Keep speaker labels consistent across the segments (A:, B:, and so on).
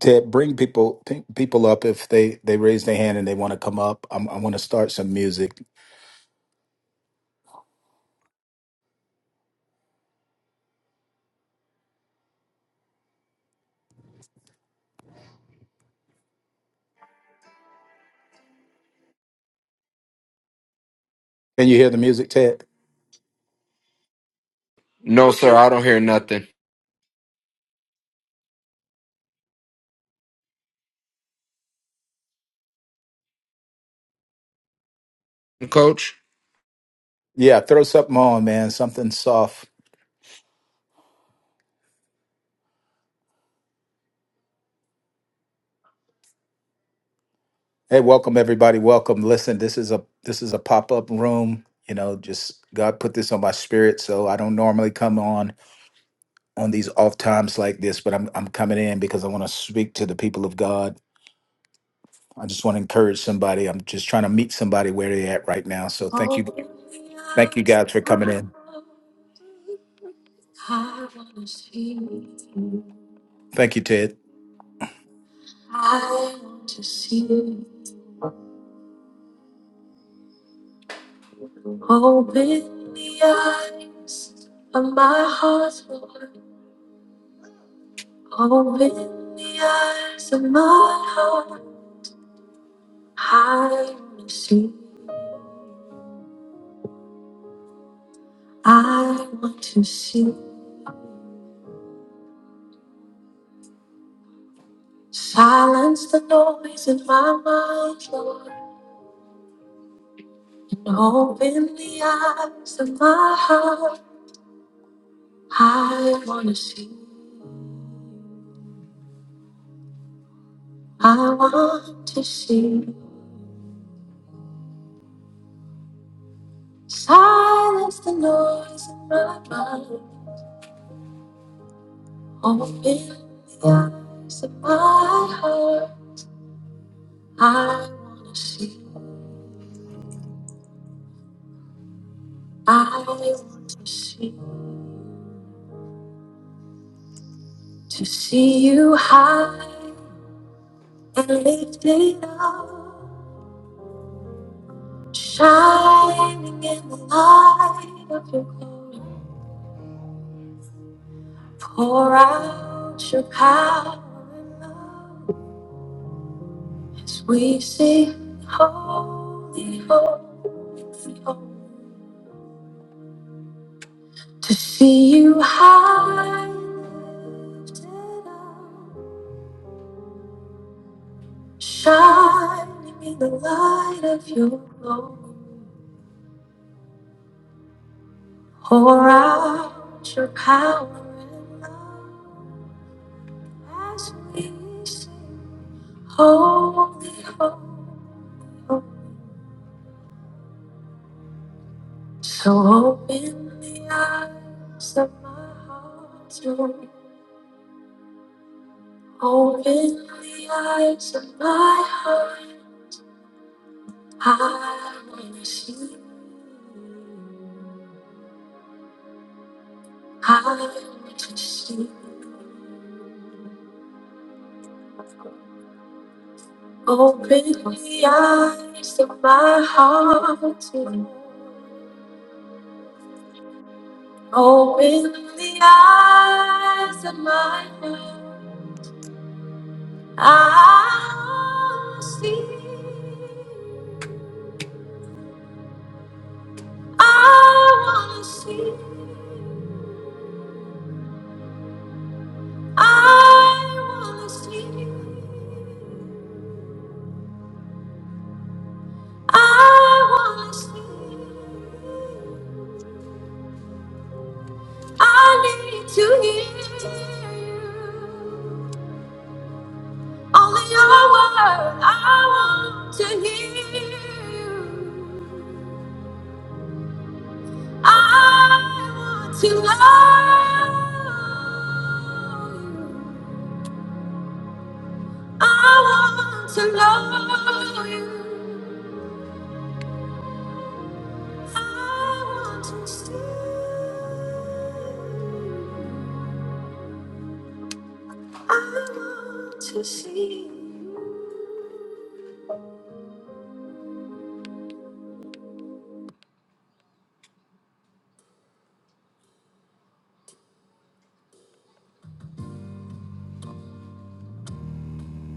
A: to bring people p- people up if they they raise their hand and they want to come up. I'm, I want to start some music. Can you hear the music, Ted?
B: No, sir, I don't hear nothing. Coach?
A: Yeah, throw something on, man. Something soft. Hey, welcome everybody. Welcome. Listen, this is a this is a pop up room. You know, just God put this on my spirit, so I don't normally come on on these off times like this, but I'm I'm coming in because I want to speak to the people of God. I just want to encourage somebody. I'm just trying to meet somebody where they're at right now. So thank you, thank you guys for coming in. Thank you, Ted.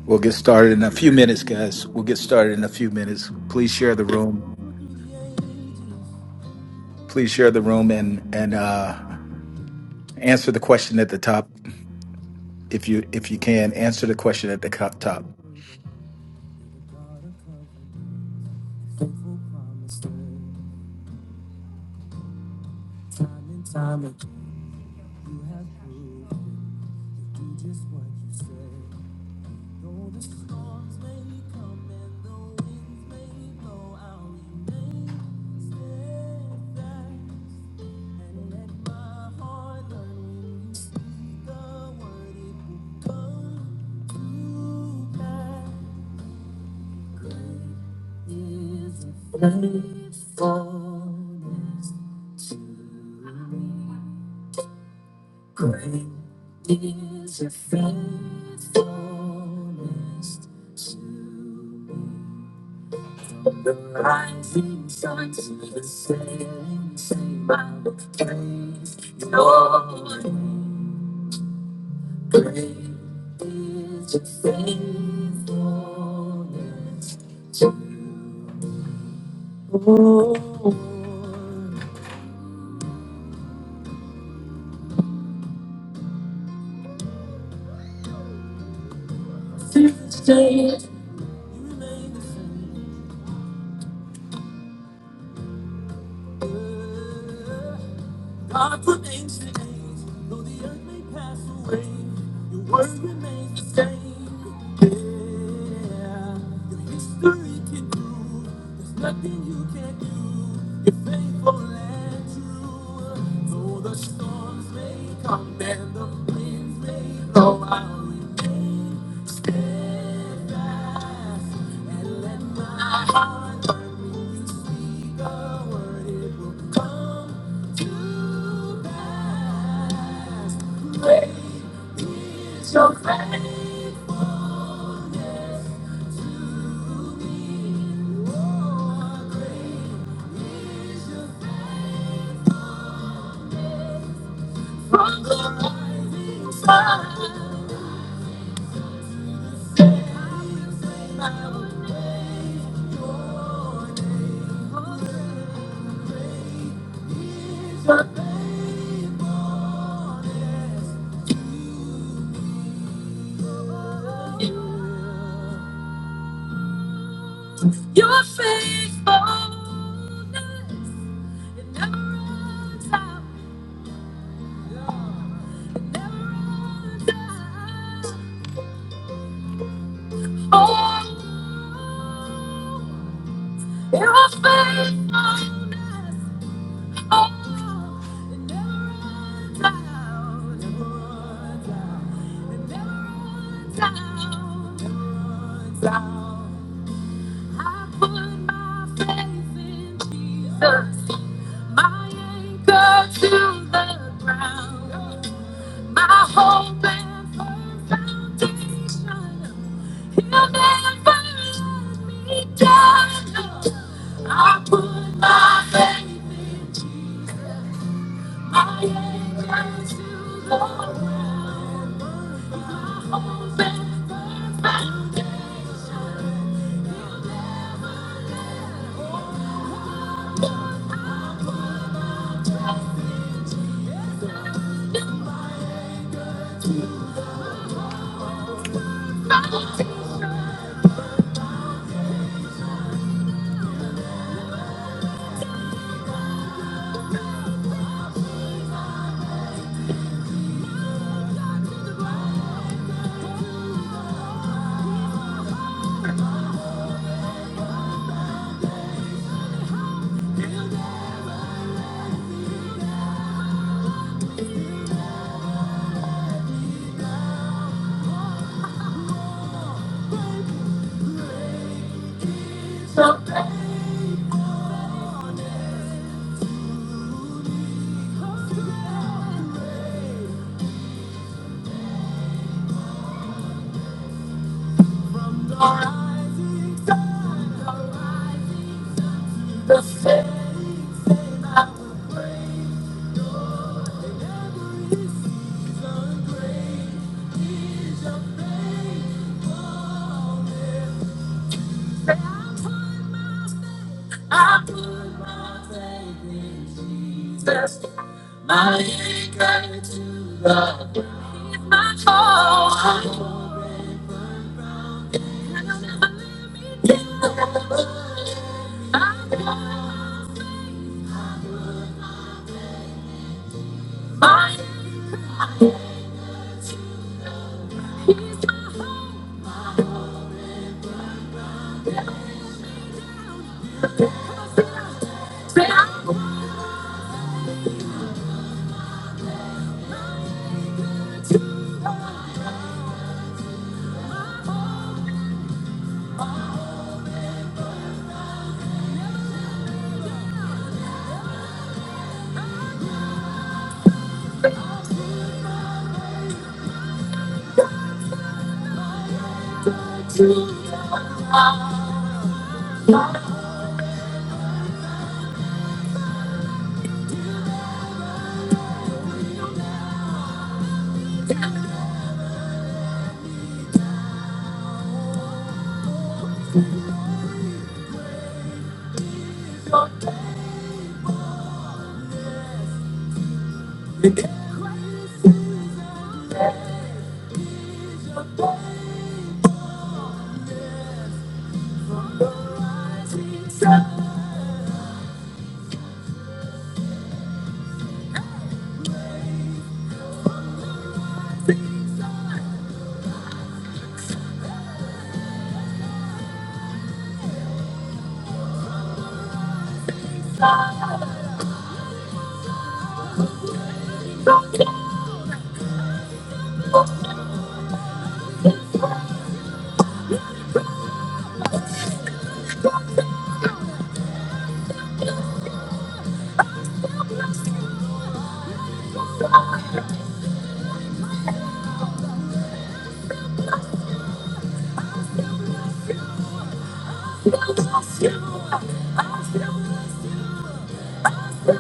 A: We'll get started in a few minutes, guys. We'll get started in a few minutes. Please share the room. Please share the room and and uh, answer the question at the top if you if you can answer the question at the co- top.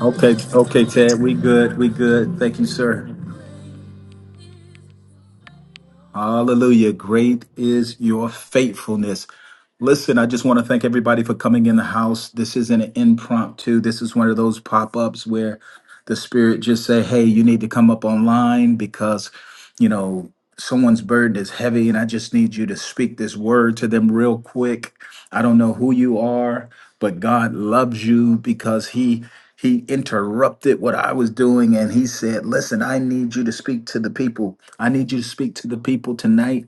A: Okay, okay, Ted, we good. We good. Thank you, sir. Hallelujah. Great is your faithfulness. Listen, I just want to thank everybody for coming in the house. This isn't an impromptu. This is one of those pop-ups where the spirit just say, "Hey, you need to come up online because, you know, someone's burden is heavy and I just need you to speak this word to them real quick." I don't know who you are, but God loves you because he he interrupted what I was doing and he said, "Listen, I need you to speak to the people. I need you to speak to the people tonight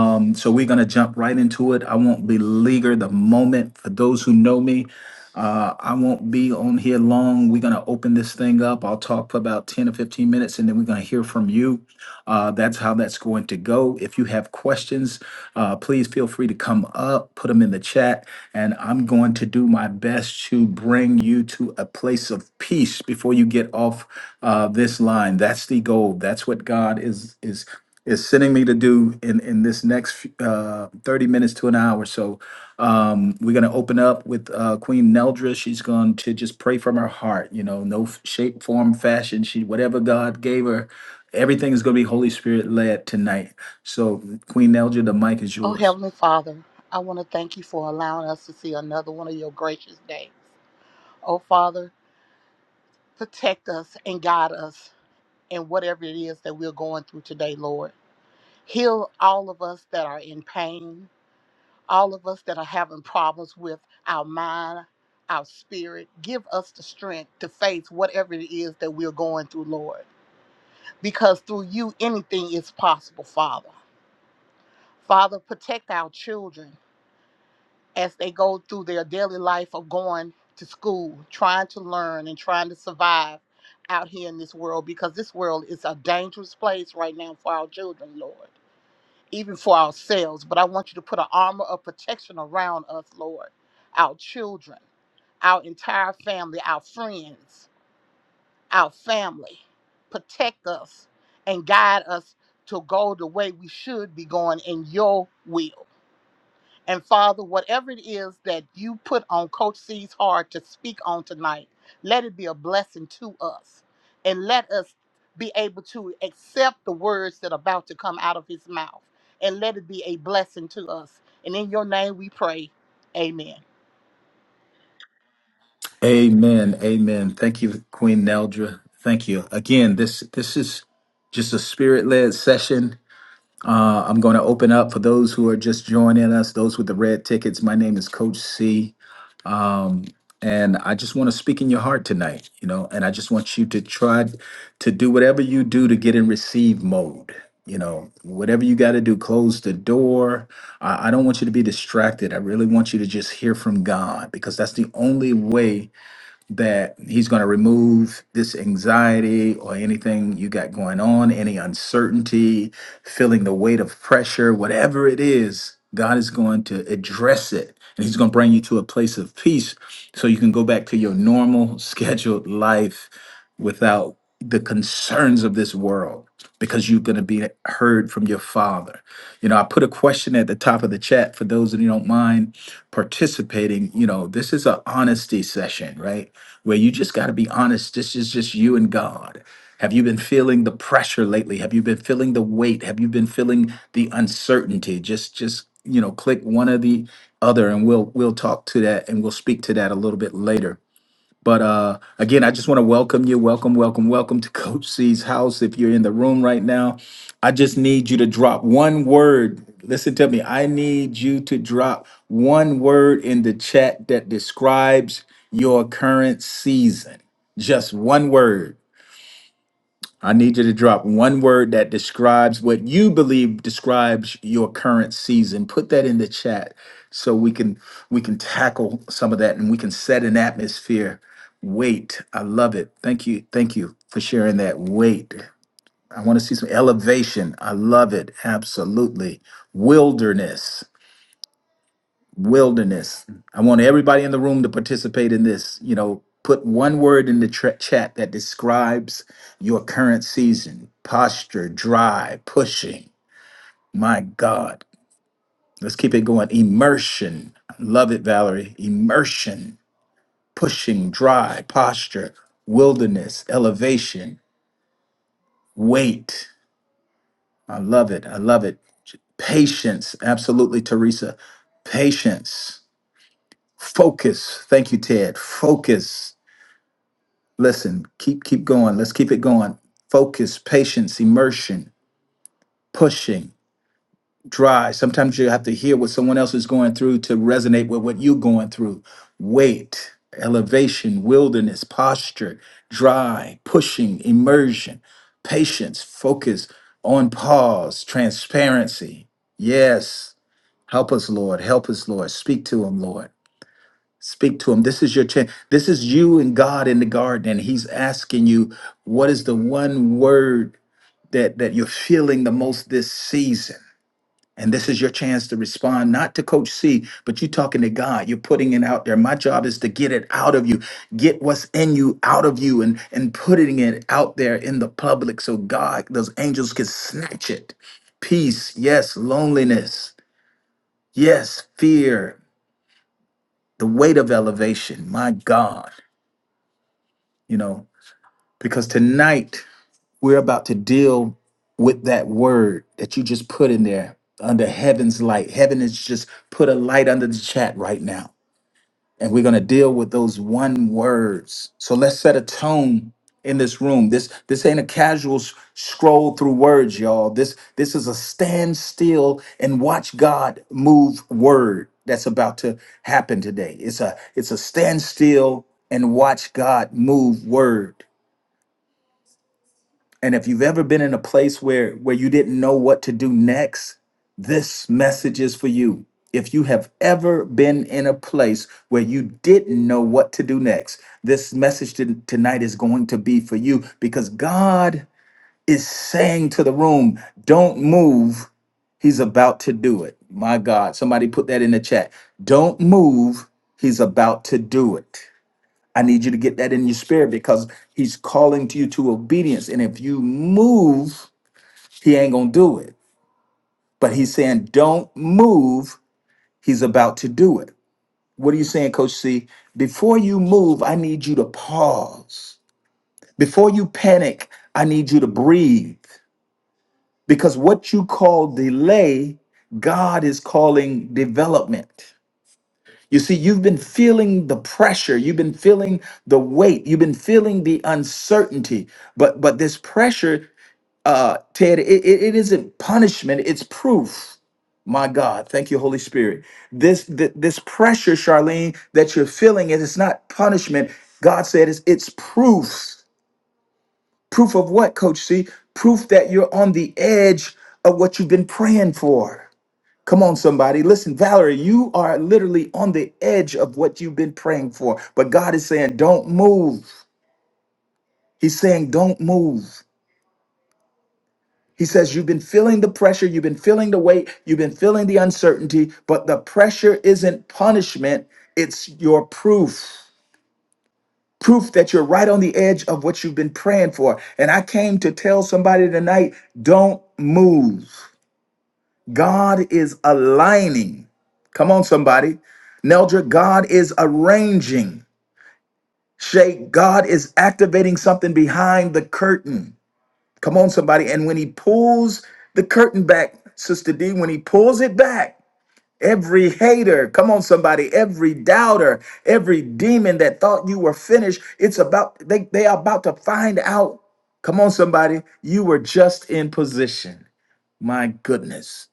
A: um, so we're going to jump right into it. I won't beleaguer the moment. For those who know me, uh, I won't be on here long. We're going to open this thing up. I'll talk for about 10 or 15 minutes and then we're going to hear from you. Uh, that's how that's going to go. If you have questions, uh, please feel free to come up, put them in the chat, and I'm going to do my best to bring you to a place of peace before you get off uh, this line. That's the goal. That's what God is is is sending me to do in in this next uh, 30 minutes to an hour. So um, we're going to open up with uh, Queen Neldra. She's going to just pray from her heart. You know, no f- shape, form, fashion. She whatever God gave her, everything is going to be Holy Spirit led tonight. So Queen Neldra, the mic is
C: Oh,
A: yours.
C: Heavenly Father, I want to thank you for allowing us to see another one of your gracious days. Oh, Father, protect us and guide us in whatever it is that we're going through today, Lord. Heal all of us that are in pain, all of us that are having problems with our mind, our spirit. Give us the strength to face whatever it is that we're going through, Lord, because through you, anything is possible, Father. Father, protect our children as they go through their daily life of going to school, trying to learn and trying to survive out here in this world because this world is a dangerous place right now for our children, Lord, even for ourselves. But I want you to put an armor of protection around us, Lord, our children, our entire family, our friends, our family. Protect us and guide us to go the way we should be going in your will. And Father, whatever it is that you put on Coach C's heart to speak on tonight, let it be a blessing to us. And let us be able to accept the words that are about to come out of his mouth. And let it be a blessing to us. And in your name we pray. Amen.
A: Amen. Amen. Thank you, Queen Neldra. Thank you again. This this is just a spirit led session Uh, I'm going to open up for those who are just joining us, those with the red tickets. My name is Coach C. Um, and I just want to speak in your heart tonight, you know, and I just want you to try to do whatever you do to get in receive mode. You know, whatever you got to do, close the door. I, I don't want you to be distracted. I really want you to just hear from God because that's the only way that he's going to remove this anxiety or anything you got going on, any uncertainty, feeling the weight of pressure, whatever it is, God is going to address it. And he's going to bring you to a place of peace so you can go back to your normal scheduled life without the concerns of this world because you're going to be heard from your father. You know, I put a question at the top of the chat for those of you who don't mind participating. You know, this is an honesty session, right? where you just got to be honest. This is just you and God. Have you been feeling the pressure lately? Have you been feeling the weight? Have you been feeling the uncertainty? Just, just you know, click one or the other, and we'll we'll talk to that, and we'll speak to that a little bit later but uh, again, I just want to welcome you. Welcome, welcome, welcome to Coach C's house. If you're in the room right now, I just need you to drop one word. Listen to me. I need you to drop one word in the chat that describes your current season. Just one word I need you to drop one word that describes what you believe describes your current season. Put that in the chat so we can we can tackle some of that and we can set an atmosphere. Wait, I love it. Thank you. Thank you for sharing that. Wait. I want to see some elevation. I love it. Absolutely. Wilderness wilderness. I want everybody in the room to participate in this. You know, put one word in the tra- chat that describes your current season posture, dry, pushing. My God. Let's keep it going. Immersion. I Love it, Valerie. Immersion, pushing, dry, posture, wilderness, elevation, weight. I love it. I love it. Patience. Absolutely, Teresa. Patience. Focus. Thank you, Ted. Focus Listen, keep keep going. Let's keep it going. Focus, patience, immersion, pushing, drive. Sometimes you have to hear what someone else is going through to resonate with what you're going through. Weight, elevation, wilderness, posture, dry, pushing, immersion, patience, focus, on pause, transparency. Yes. Help us, Lord. Help us, Lord. Speak to him, Lord. Speak to him. This is your chance. This is you and God in the garden, and He's asking you, what is the one word that that you're feeling the most this season? And this is your chance to respond, not to Coach C, but you're talking to God. You're putting it out there. My job is to get it out of you, get what's in you out of you, and and putting it out there in the public so God, those angels can snatch it. Peace, yes, loneliness, yes, fear, the weight of elevation. My God you know because tonight we're about to deal with that word that you just put in there under heaven's light. Heaven has just put a light under the chat right now. And we're going to deal with those one words. So let's set a tone in this room. This this ain't a casual s- scroll through words, y'all. This this is a stand still and watch God move word that's about to happen today. It's a it's a stand still and watch God move word and if you've ever been in a place where where you didn't know what to do next, this message is for you. If you have ever been in a place where you didn't know what to do next, this message to- tonight is going to be for you because God is saying to the room, don't move. He's about to do it. My God, somebody put that in the chat. Don't move. He's about to do it. I need you to get that in your spirit because he's calling to you to obedience. And if you move, he ain't gonna do it. But he's saying, don't move. He's about to do it. What are you saying, Coach C? Before you move, I need you to pause. Before you panic, I need you to breathe. Because what you call delay, God is calling development. You see, you've been feeling the pressure, you've been feeling the weight, you've been feeling the uncertainty. But but this pressure, uh, Ted, it, it it isn't punishment, it's proof. My God, thank you, Holy Spirit. This th- this pressure, Charlene, that you're feeling, it is not punishment. God said it's it's proof. Proof of what, Coach C? Proof that you're on the edge of what you've been praying for. Come on, somebody. Listen, Valerie, you are literally on the edge of what you've been praying for. But God is saying, don't move. He's saying, don't move. He says, you've been feeling the pressure, you've been feeling the weight, you've been feeling the uncertainty, but the pressure isn't punishment, it's your proof. Proof that you're right on the edge of what you've been praying for. And I came to tell somebody tonight, don't move. God is aligning. Come on, somebody. Neldra, God is arranging. Shay, God is activating something behind the curtain. Come on, somebody. And when he pulls the curtain back, Sister D, when he pulls it back, every hater, come on, somebody, every doubter, every demon that thought you were finished, it's about, they, they are about to find out. Come on, somebody, you were just in position. My goodness.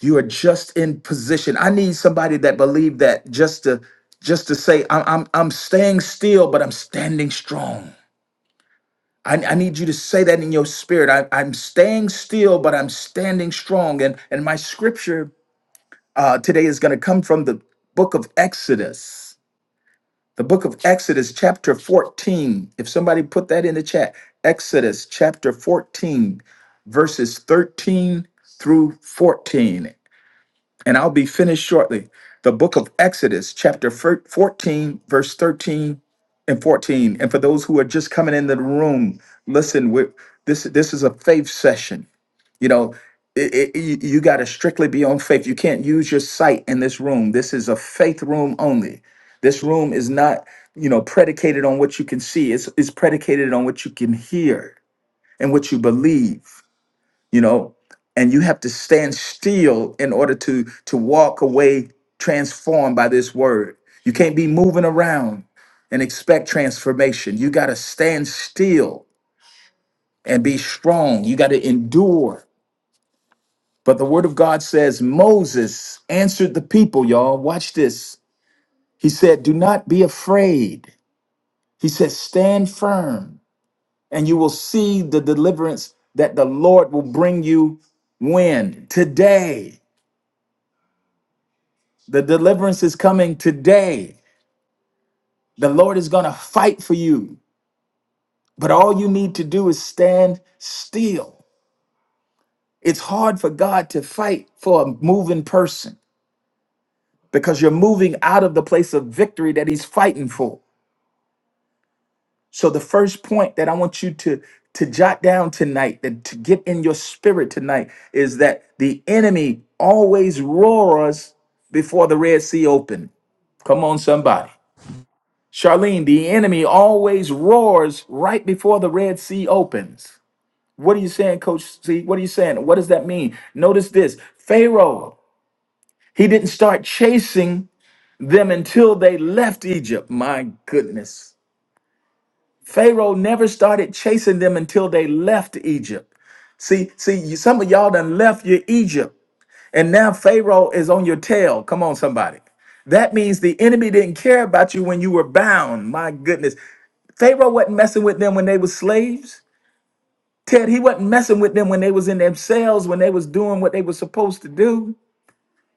A: you are just in position i need somebody that believe that just to just to say i'm i'm, I'm staying still but i'm standing strong I, I need you to say that in your spirit I, i'm staying still but i'm standing strong and and my scripture uh, today is going to come from the book of exodus the book of exodus chapter 14 if somebody put that in the chat exodus chapter 14 verses 13 through 14 and I'll be finished shortly. The book of Exodus, chapter 14, verse 13 and 14. And for those who are just coming into the room, listen, we this, this is a faith session. You know, it, it- you, you got to strictly be on faith. You can't use your sight in this room. This is a faith room only. This room is not, you know, predicated on what you can see. It's, it's predicated on what you can hear and what you believe you know and you have to stand still in order to to walk away transformed by this word you can't be moving around and expect transformation you got to stand still and be strong you got to endure but the word of god says moses answered the people y'all watch this he said do not be afraid he said stand firm and you will see the deliverance that the lord will bring you when today The deliverance is coming today. The Lord is going to fight for you. But all you need to do is stand still. It's hard for God to fight for a moving person because you're moving out of the place of victory that he's fighting for. So the first point that I want you to to jot down tonight, that to get in your spirit tonight is that the enemy always roars before the Red Sea opened. Come on somebody. Charlene, the enemy always roars right before the Red Sea opens. What are you saying, Coach C? What are you saying? What does that mean? Notice this Pharaoh, he didn't start chasing them until they left Egypt. My goodness. Pharaoh never started chasing them until they left Egypt. See, see, you- some of y'all done left your Egypt, and now Pharaoh is on your tail. Come on, somebody. That means the enemy didn't care about you when you were bound. My goodness. Pharaoh wasn't messing with them when they was slaves. Ted, he wasn't messing with them when they was in their cells, when they was doing what they was supposed to do.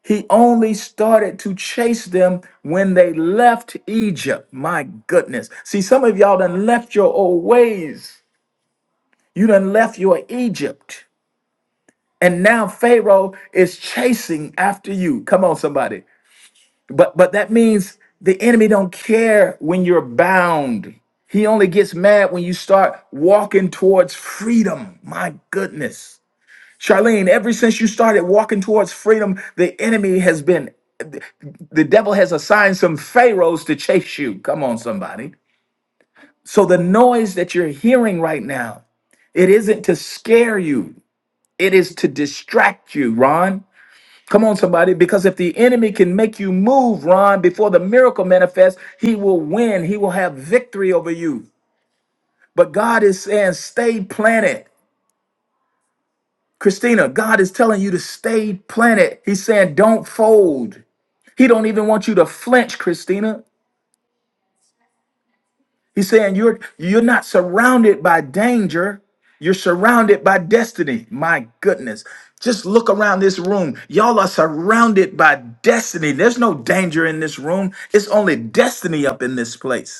A: He only started to chase them when they left Egypt. My goodness. See, some of y'all done left your old ways. You done left your Egypt. And now Pharaoh is chasing after you. Come on, somebody. But but that means the enemy don't care when you're bound. He only gets mad when you start walking towards freedom. My goodness. Charlene, ever since you started walking towards freedom, the enemy has been the devil has assigned some pharaohs to chase you. Come on somebody. So the noise that you're hearing right now, it isn't to scare you. It is to distract you, Ron. Come on, somebody, because if the enemy can make you move, Ron, before the miracle manifests, he will win. He will have victory over you. But God is saying, stay planted. Christina, God is telling you to stay planted. He's saying, don't fold. He don't even want you to flinch, Christina. He's saying you're you're not surrounded by danger. You're surrounded by destiny. My goodness. Just look around this room. Y'all are surrounded by destiny. There's no danger in this room. It's only destiny up in this place.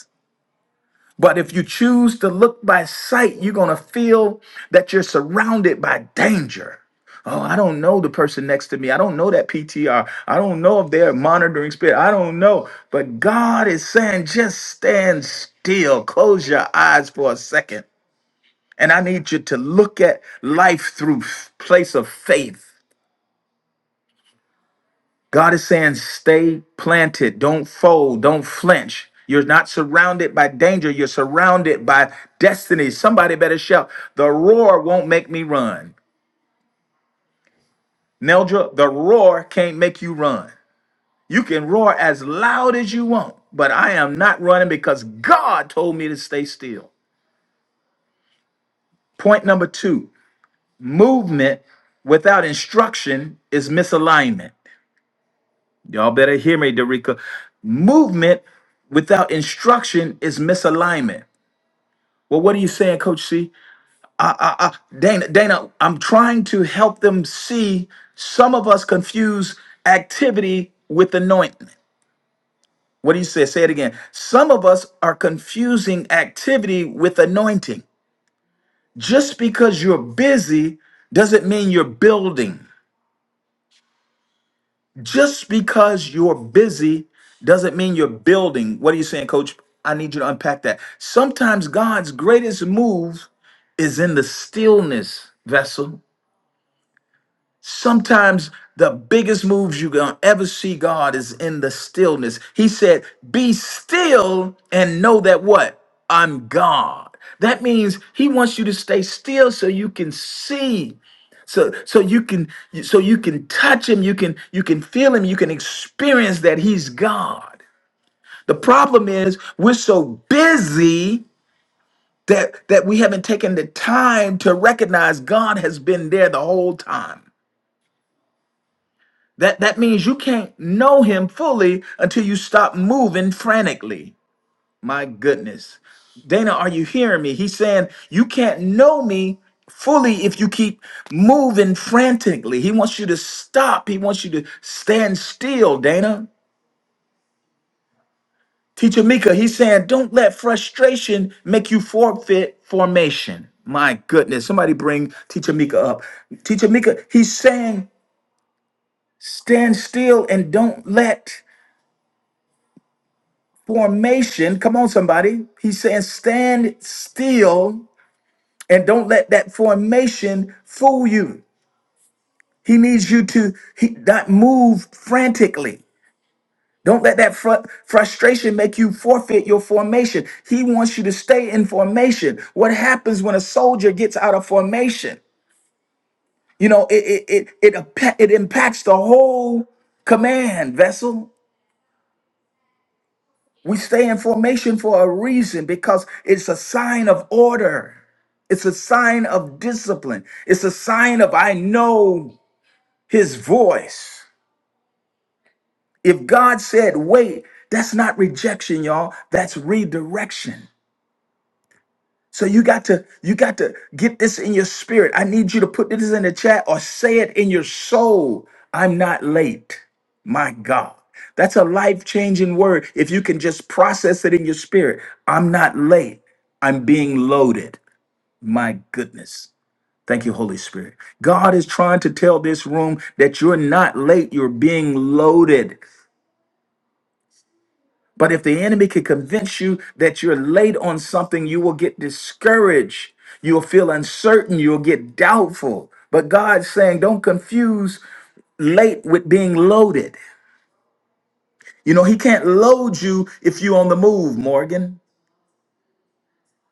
A: But if you choose to look by sight, you're going to feel that you're surrounded by danger. Oh, I don't know the person next to me. I don't know that PTR. I don't know if they're monitoring spirit. I don't know. But God is saying, just stand still. Close your eyes for a second. And I need you to look at life through f- place of faith. God is saying, stay planted, don't fold, don't flinch. You're not surrounded by danger, you're surrounded by destiny. Somebody better shout, The roar won't make me run. Neldra, the roar can't make you run. You can roar as loud as you want, but I am not running because God told me to stay still. Point number two movement without instruction is misalignment. Y'all better hear me, Derica. Movement without instruction is misalignment. Well, what are you saying, Coach C? I, I, I, Dana, Dana, I'm trying to help them see some of us confuse activity with anointing. What do you say? Say it again. Some of us are confusing activity with anointing. Just because you're busy doesn't mean you're building. Just because you're busy doesn't mean you're building. What are you saying, coach? I need you to unpack that. Sometimes God's greatest move is in the stillness, vessel. Sometimes the biggest moves you're going to ever see God is in the stillness. He said, Be still and know that what? I'm God. That means He wants you to stay still so you can see so so you can so you can touch him you can you can feel him you can experience that he's god the problem is we're so busy that that we haven't taken the time to recognize god has been there the whole time that that means you can't know him fully until you stop moving frantically My goodness. Dana, are you hearing me? He's saying, You can't know me fully if you keep moving frantically. He wants you to stop, he wants you to stand still, Dana. Teacher Mika, he's saying, Don't let frustration make you forfeit formation. My goodness. Somebody bring Teacher Mika up. Teacher Mika, he's saying, Stand still and don't let formation. Come on, somebody. He's saying, Stand still And don't let that formation fool you. He needs you to he, not move frantically. Don't let that fru- frustration make you forfeit your formation. He wants you to stay in formation. What happens when a soldier gets out of formation? You know, it it it, it, impa- it impacts the whole command vessel. We stay in formation for a reason because it's a sign of order. It's a sign of discipline. It's a sign of I know his voice. If God said, wait, that's not rejection, y'all. That's redirection. So you got to, you got to get this in your spirit. I need you to put this in the chat or say it in your soul. I'm not late. My God. That's a life changing word. If you can just process it in your spirit, I'm not late. I'm being loaded. My goodness. Thank you, Holy Spirit. God is trying to tell this room that you're not late, you're being loaded. But if the enemy can convince you that you're late on something, you will get discouraged. You'll feel uncertain. You'll get doubtful. But God's saying, don't confuse late with being loaded. You know, He can't load you if you're on the move, Morgan.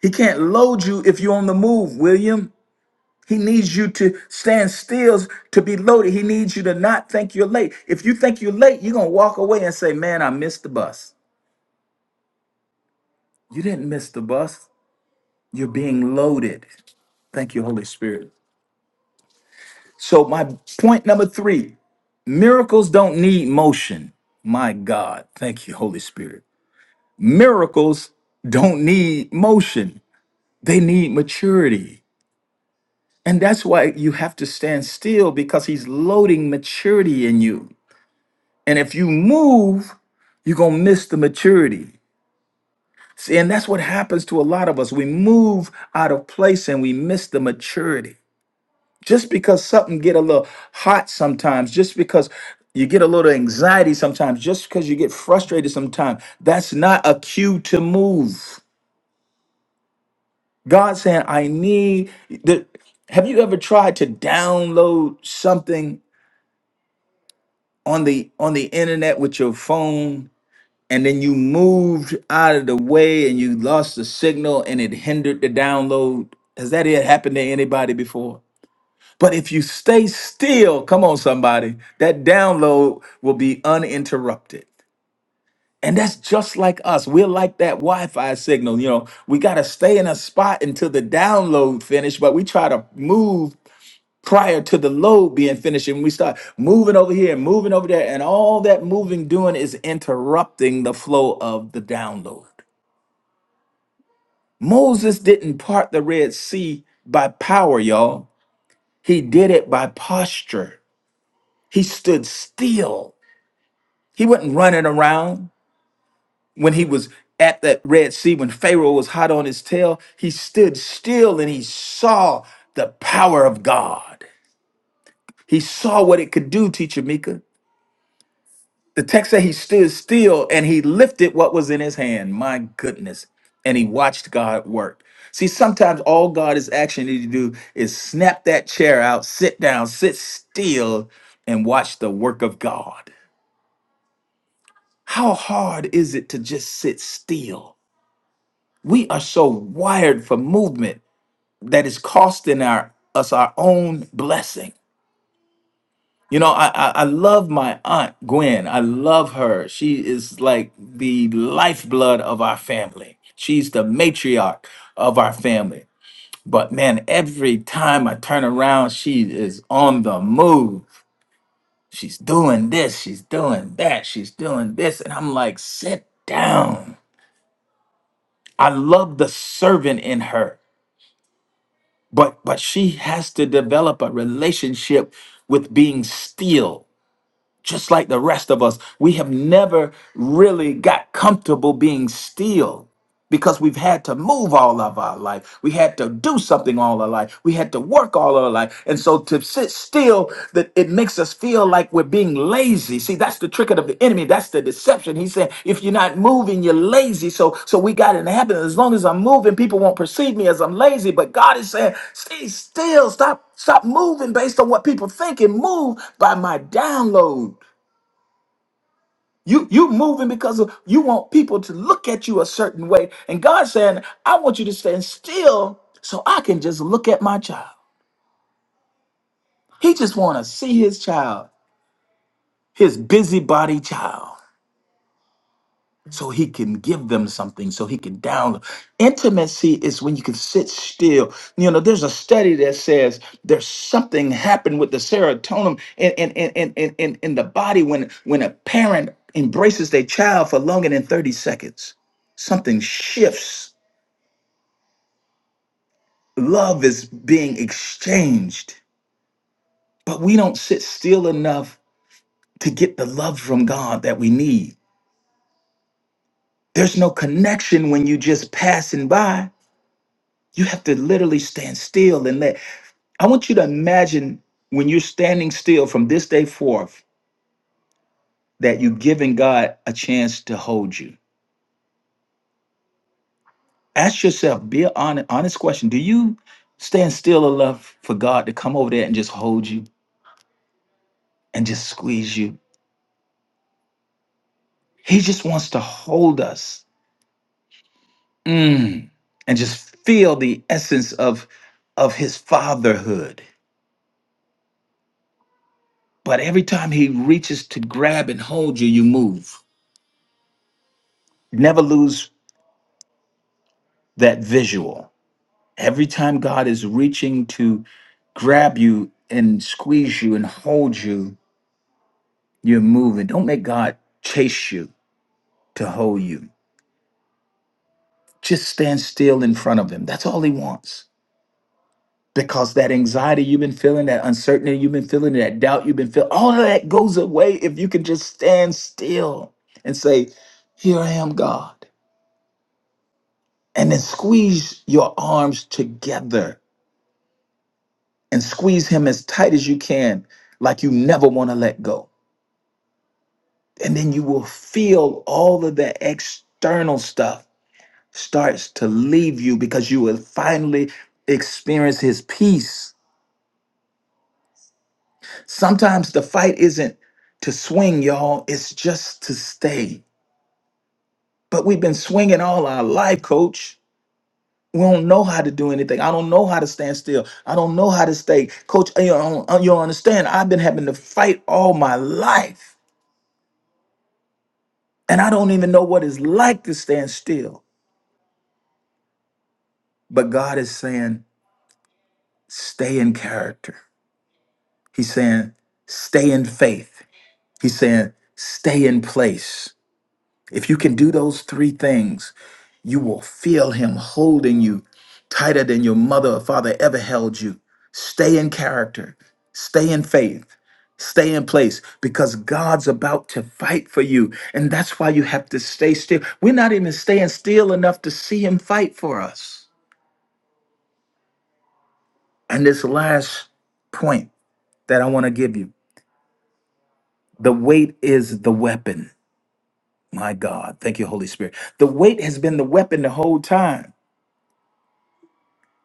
A: He can't load you if you're on the move, William. He needs you to stand still to be loaded. He needs you to not think you're late. If you think you're late, you're going to walk away and say, man, I missed the bus. You didn't miss the bus. You're being loaded. Thank you, Holy Spirit. So, my point number three miracles don't need motion. My God. Thank you, Holy Spirit. Miracles don't need motion, they need maturity. And that's why you have to stand still because He's loading maturity in you. And if you move, you're going to miss the maturity. See, and that's what happens to a lot of us. We move out of place and we miss the maturity. just because something get a little hot sometimes just because you get a little anxiety sometimes just because you get frustrated sometimes that's not a cue to move god saying i need the have you ever tried to download something on the on the internet with your phone and then you moved out of the way and you lost the signal and it hindered the download has that ever happened to anybody before But if you stay still, come on, somebody, that download will be uninterrupted. And that's just like us. We're like that Wi-Fi signal. You know, we got to stay in a spot until the download finish, but we try to move prior to the load being finished. And we start moving over here and moving over there. And all that moving doing is interrupting the flow of the download. Moses didn't part the Red Sea by power, y'all. He did it by posture. He stood still. He wasn't running around when he was at that Red Sea, when Pharaoh was hot on his tail. He stood still and he saw the power of God. He saw what it could do, Teacher Mika. The text said he stood still and he lifted what was in his hand. My goodness. And he watched God work. See, sometimes all God is actually need to do is snap that chair out, sit down, sit still, and watch the work of God. How hard is it to just sit still? We are so wired for movement that is costing our us our own blessing. You know, I, I I love my aunt Gwen. I love her. She is like the lifeblood of our family. She's the matriarch of our family. But man, every time I turn around, she is on the move. She's doing this, she's doing that, she's doing this. And I'm like, sit down I love the servant in her, but but she has to develop a relationship with being still, just like the rest of us. We have never really got comfortable being still because we've had to move all of our life. We had to do something all our life. We had to work all our life. And so to sit still, that it makes us feel like we're being lazy. See, that's the trick of the enemy. That's the deception. He's saying, if you're not moving, you're lazy. So so we got in the habit. As long as I'm moving, people won't perceive me as I'm lazy. But God is saying, stay still, stop, stop moving based on what people think and move by my download. You you moving because of, you want people to look at you a certain way, and God's saying, "I want you to stand still so I can just look at my child." He just want to see his child, his busybody child. so he can give them something, so he can download. Intimacy is when you can sit still. You know, there's a study that says there's something happened with the serotonin in in in in, in, in in the body when when a parent embraces their child for longer than 30 seconds. Something shifts. Love is being exchanged, but we don't sit still enough to get the love from God that we need. There's no connection when you just passing by You have to literally stand still and let. I want you to imagine when you're standing still from this day forth that you've given God a chance to hold you. Ask yourself, be an honest, honest question. Do you stand still enough for God to come over there and just hold you and just squeeze you? He just wants to hold us mm, and just feel the essence of, of his fatherhood. But every time he reaches to grab and hold you, you move. Never lose that visual Every time God is reaching to grab you and squeeze you and hold you, you're moving. Don't make God chase you to hold you. Just stand still in front of Him. That's all He wants. Because that anxiety you've been feeling, that uncertainty you've been feeling, that doubt you've been feeling, all of that goes away if you can just stand still and say, Here I am, God. And then squeeze your arms together and squeeze Him as tight as you can, like you never want to let go And then you will feel all of the external stuff starts to leave you because you will finally experience his peace. Sometimes the fight isn't to swing, y'all, it's just to stay. But we've been swinging all our life, coach. We don't know how to do anything. I don't know how to stand still. I don't know how to stay. Coach, uh, you don't, uh, you don't understand. I've been having to fight all my life, and I don't even know what it's like to stand still. But God is saying, stay in character. He's saying, stay in faith. He's saying, stay in place. If you can do those three things, you will feel Him holding you tighter than your mother or father ever held you. Stay in character, stay in faith. Stay in place because God's about to fight for you. And that's why you have to stay still. We're not even staying still enough to see Him fight for us. And this last point that I want to give you The weight is the weapon. My God. Thank you, Holy Spirit. The weight has been the weapon the whole time.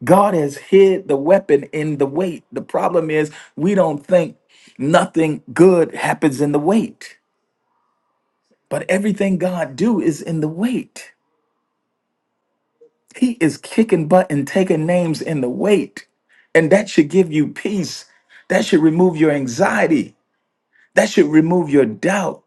A: God has hid the weapon in the weight. The problem is we don't think nothing good happens in the weight. But everything God do is in the weight. He is kicking butt and taking names in the weight. And that should give you peace. That should remove your anxiety. That should remove your doubt.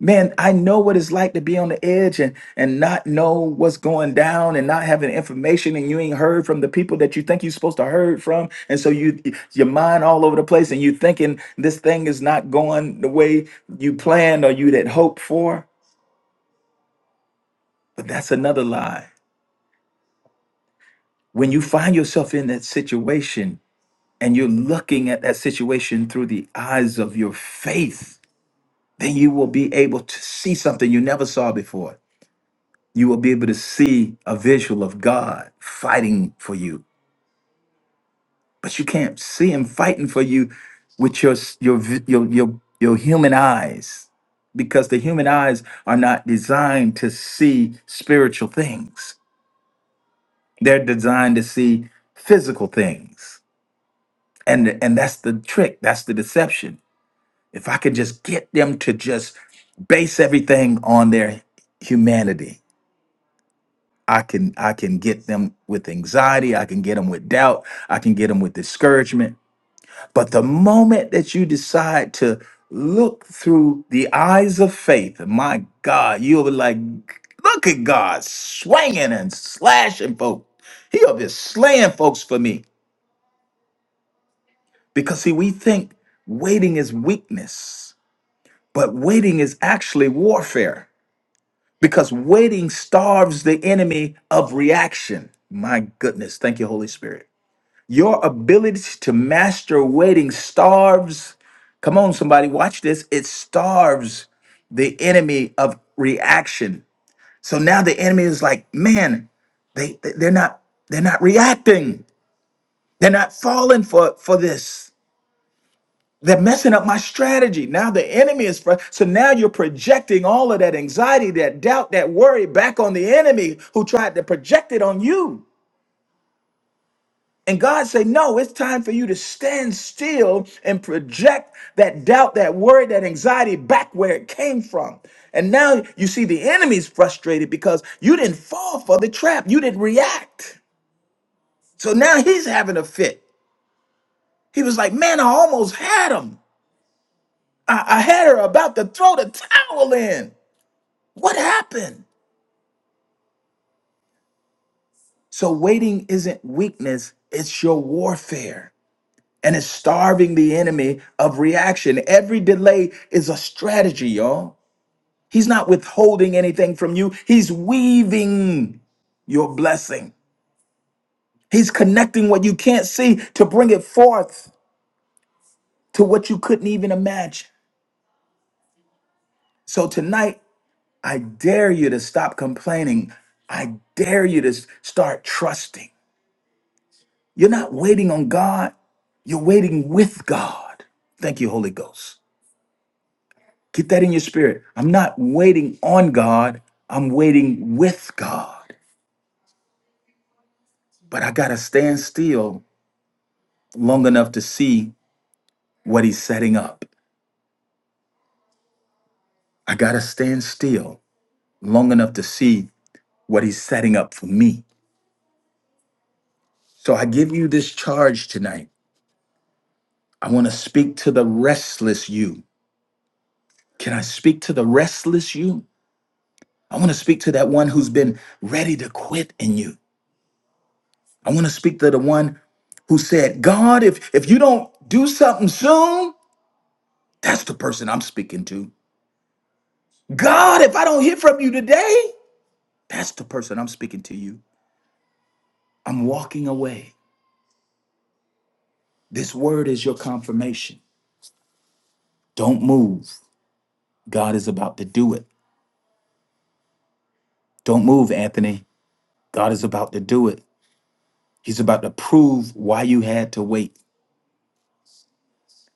A: Man, I know what it's like to be on the edge and, and not know what's going down and not having information and you ain't heard from the people that you think you're supposed to heard from. And so you your mind all over the place and you thinking this thing is not going the way you planned or you'd had hoped for. But that's another lie. When you find yourself in that situation and you're looking at that situation through the eyes of your faith, then you will be able to see something you never saw before You will be able to see a visual of God fighting for you, but you can't see Him fighting for you with your s- your vi- your your, your human eyes, because the human eyes are not designed to see spiritual things. They're designed to see physical things, and and that's the trick. That's the deception. If I could just get them to just base everything on their humanity I can I can get them with anxiety, I can get them with doubt, I can get them with discouragement. But the moment that you decide to look through the eyes of faith, my God, you'll be like, look at God swinging and slashing folk. He'll be slaying folks for me because see, we think waiting is weakness, but waiting is actually warfare because waiting starves the enemy of reaction. My goodness, thank you, Holy Spirit. Your ability to master waiting starves. Come on, somebody, watch this. It starves the enemy of reaction. So now the enemy is like, man, they they- they're not they're not reacting. They're not falling for for this. They're messing up my strategy. Now the enemy is fr- so now you're projecting all of that anxiety, that doubt, that worry back on the enemy who tried to project it on you. And God say, no, it's time for you to stand still and project that doubt, that worry, that anxiety back where it came from. And now you see the enemy's frustrated because you didn't fall for the trap. You didn't react. So now he's having a fit. He was like, man, I almost had him. I, I had her about to throw the towel in. What happened? So waiting isn't weakness. It's your warfare. and it's starving the enemy of reaction. Every delay is a strategy, y'all. He's not withholding anything from you, he's weaving your blessing. He's connecting what you can't see to bring it forth to what you couldn't even imagine. So tonight, I dare you to stop complaining. I dare you to s- start trusting. You're not waiting on God, you're waiting with God. Thank you, Holy Ghost. Get that in your spirit. I'm not waiting on God, I'm waiting with God. But I got to stand still long enough to see what He's setting up. I got to stand still long enough to see what He's setting up for me. So I give you this charge tonight. I want to speak to the restless you. Can I speak to the restless you? I want to speak to that one who's been ready to quit in you. I want to speak to the one who said, God, if, if you don't do something soon, That's the person I'm speaking to. God, if I don't hear from you today, that's the person I'm speaking to you. I'm walking away. This word is your confirmation. Don't move. God is about to do it. Don't move, Anthony. God is about to do it. He's about to prove why you had to wait.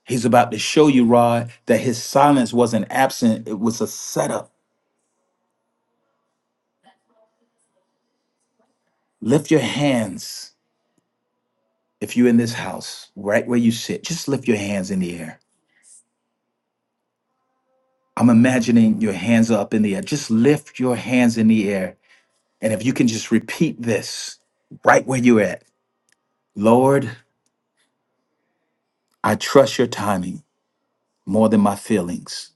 A: He's about to show you, Rod, that his silence wasn't absent, it was a setup. Lift your hands if you're in this house, right where you sit. Just lift your hands in the air. I'm imagining your hands are up in the air. Just lift your hands in the air. And if you can just repeat this right where you're at Lord, I trust your timing more than my feelings.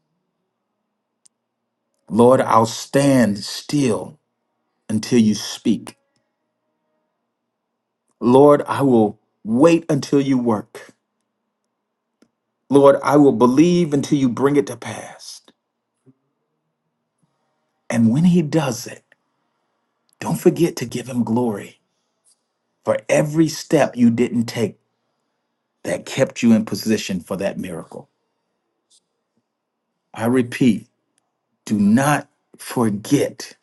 A: Lord, I'll stand still until you speak. Lord, I will wait until you work. Lord, I will believe until you bring it to pass. And when he does it, don't forget to give him glory for every step you didn't take that kept you in position for that miracle. I repeat, do not forget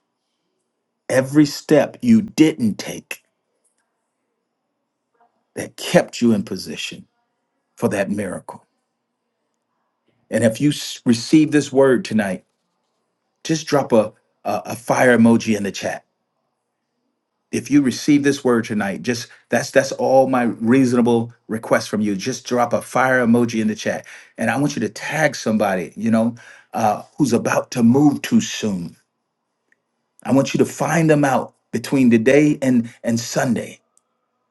A: every step you didn't take that kept you in position for that miracle. And if you s- receive this word tonight, just drop a, a, a fire emoji in the chat. If you receive this word tonight, just that's that's all my reasonable request from you. Just drop a fire emoji in the chat, and I want you to tag somebody you know uh, who's about to move too soon. I want you to find them out between today and and Sunday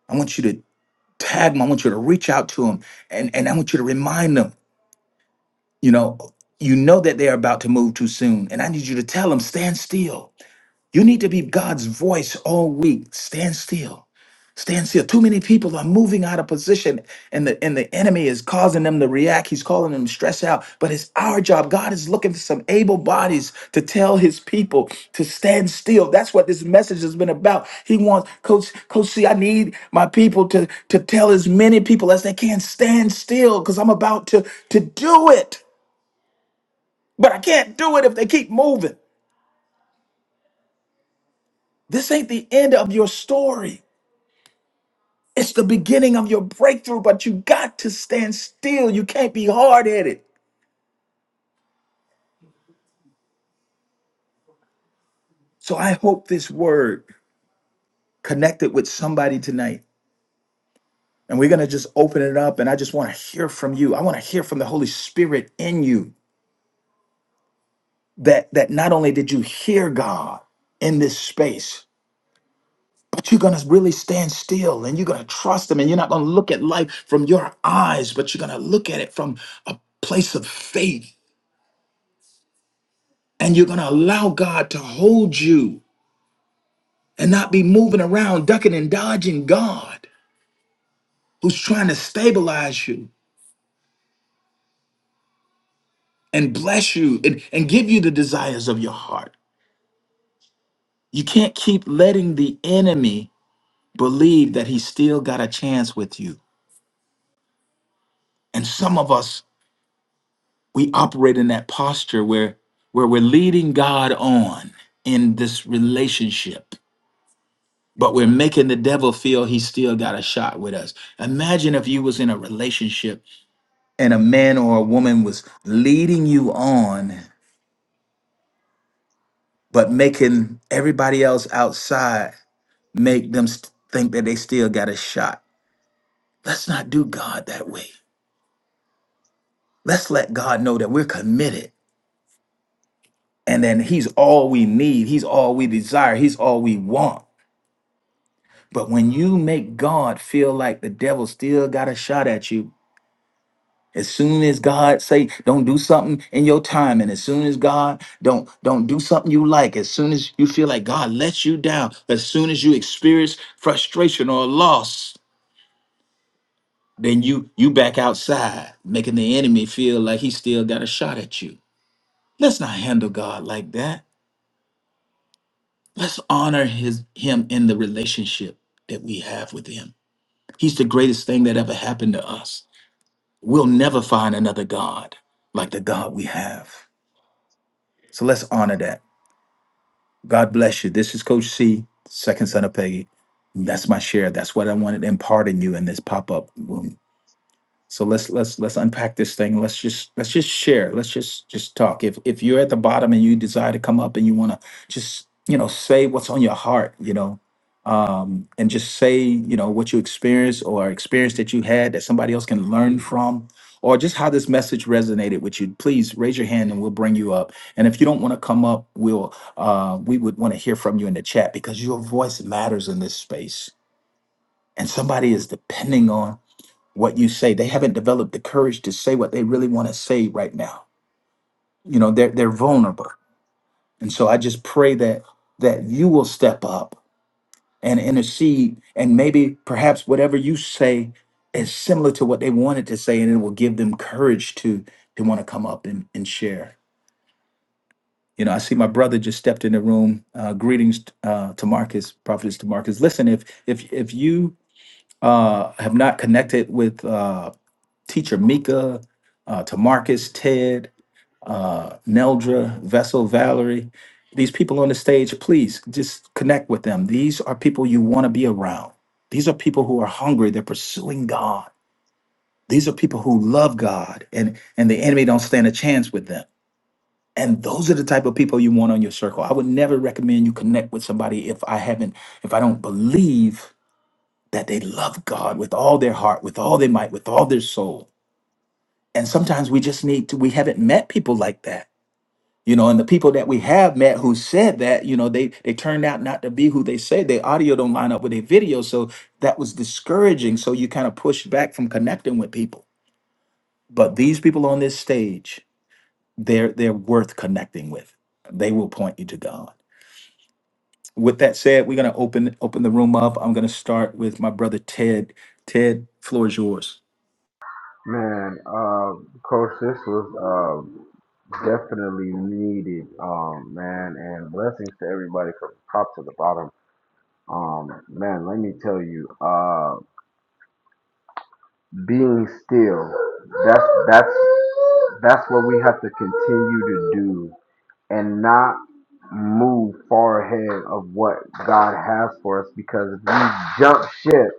A: I want you to tag them. I want you to reach out to them, and and I want you to remind them. You know, you know that they are about to move too soon, and I need you to tell them stand still you need to be God's voice all week. Stand still. Stand still. Too many people are moving out of position and the and the enemy is causing them to react. He's calling them stress out. But it's our job. God is looking for some able bodies to tell his people to stand still. That's what this message has been about. He wants coach coach C, I need my people to to tell as many people as they can stand still because I'm about to to do it. But I can't do it if they keep moving. This ain't the end of your story. It's the beginning of your breakthrough, but you got to stand still. You can't be hard headed. So I hope this word connected with somebody tonight. And we're going to just open it up. And I just want to hear from you. I want to hear from the Holy Spirit in you that, that not only did you hear God in this space, but you're going to really stand still and you're going to trust Him. And you're not going to look at life from your eyes, but you're going to look at it from a place of faith. And you're going to allow God to hold you and not be moving around, ducking and dodging God who's trying to stabilize you and bless you and, and give you the desires of your heart. You can't keep letting the enemy believe that he still got a chance with you. And some of us, we operate in that posture where, where we're leading God on in this relationship, but we're making the devil feel he still got a shot with us. Imagine if you was in a relationship and a man or a woman was leading you on, but making everybody else outside make them st- think that they still got a shot. Let's not do God that way. Let's let God know that we're committed and then He's all we need, He's all we desire, He's all we want. But when you make God feel like the devil still got a shot at you, As soon as God say don't do something in your time, and as soon as God don't don't do something you like, as soon as you feel like God lets you down, as soon as you experience frustration or loss, then you you back outside, making the enemy feel like he still got a shot at you. Let's not handle God like that. Let's honor his him in the relationship that we have with him. He's the greatest thing that ever happened to us. We'll never find another God like the God we have. So let's honor that. God bless you. This is Coach C, second son of Peggy. That's my share. That's what I wanted to impart in you in this pop up. So let's let's let's unpack this thing. Let's just let's just share. Let's just just talk. If if you're at the bottom and you desire to come up and you want to just you know say what's on your heart, you know, um, and just say you know what you experienced or experience that you had that somebody else can learn from, or just how this message resonated with you. Please raise your hand and we'll bring you up. And if you don't want to come up, we'll uh, we would want to hear from you in the chat because your voice matters in this space, and somebody is depending on what you say. They haven't developed the courage to say what they really want to say right now. You know, they're they're vulnerable. And so I just pray that that you will step up and intercede and maybe perhaps whatever you say is similar to what they wanted to say and it will give them courage to to want to come up and, and share. You know, I see my brother just stepped in the room. Uh, greetings uh, to Marcus, prophetess to Marcus. Listen, if if if you uh, have not connected with uh, teacher Mika, uh, to Marcus, Ted, uh, Neldra, Vessel, Valerie. These people on the stage, please just connect with them. These are people you want to be around. These are people who are hungry. They're pursuing God. These are people who love God, and and the enemy don't stand a chance with them. And those are the type of people you want on your circle. I would never recommend you connect with somebody if I haven't, if I don't believe that they love God with all their heart, with all their might, with all their soul and sometimes we just need to we haven't met people like that you know and the people that we have met who said that you know they they turned out not to be who they say their audio don't line up with their video so that was discouraging so you kind of push back from connecting with people but these people on this stage they're they're worth connecting with they will point you to god with that said we're going to open open the room up i'm going to start with my brother ted ted floor is yours
B: Man, uh, coach, this was uh, definitely needed, um, man, and blessings to everybody from top to the bottom. Um, man, let me tell you, uh, being still, that's that's that's what we have to continue to do, and not move far ahead of what God has for us. Because if we jump ship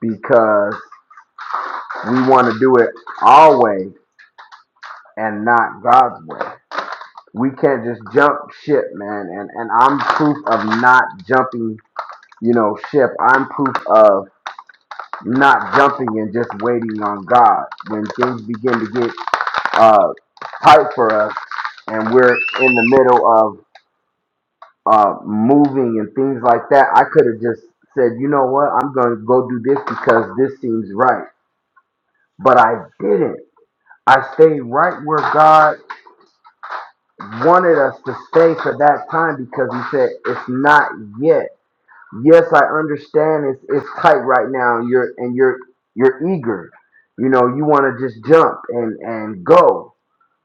B: because we want to do it our way, and not God's way. We can't just jump ship, man. And and I'm proof of not jumping, you know, ship. I'm proof of not jumping and just waiting on God. When things begin to get uh tight for us and we're in the middle of uh moving and things like that, I could have just said, you know what, I'm gonna go do this because this seems right. But I didn't. I stayed right where God wanted us to stay for that time because he said it's not yet. Yes, I understand it's it's tight right now and you're and you're you're eager. You know, you want to just jump and and go.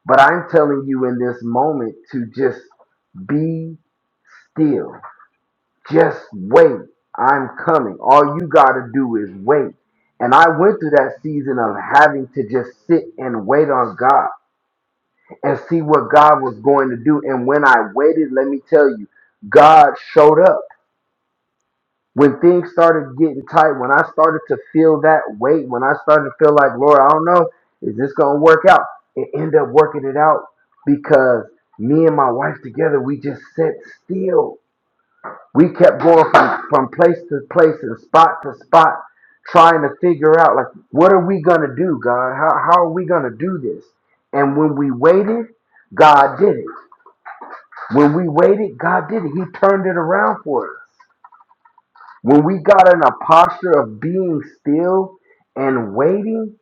B: But I'm telling you in this moment to just be still. Just wait. I'm coming. All you got to do is wait. And I went through that season of having to just sit and wait on God and see what God was going to do. And when I waited, let me tell you, God showed up. When things started getting tight, when I started to feel that weight, when I started to feel like, Lord, I don't know, is this going to work out? It ended up working it out because me and my wife together, we just sat still. We kept going from, from place to place and spot to spot, trying to figure out, like, what are we going to do, God? How, how are we going to do this? And when we waited, God did it. When we waited, God did it. He turned it around for us. When we got in a posture of being still and waiting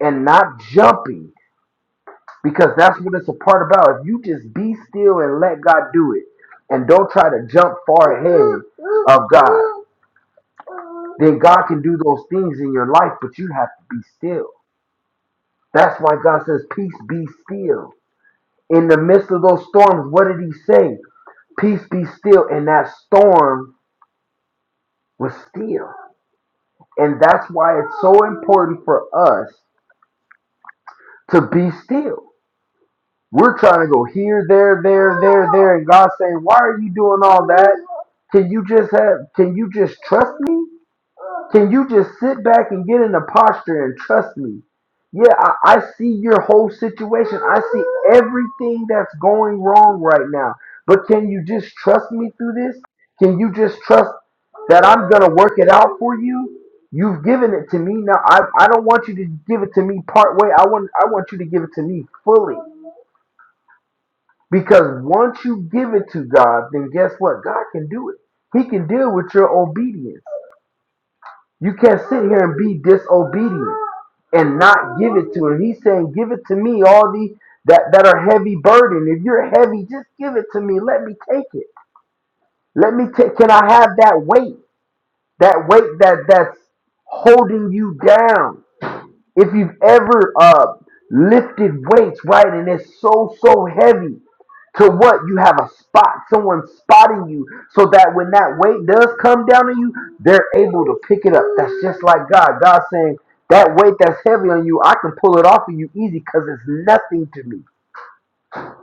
B: and not jumping, because that's what it's a part about. If you just be still and let God do it and don't try to jump far ahead of then God can do those things in your life, but you have to be still. That's why God says, Peace be still. In the midst of those storms, what did He say? Peace be still. And that storm was still. And that's why it's so important for us to be still. We're trying to go here, there, there, there, there, and God's saying, Why are you doing all that? Can you just have can you just trust me? Can you just sit back and get in the posture and trust me? Yeah, I, I see your whole situation. I see everything that's going wrong right now. But can you just trust me through this? Can you just trust that I'm going to work it out for you? You've given it to me. Now I, I don't want you to give it to me part way. I want I want you to give it to me fully. Because once you give it to God, then guess what? God can do it. He can deal with your obedience. You can't sit here and be disobedient and not give it to him. He's saying, Give it to me, all the that, that are heavy burden. If you're heavy, just give it to me. Let me take it. Let me take can I have that weight? That weight that that's holding you down. If you've ever uh, lifted weights, right, and it's so, so heavy to what? You have a spot, someone spotting you, so that when that weight does come down on you, they're able to pick it up. That's just like God. God saying, that weight that's heavy on you, I can pull it off of you easy because it's nothing to me.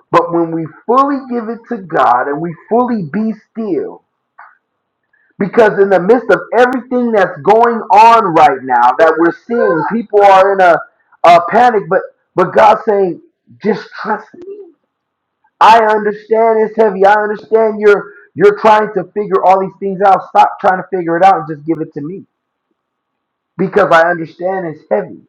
B: But when we fully give it to God and we fully be still, because in the midst of everything that's going on right now that we're seeing, people are in a, a panic, but but God's saying, just trust me. I understand it's heavy. I understand you're you're trying to figure all these things out. Stop trying to figure it out and just give it to me. Because I understand it's heavy.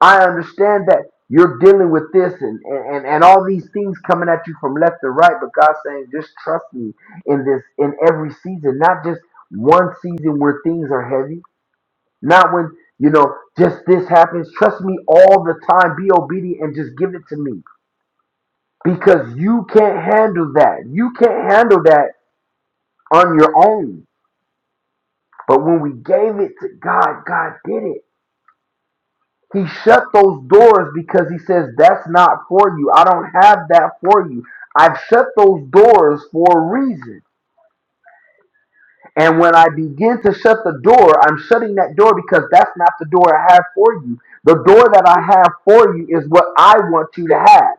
B: I understand that you're dealing with this and, and, and all these things coming at you from left and right, but God's saying, just trust me in this, in every season, not just one season where things are heavy, not when, you know, just this happens. Trust me all the time. Be obedient and just give it to me because you can't handle that. You can't handle that on your own. But when we gave it to God, God did it. He shut those doors because he says, That's not for you. I don't have that for you. I've shut those doors for a reason. And when I begin to shut the door, I'm shutting that door because that's not the door I have for you. The door that I have for you is what I want you to have.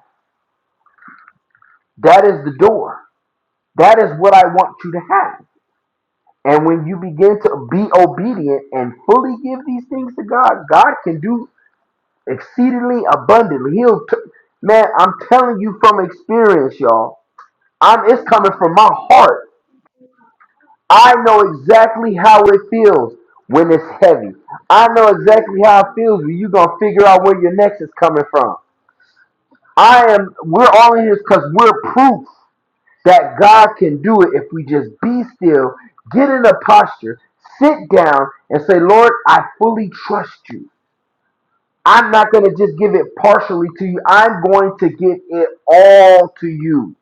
B: That is the door. That is what I want you to have. And when you begin to be obedient and fully give these things to God, God can do exceedingly abundantly. He'll, t- man, I'm telling you from experience, y'all. I'm, it's coming from my heart. I know exactly how it feels when it's heavy. I know exactly how it feels when you're gonna figure out where your next is coming from. I am. We're all in this because we're proof that God can do it if we just be still, get in a posture, sit down, and say, Lord, I fully trust you. I'm not going to just give it partially to you. I'm going to give it all to you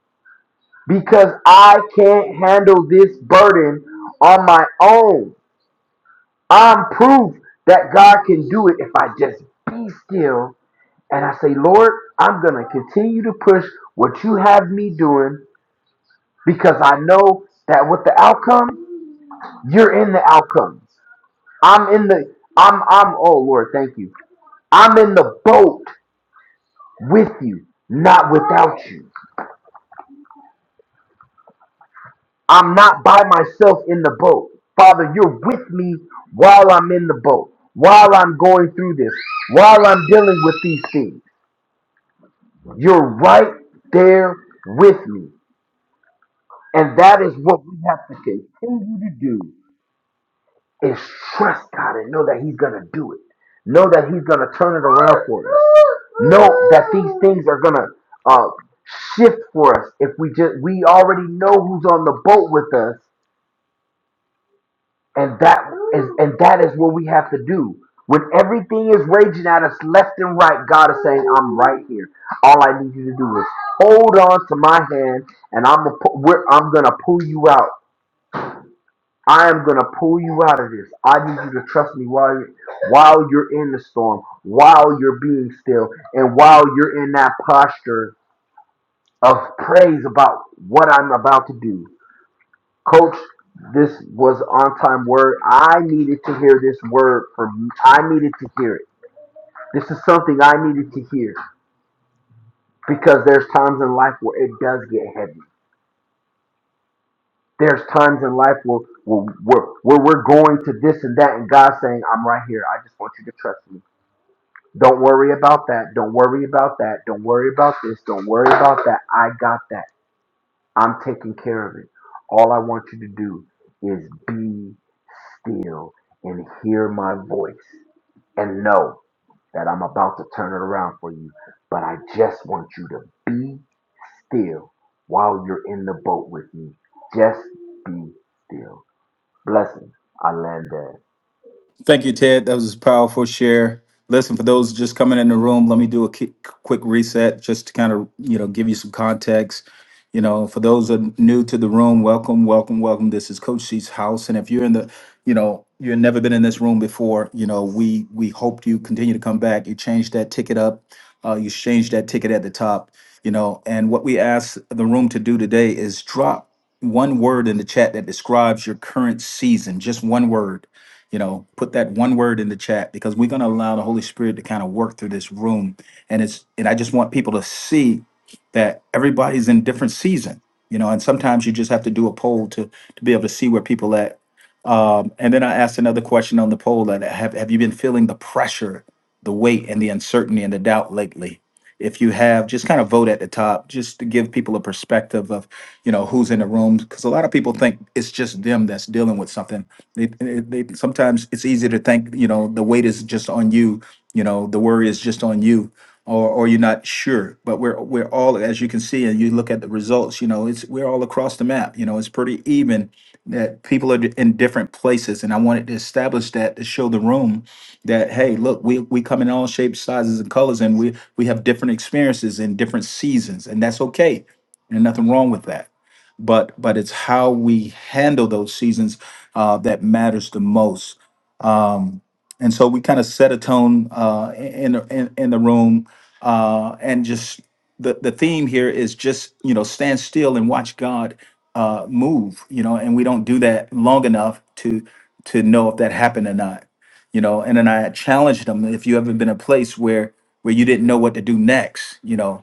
B: because I can't handle this burden on my own. I'm proof that God can do it if I just be still and I say, Lord, I'm going to continue to push what you have me doing because I know that with the outcome, you're in the outcome. I'm in the, I'm, I'm, oh Lord, thank you. I'm in the boat with you, not without you. I'm not by myself in the boat. Father, you're with me while I'm in the boat, while I'm going through this, while I'm dealing with these things. You're right there with me. And that is what we have to continue to do is trust God and know that He's gonna do it. Know that He's gonna turn it around for us. Know that these things are gonna uh, shift for us if we just we already know who's on the boat with us And that is and that is what we have to do. When everything is raging at us left and right, God is saying, I'm right here. All I need you to do is hold on to my hand and I'm gonna pu- we're, I'm gonna pull you out. I am gonna pull you out of this. I need you to trust me while you're, while you're in the storm, while you're being still, and while you're in that posture of praise about what I'm about to do. Coach, this was on time word. I needed to hear this word from you. I needed to hear it. This is something I needed to hear because there's times in life where it does get heavy. There's times in life where, where, where, where we're going to this and that, and God's saying, I'm right here. I just want you to trust me. Don't worry about that. Don't worry about that. Don't worry about this. Don't worry about that. I got that. I'm taking care of it. All I want you to do is be still and hear my voice and know that I'm about to turn it around for you. But I just want you to be still while you're in the boat with me. Just be still. Blessings. I land there.
A: Thank you, Ted. That was a powerful share. Listen, for those just coming in the room, let me do a ki- quick reset just to kind of, you know, give you some context. You know, for those that are new to the room, welcome, welcome, welcome. This is Coach C's house. And if you're in the, you know, you've never been in this room before, you know, we we hope you continue to come back. You change that ticket up. Uh, you change that ticket at the top, you know. And what we ask the room to do today is drop one word in the chat that describes your current season, just one word you know, put that one word in the chat because we're going to allow the Holy Spirit to kind of work through this room. And it's, and I just want people to see that everybody's in different season, you know, and sometimes you just have to do a poll to, to be able to see where people at. Um, and then I asked another question on the poll that have, have you been feeling the pressure, the weight and the uncertainty and the doubt lately? If you have, just kind of vote at the top, just to give people a perspective of you know who's in the room because a lot of people think it's just them that's dealing with something they, they, they sometimes it's easy to think you know the weight is just on you you know the worry is just on you or or you're not sure but we're we're all as you can see and you look at the results you know it's we're all across the map you know it's pretty even that people are in different places and i wanted to establish that to show the room that hey look we we come in all shapes sizes and colors and we we have different experiences in different seasons and that's okay and nothing wrong with that but but it's how we handle those seasons uh, that matters the most. Um, and so we kind of set a tone uh, in, in in the room, uh, and just the the theme here is just you know stand still and watch God uh, move. You know, and we don't do that long enough to to know if that happened or not. You know, and then I challenged them if you haven't been in a place where where you didn't know what to do next. You know,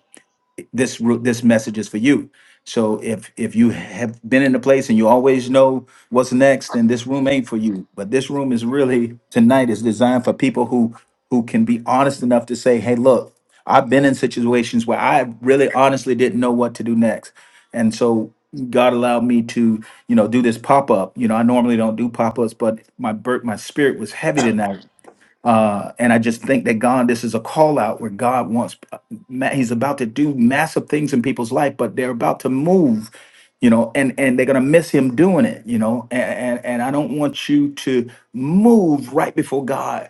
A: this this message is for you. So if if you have been in a place and you always know what's next, then this room ain't for you. But this room is really tonight is designed for people who who can be honest enough to say, "Hey, look, I've been in situations where I really honestly didn't know what to do next." And so God allowed me to, you know, do this pop-up. You know, I normally don't do pop-ups, but my bir- my spirit was heavy tonight uh, and I just think that God, this is a call out where God wants, ma- He's about to do massive things in people's life, but they're about to move, you know, and and they're gonna miss Him doing it, you know. And and, and I don't want you to move right before God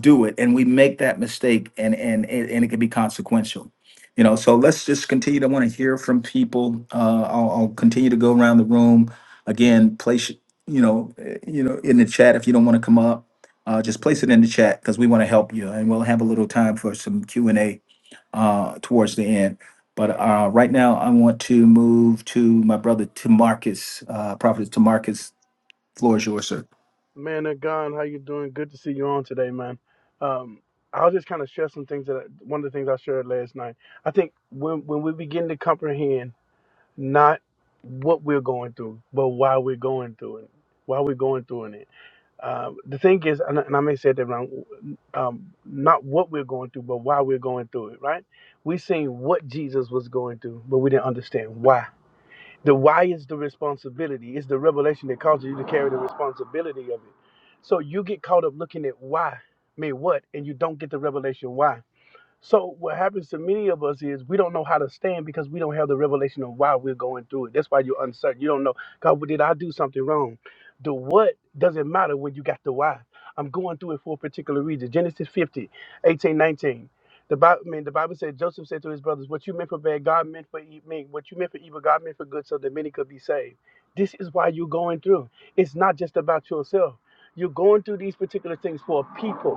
A: do it and we make that mistake and and and and it can be consequential you know so let's just continue to want to hear from people uh I'll, I'll continue to go around the room again place you know eh, you know in the chat if you don't want to come up uh just place it in the chat because we want to help you and we'll have a little time for some Q and A uh towards the end but uh right now I want to move to my brother Tamarcus uh prophet Tamarcus floor is yours sir
D: Man of God, how you doing? Good to see you on today, man. Um, I'll just kind of share some things that I, one of the things I shared last night. I think when when we begin to comprehend not what we're going through, but why we're going through it, why we're going through it. Um, the thing is, and, I- and I may say that wrong, um, not what we're going through, but why we're going through it. Right? We seen what Jesus was going through, but we didn't understand why. The why is the responsibility. It's the revelation that causes you to carry the responsibility of it. So you get caught up looking at why, me what, and you don't get the revelation why. So what happens to many of us is we don't know how to stand because we don't have the revelation of why we're going through it. That's why you're uncertain. You don't know, God, well, did I do something wrong? The what doesn't matter when you got the why. I'm going through it for a particular reason. Genesis 50, 18, 19. The Bible, I mean, the Bible said Joseph said to his brothers, "What you meant for bad, God meant for e- What you meant for evil, God meant for good, so that many could be saved." This is why you're going through. It's not just about yourself. You're going through these particular things for a people.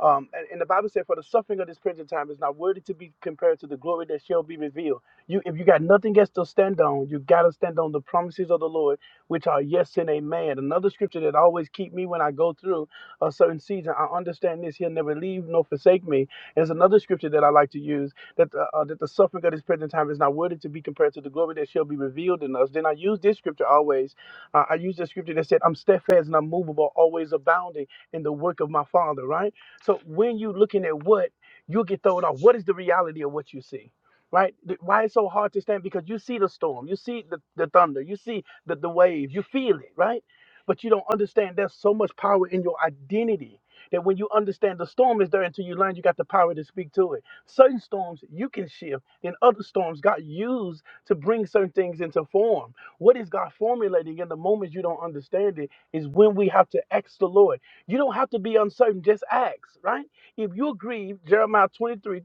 D: Um, and, and the Bible said, For the suffering of this present time is not worthy to be compared to the glory that shall be revealed. You, if you got nothing else to stand on, you got to stand on the promises of the Lord, which are yes and amen. Another scripture that always keep me when I go through a certain season age, and I understand this. He'll never leave nor forsake me. There's another scripture that I like to use that the, uh, that the suffering of this present time is not worthy to be compared to the glory that shall be revealed in us. Then I use this scripture always. Uh, I use the scripture that said, "I'm steadfast and unmovable, always abounding in the work of my Father." Right. So when you're looking at what you'll get thrown off. What is the reality of what you see? Right? Th- Why it's so hard to stand? Because you see the storm, you see the, the thunder, you see the, the wave, you feel it, right? But you don't understand there's so much power in your identity that when you understand the storm is there until you learn you got the power to speak to it. Certain storms you can shift, and other storms God used to bring certain things into form. What is God formulating in the moments you don't understand it is when we have to ask the Lord. You don't have to be uncertain, just ask, right? If you grieve, Jeremiah 23:33,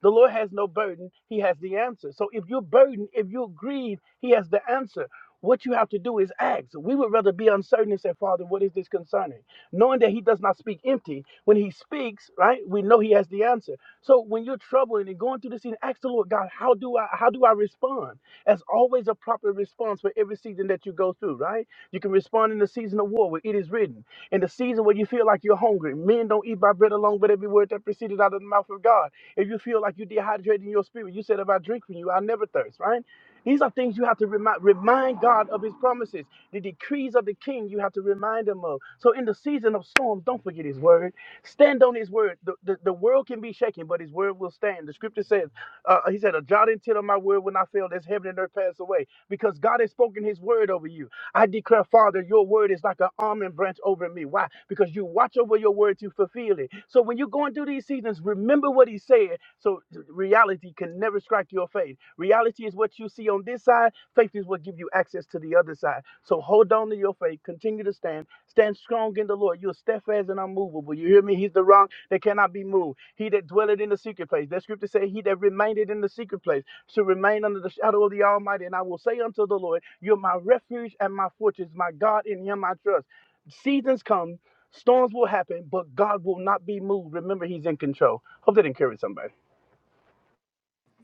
D: the Lord has no burden, He has the answer. So if you're burdened, if you grieve, He has the answer. What you have to do is ask. We would rather be uncertain and say, Father, what is this concerning? Knowing that He does not speak empty. When He speaks, right, we know He has the answer. So when you're troubling and going through this season, ask the Lord God, how do I how do I respond? That's always a proper response for every season that you go through, right? You can respond in the season of war where it is written. In the season where you feel like you're hungry, men don't eat by bread alone, but every word that proceeded out of the mouth of God. If you feel like you're dehydrated in your spirit, you said if I drink from you, I'll never thirst, right? These are things you have to remind, remind God of His promises. The decrees of the King you have to remind Him of. So in the season of storms, don't forget His word. Stand on His word. The, the, the world can be shaken, but His word will stand. The Scripture says, uh, uh, He said, "A jot and tittle of my word will not fail, as heaven and earth pass away." Because God has spoken His word over you. I declare, Father, your word is like an almond branch over me. Why? Because you watch over your word to fulfill it. So when you're going through these seasons, remember what he said. So reality can never strike your faith. Reality is what you see on this side. Faith is what give you access to the other side. So hold on to your faith. Continue to stand. Stand strong in the Lord. You are steadfast and unmovable. You hear me? He's the rock that cannot be moved. He that dwelleth in the secret place. That scripture say, He that remaineth in the secret place shall remain under the shadow of the Almighty. And I will say unto the Lord, You're my refuge and my fortress, my God, in Him I trust. Seasons come, storms will happen, but God will not be moved. Remember, He's in control. Hope that encouraged somebody.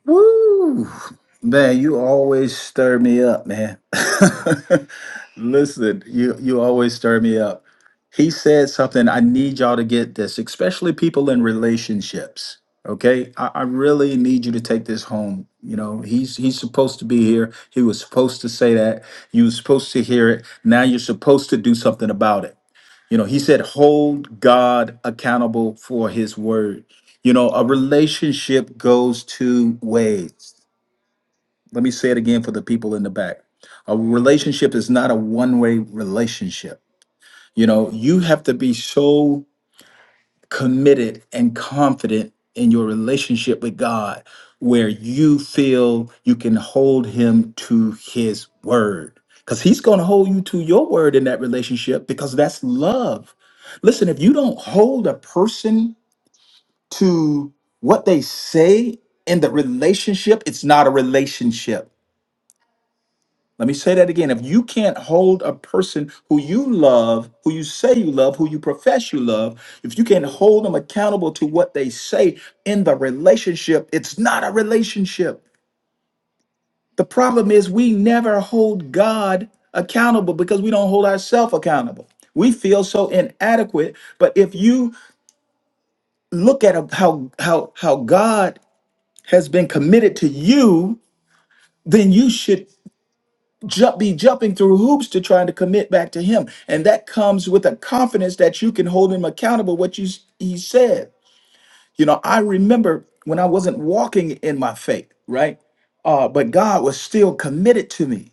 A: Woo! Man, you always stir me up, man. Listen, you you always stir me up. He said something. I need y'all to get this, especially people in relationships. Okay, I, I really need you to take this home. You know, he's he's supposed to be here. He was supposed to say that. You were supposed to hear it. Now you're supposed to do something about it. You know, he said, hold God accountable for his word. You know, a relationship goes two ways. Let me say it again for the people in the back. A relationship is not a one way relationship. You know, you have to be so committed and confident in your relationship with God where you feel you can hold him to his word cuz he's going to hold you to your word in that relationship because that's love. Listen, if you don't hold a person to what they say in the relationship, it's not a relationship. Let me say that again. If you can't hold a person who you love, who you say you love, who you profess you love, if you can't hold them accountable to what they say in the relationship, it's not a relationship. The problem is we never hold God accountable because we don't hold ourselves accountable. We feel so inadequate, but if you look at how how how God has been committed to you, then you should jump, be jumping through hoops to trying to commit back to him. And that comes with a confidence that you can hold him accountable what you s- he said. You know, I remember when I wasn't walking in my faith, right? Uh, but God was still committed to me.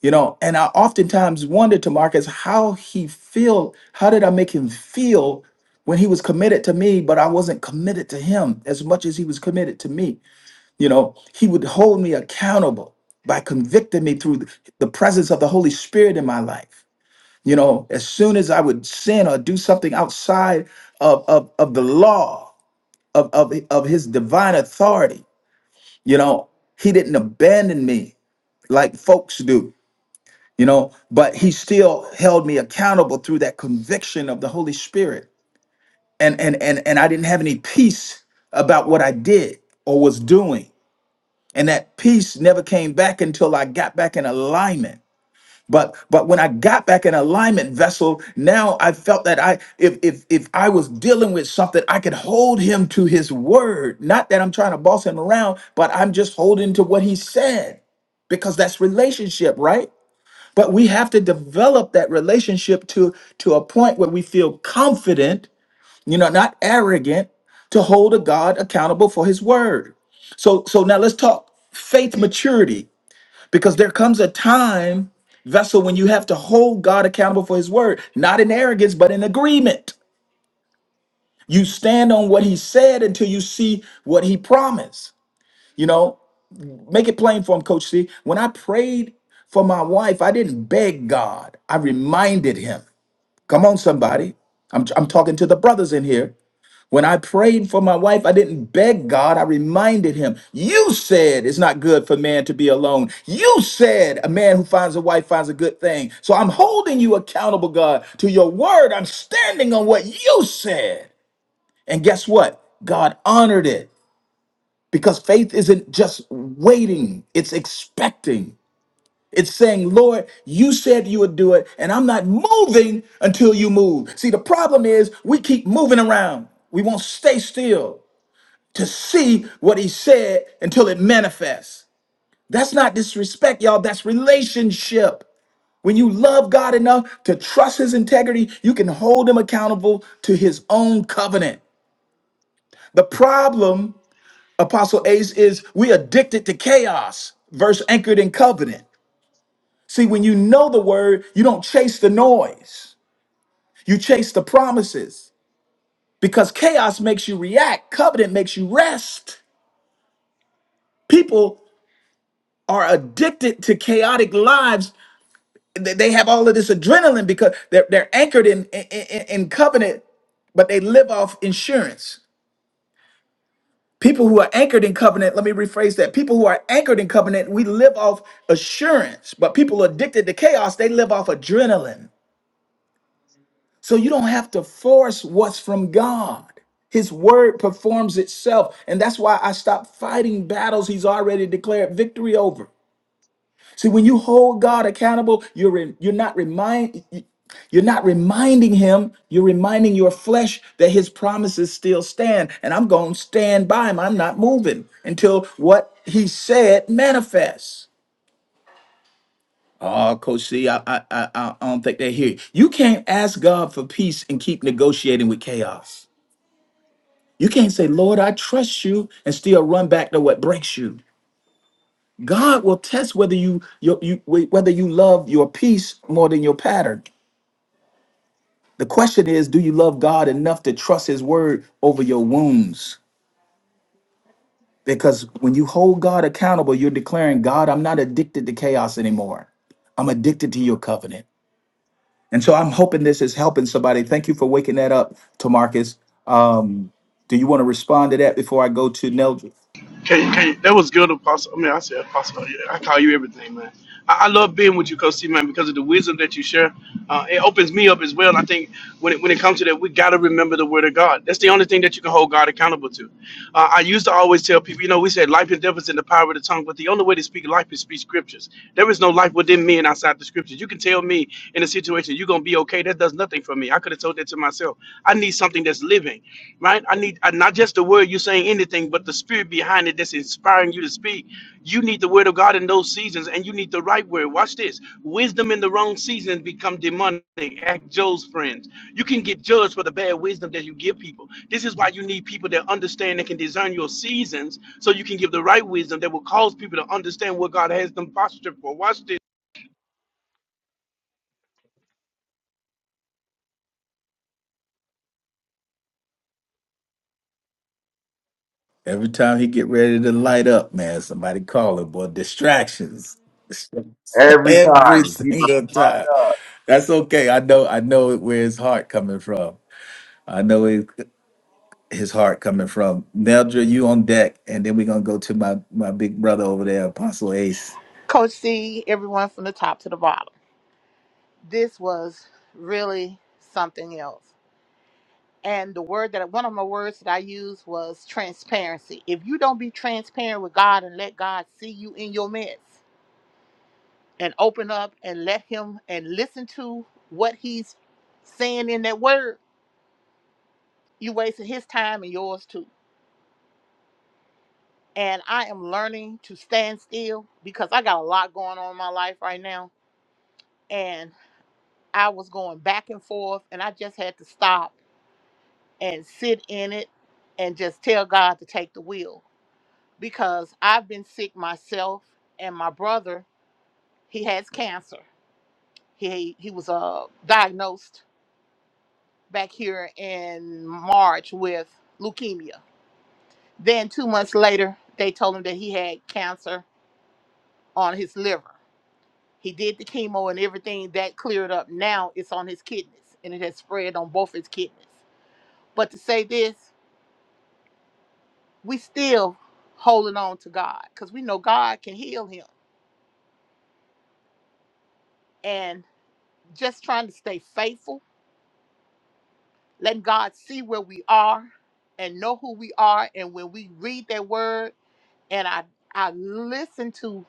A: You know, and I oftentimes wondered to Marcus how he feel, how did I make him feel when he was committed to me, but I wasn't committed to him as much as he was committed to me you know, he would hold me accountable by convicting me through the the presence of the Holy Spirit in my life. You know, as soon as I would sin or do something outside of, of, of the law, of, of, of his divine authority, you know, he didn't abandon me like folks do, you know, but he still held me accountable through that conviction of the Holy Spirit. And and and and I didn't have any peace about what I did or was doing and that peace never came back until i got back in alignment but but when i got back in alignment vessel now i felt that i if if if i was dealing with something i could hold him to his word not that i'm trying to boss him around but i'm just holding to what he said because that's relationship right but we have to develop that relationship to to a point where we feel confident you know, not arrogant, to hold a God accountable for his word. So so now let's talk faith maturity because there comes a time vessel when you have to hold God accountable for his word, not in arrogance but in agreement. You stand on what he said until you see what he promised. You know, make it plain for him coach C. When I prayed for my wife, I didn't beg God. I reminded him. Come on somebody. I'm I'm talking to the brothers in here. When I prayed for my wife, I didn't beg God. I reminded him, You said it's not good for man to be alone. You said a man who finds a wife finds a good thing. So I'm holding you accountable, God, to your word. I'm standing on what you said. And guess what? God honored it because faith isn't just waiting, it's expecting. It's saying, Lord, you said you would do it, and I'm not moving until you move. See, the problem is we keep moving around. We won't stay still to see what he said until it manifests. That's not disrespect, y'all. That's relationship. When you love God enough to trust his integrity, you can hold him accountable to his own covenant. The problem, Apostle Ace, is we addicted to chaos verse anchored in covenant. See, when you know the word, you don't chase the noise. You chase the promises because chaos makes you react. Covenant makes you rest. People are addicted to chaotic lives. They they have all of this adrenaline because they're, they're anchored in, in, in in covenant, but they live off insurance. People who are anchored in covenant, let me rephrase that. People who are anchored in covenant, we live off assurance, but people addicted to chaos, they live off adrenaline. So you don't have to force what's from God. His word performs itself. And that's why I stopped fighting battles he's already declared victory over. See, when you hold God accountable, you're re- you're not remind you're not reminding him, you're reminding your flesh that his promises still stand. And I'm going to stand by him. I'm not moving until what he said manifests. Oh, Coach C, I, I, I, I I don't think they hear you. You can't ask God for peace and keep negotiating with chaos. You can't say, Lord, I trust you and still run back to what breaks you. God will test whether you, you, you whether you love your peace more than your pattern. The question is, do you love God enough to trust his word over your wounds? Because when you hold God accountable, you're declaring, God, I'm not addicted to chaos anymore. I'm addicted to your covenant. And so I'm hoping this is helping somebody. Thank you for waking that up, Tamarcus. Um, do you want to respond to that before I go to Neldra?
D: Can can that was good, Apostle. I mean, I said Apostle. yeah, I call you everything, man. I, I love being with you, Coach C, man, because of the wisdom that you share. Uh, it opens me up as well. And I think when it, when it comes to that, we got to remember the Word of God. That's the only thing that you can hold God accountable to. Uh, I used to always tell people, you know, we said life and death devils and the power of the tongue, but the only way to speak life is speak scriptures. There is no life within me and outside the scriptures. You can tell me in a situation you're gonna be okay. That does nothing for me. I could have told that to myself. I need something that's living, right? I need uh, not just the word you are saying anything, but the spirit behind it that's inspiring you to speak. You need the word of God in those seasons, and you need the right word. Watch this. Wisdom in the wrong seasons become demonic. Act Joe's friends. You can get judged for the bad wisdom that you give people. This is why you need people that understand and can discern your seasons so you can give the right wisdom that will cause people to understand what God has them postured for. Watch this.
A: Every time he get ready to light up, man, somebody call him. Boy, distractions.
B: Every
A: Every
B: time. He must-
A: single time. That's okay. I know. I know where his heart coming from. I know it, his heart coming from. Neldra, you on deck, and then we're gonna go to my my big brother over there, Apostle Ace.
C: Coach C, everyone from the top to the bottom. This was really something else. and the word that one of my words that I used was transparency. If you don't be transparent with God and let God see you in your mess and open up and let Him and listen to what He's saying in that word, you wasted His time and yours too. And I am learning to stand still because I got a lot going on in my life right now. And I was going back and forth, and I just had to stop and sit in it and just tell God to take the wheel because I've been sick myself and my brother, he has cancer. He he was uh diagnosed back here in March with leukemia. Then 2 months later, they told him that he had cancer on his liver. He did the chemo and everything that cleared up. Now it's on his kidneys and it has spread on both his kidneys. But to say this, we still holding on to God cuz we know God can heal him and just trying to stay faithful Let God see where we are and know who we are. And when we read that word and I I listen to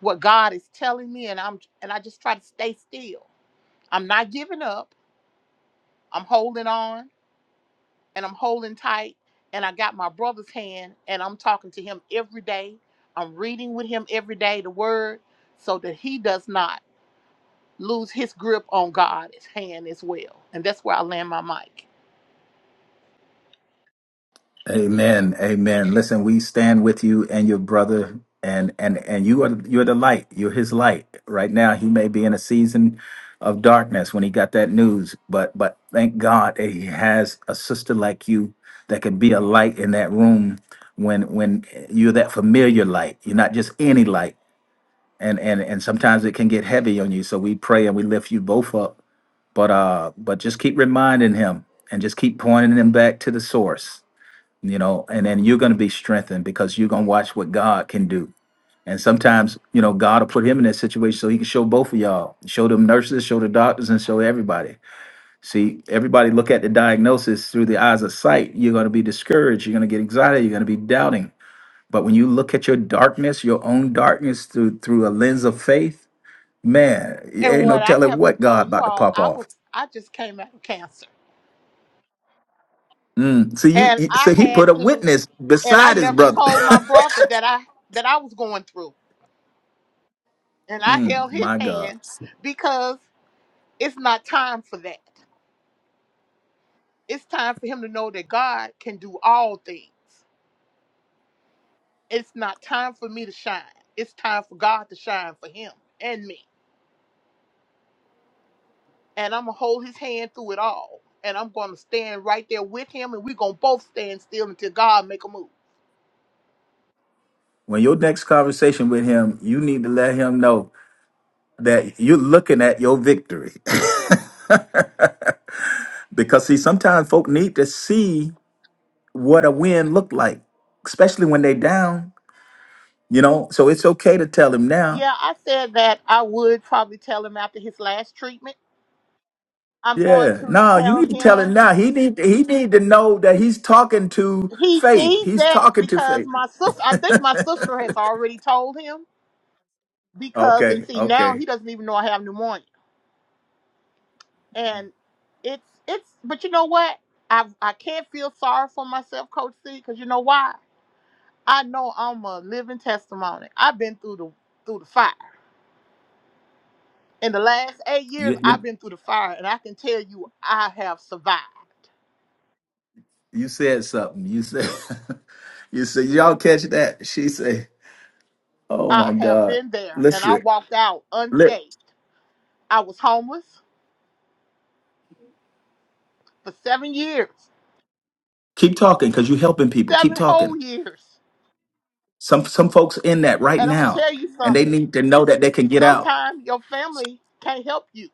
C: what God is telling me and I'm and I just try to stay still. I'm not giving up. I'm holding on and I'm holding tight. And I got my brother's hand and I'm talking to him every day. I'm reading with him every day the word so that he does not lose his grip on God's hand as well. And that's where I land my mic.
A: Amen. Amen. Listen, we stand with you and your brother, and and and you are you're the light. You're his light. Right now, he may be in a season of darkness when he got that news, but but thank God that he has a sister like you that can be a light in that room when when you're that familiar light. You're not just any light and and and sometimes it can get heavy on you so we pray and we lift you both up but uh but just keep reminding him and just keep pointing him back to the source you know and then you're going to be strengthened because you're going to watch what god can do and sometimes you know god will put him in that situation so he can show both of y'all show them nurses show the doctors and show everybody see everybody look at the diagnosis through the eyes of sight you're going to be discouraged you're going to get anxiety you're going to be doubting but when you look at your darkness your own darkness through through a lens of faith Man, it
C: And
A: ain't no
C: what I
A: telling
C: haven't
A: what
C: told
A: God
C: you
A: about to
C: all,
A: pop
C: I was
A: off.
C: I just came out of cancer.
A: Mm. So you,
C: And
A: you-
C: I
A: so he
C: had
A: put a
C: to
A: witness
C: and I
A: beside his
C: never
A: brother.
C: told my brother that I that I was going through. And I
A: Mm,
C: held his
A: my God.
C: hand because it's not time for that. It's time for him to know that God can do all things. It's not time for me to shine. It's time for God to shine for him and me. And I'm gonna hold his hand through it all. And I'm gonna stand right there with him and we're gonna both stand still until God make a move.
A: When your next conversation with him, you need to let him know that you're looking at your victory. because see, sometimes folk need to see what a win look like, especially when they down, you know. So it's okay to tell him now.
C: Yeah, I said that I would probably tell him after his last treatment. I'm going
A: Yeah.
C: to
A: No, you
C: tell
A: need to tell him
C: him.
A: now. He need he need to know that he's talking to
C: He
A: faith.
C: sees
A: He's
C: that
A: talking to
C: because
A: faith.
C: my sister, I think my sister has already told him because, and
A: Okay,
C: see, now
A: okay.
C: he doesn't even know I have pneumonia. And it's, it's, but you know what? I, I can't feel sorry for myself, Coach C, because you know why? I know I'm a living testimony. I've been through the, through the fire. In the last eight years,
A: You
C: I've
A: you
C: been through the fire, and I can tell you I have survived
A: you said something. You said you said y'all catch that? She said, "Oh my
C: I have
A: God,
C: been there and I
A: listen,
C: walked out
A: li-
C: unscathed. I was homeless for seven years,
A: keep talking because you're helping people. Keep
C: seven whole
A: talking.
C: years.
A: Some some folks in that right
C: And I'm going to
A: now,
C: tell you
A: and they
C: something.
A: need to know that they can get out.
C: Sometimes your family can't help you.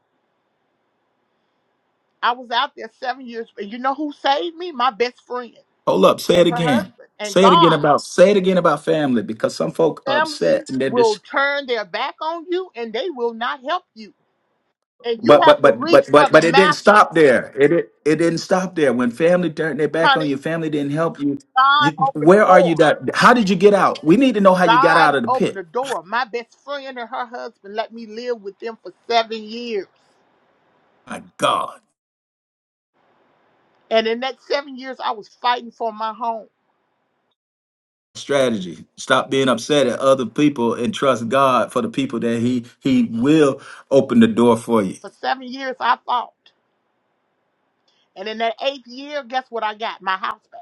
C: I was out there seven years, and you know who saved me? My best friend
A: Hold up, say
C: and
A: it
C: her
A: again.
C: husband and
A: Say it again
C: God.
A: about say it again about family because some folk
C: Family
A: upset and they're
C: will turn their back on you and they will not help you. And you
A: But
C: have
A: but
C: to
A: but
C: reach
A: but
C: for
A: but
C: the
A: but it didn't
C: master,
A: stop there. It it, it didn't stop there. When family turned their back on you,
C: honey.
A: family didn't help you. You
C: God opened
A: where
C: the
A: are
C: door.
A: you that how did you get out? We need to know how you got
C: God
A: out of the
C: opened
A: pit.
C: the door. My best friend and her husband let me live with them for seven years.
A: My God.
C: And in that seven years, I was fighting for my home.
A: Strategy. Stop being upset at other people and trust God for the people that He He will open the door for you.
C: For seven years, I fought. And in that eighth year, guess what I got? My house back.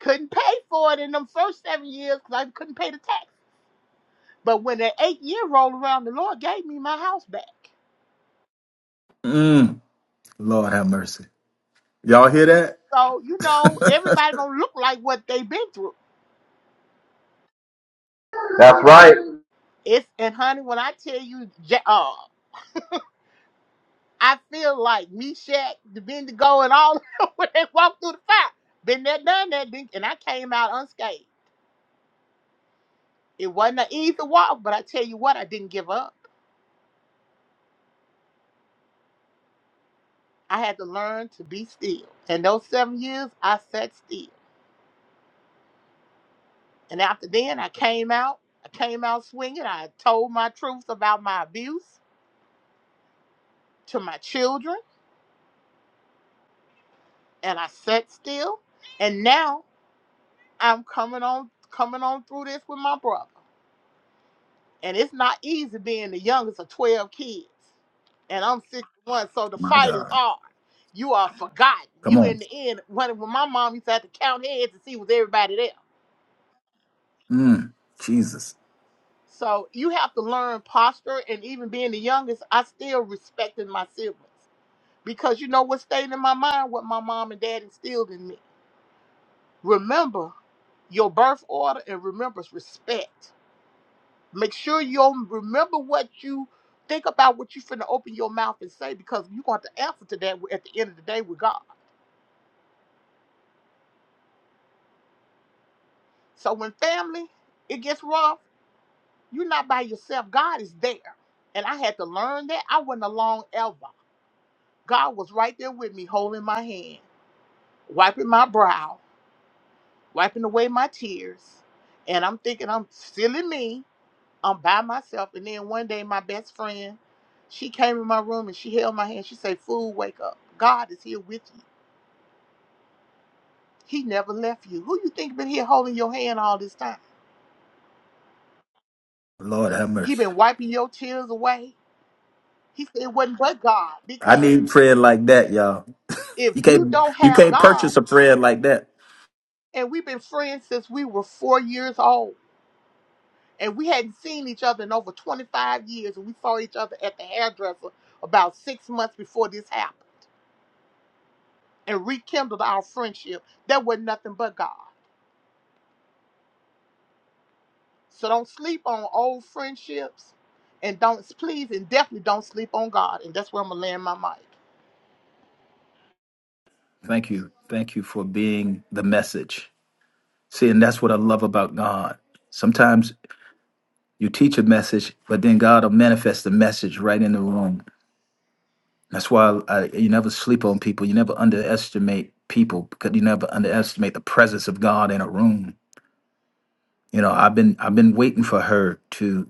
C: Couldn't pay for it in them first seven years because I couldn't pay the tax. But when that eighth year rolled around, the Lord gave me my house back.
A: Mm, Lord have mercy. Y'all hear that?
C: So, you know, everybody don't look like what they've been through.
B: That's right.
C: It's, and honey, when I tell you, Ja- uh, I feel like Meshach, the Bendigo, and all of when they walked through the fire. Been there, done that, didn't, and I came out unscathed. It wasn't an easy walk, but I tell you what, I didn't give up. I had to learn to be still. And those seven years, I sat still. And after then, I came out. I came out swinging. I told my truths about my abuse to my children, and I sat still. And now I'm coming on, coming on through this with my brother. And it's not easy being the youngest of 12 kids. And I'm 61, so the
A: My
C: fight is
A: God.
C: hard. You are forgotten.
A: Come
C: You in
A: on.
C: the end, when, when my mom used to have to count heads to see was everybody there.
A: Mm, Jesus.
C: So you have to learn posture and even being the youngest, I still respected my siblings. Because you know what stayed in my mind, what my mom and dad instilled in me. Remember your birth order and remember respect. Make sure you om- remember what you think about what you finna open your mouth and say because you're going to answer to that at the end of the day with God. So when family it gets rough, you're not by yourself. God is there, and I had to learn that. I wasn't alone ever. God was right there with me, holding my hand, wiping my brow, wiping away my tears, and I'm thinking I'm silly me. I'm by myself. And then one day, my best friend, she came in my room and she held my hand. She said, "Fool, wake up. God is here with you. He never left you. Who you think been here holding your hand all this time?
A: Lord have
C: He
A: mercy.
C: been wiping your tears away. He said it wasn't but God
A: I
C: because
A: need prayer like that, y'all.
C: if
A: You
C: you
A: can't
C: don't
A: you
C: have
A: can't
C: God,
A: purchase a friend like that.
C: and we've been friends since we were four years old." And we hadn't seen each other in over 25 years, and we saw each other at the hairdresser about six months before this happened and rekindled our friendship. That was nothing but God. So don't sleep on old friendships, and don't please and definitely don't sleep on God. And that's where I'm gonna land my mic.
A: Thank you. Thank you for being the message. See, and that's what I love about God. Sometimes you teach a message, but then God will manifest the message right in the room. That's why I, you never sleep on people. You never underestimate people because you never underestimate the presence of God in a room. You know, I've been I've been waiting for her to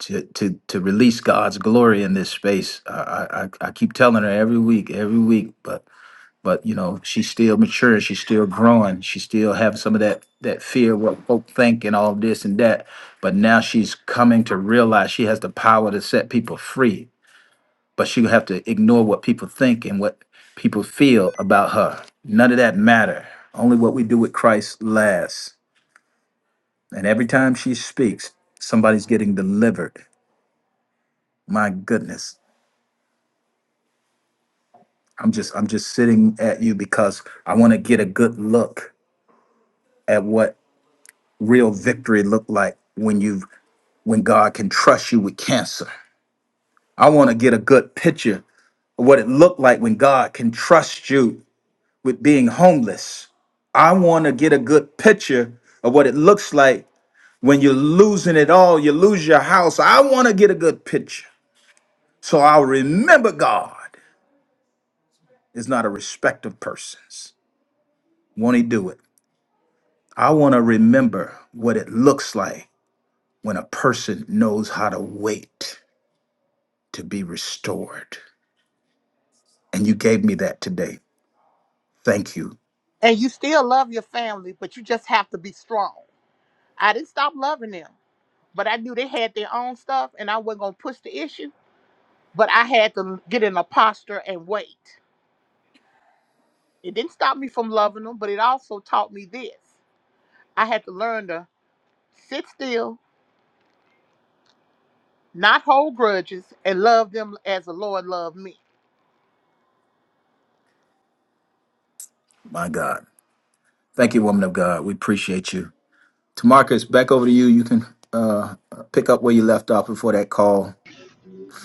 A: to to to release God's glory in this space. I I, I I keep telling her every week, every week, but but you know she's still mature she's still growing she still having some of that that fear what folk think and all this and that but now she's coming to realize she has the power to set people free but she'll have to ignore what people think and what people feel about her none of that matter only what we do with christ lasts and every time she speaks somebody's getting delivered my goodness i'm just i'm just sitting at you because i want to get a good look at what real victory look like when you when God can trust you with cancer. I want to get a good picture of what it looked like when God can trust you with being homeless. I want to get a good picture of what it looks like when you're losing it all, you lose your house. I want to get a good picture. So I'll remember God is not a respect of persons. Won't he do it? I want to remember what it looks like when a person knows how to wait. to be restored. And you gave me that today. Thank you,
C: And you still love your family, but you just have to be strong. I didn't stop loving them, but I knew they had their own stuff, and I wasn't gonna push the issue. But I had to get in a posture and wait. It didn't stop me from loving them, but it also taught me this: I had to learn to sit still, not hold grudges, and love them as the Lord loved me.
A: my God. Thank you, woman of God. We appreciate you. Tamarcus, back over to you. You can uh, pick up where you left off before that call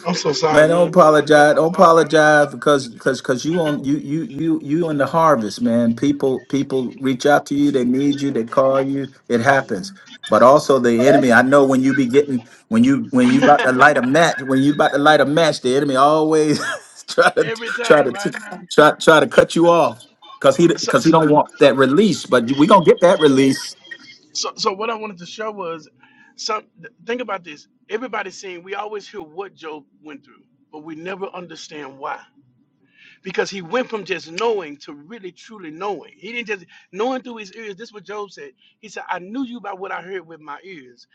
D: I'm so sorry,
A: Man, don't
D: man. Uh, that was
A: apologize.
D: my
A: Don't
D: barb. I-
A: apologize because because because you on you you you you in the harvest, man. People people reach out to you. They need you. They call you. It happens. But also the enemy. I know when you be getting when you when you about to light a match when you about to light a match, the enemy always try to
D: Every
A: try
D: time,
A: to
D: right, man?
A: try try to cut you off because he because he
D: So,
A: don't want that release. But we gonna get that release.
D: So, so what I wanted to show was, some th- think about this. Everybody's saying we always hear what Job went through, but we never understand why. Because he went from just knowing to really truly knowing. He didn't just knowing through his ears. This is what Job said. He said, "I knew you by what I heard with my ears,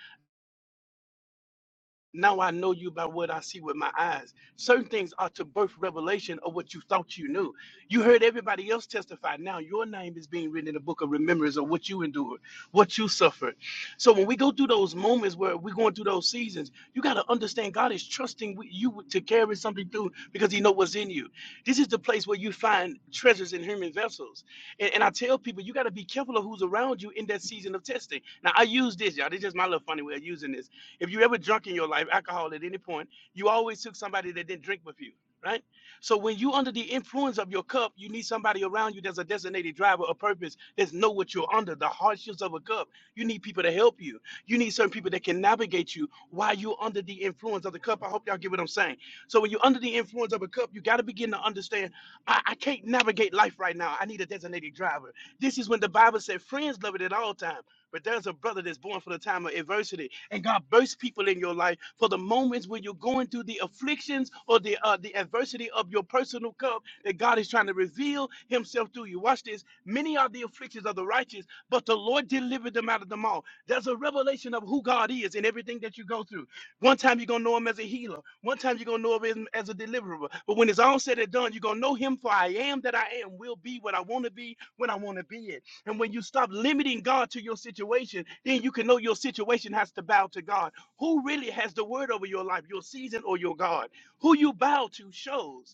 D: now I know you by what I see with my eyes. Certain things are to birth revelation of what you thought you knew. You heard everybody else testify. Now your name is being written in the book of remembrance of what you endured, what you suffered. So when we go through those moments where we're going through those seasons, you got to understand God is trusting with you to carry something through because He know what's in you. This is the place where you find treasures in human vessels. And, and I tell people you got to be careful of who's around you in that season of testing. Now I use this, y'all. This is my little funny way of using this if you ever drunk in your life, alcohol at any point, you always took somebody that didn't drink with you, right? So when you under the influence of your cup, you need somebody around you that's a designated driver of purpose, that's know what you're under, the hardships of a cup. You need people to help you. You need certain people that can navigate you while you're under the influence of the cup. I hope y'all get what I'm saying. So when you're under the influence of a cup, you got to begin to understand, I, I can't navigate life right now. I need a designated driver. This is when the Bible said friends love it at all times. But there's a brother that's born for the time of adversity, and God bursts people in your life for the moments when you're going through the afflictions or the uh, the adversity of your personal cup that God is trying to reveal Himself through you. Watch this. Many are the afflictions of the righteous, but the Lord delivered them out of them all. There's a revelation of who God is in everything that you go through. One time you're gonna know Him as a healer. One time you're gonna know Him as a deliverer. But when it's all said and done, you're gonna know Him for I am that I am. Will be what I want to be when I want to be it. And when you stop limiting God to your situation, then you can know your situation has to bow to God. Who really has the word over your life, your season or your God? Who you bow to shows.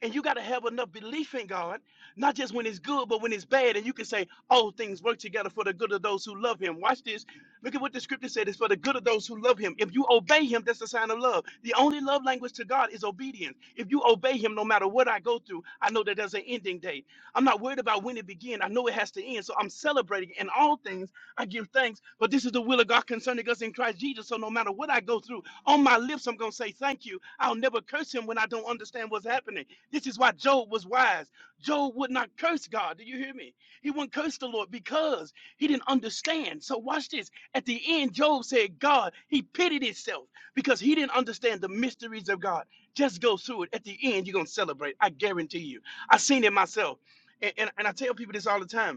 D: And you got to have enough belief in God, not just when it's good, but when it's bad. And you can say, all things work together for the good of those who love him. Watch this. Look at what the scripture said. It's for the good of those who love him. If you obey him, that's a sign of love. The only love language to God is obedience. If you obey him, no matter what I go through, I know that there's an ending date. I'm not worried about when it began. I know it has to end. So I'm celebrating in all things. I give thanks. But this is the will of God concerning us in Christ Jesus. So no matter what I go through, on my lips, I'm going to say thank you. I'll never curse him when I don't understand what's happening. This is why Job was wise. Job would not curse God. Do you hear me? He wouldn't curse the Lord because he didn't understand. So watch this. At the end, Job said, God, he pitied himself because he didn't understand the mysteries of God. Just go through it. At the end, you're going to celebrate. I guarantee you. I've seen it myself. And, and, and I tell people this all the time.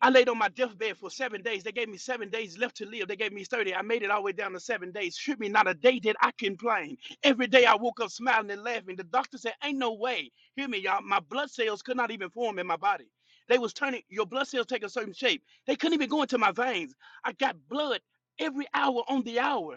D: I laid on my deathbed for seven days. They gave me seven days left to live. They gave me 30. I made it all the way down to seven days. Shoot me, not a day did I complain. Every day I woke up smiling and laughing. The doctor said, Ain't no way. Hear me, y'all. My blood cells could not even form in my body. They was turning your blood cells take a certain shape. They couldn't even go into my veins. I got blood every hour on the hour.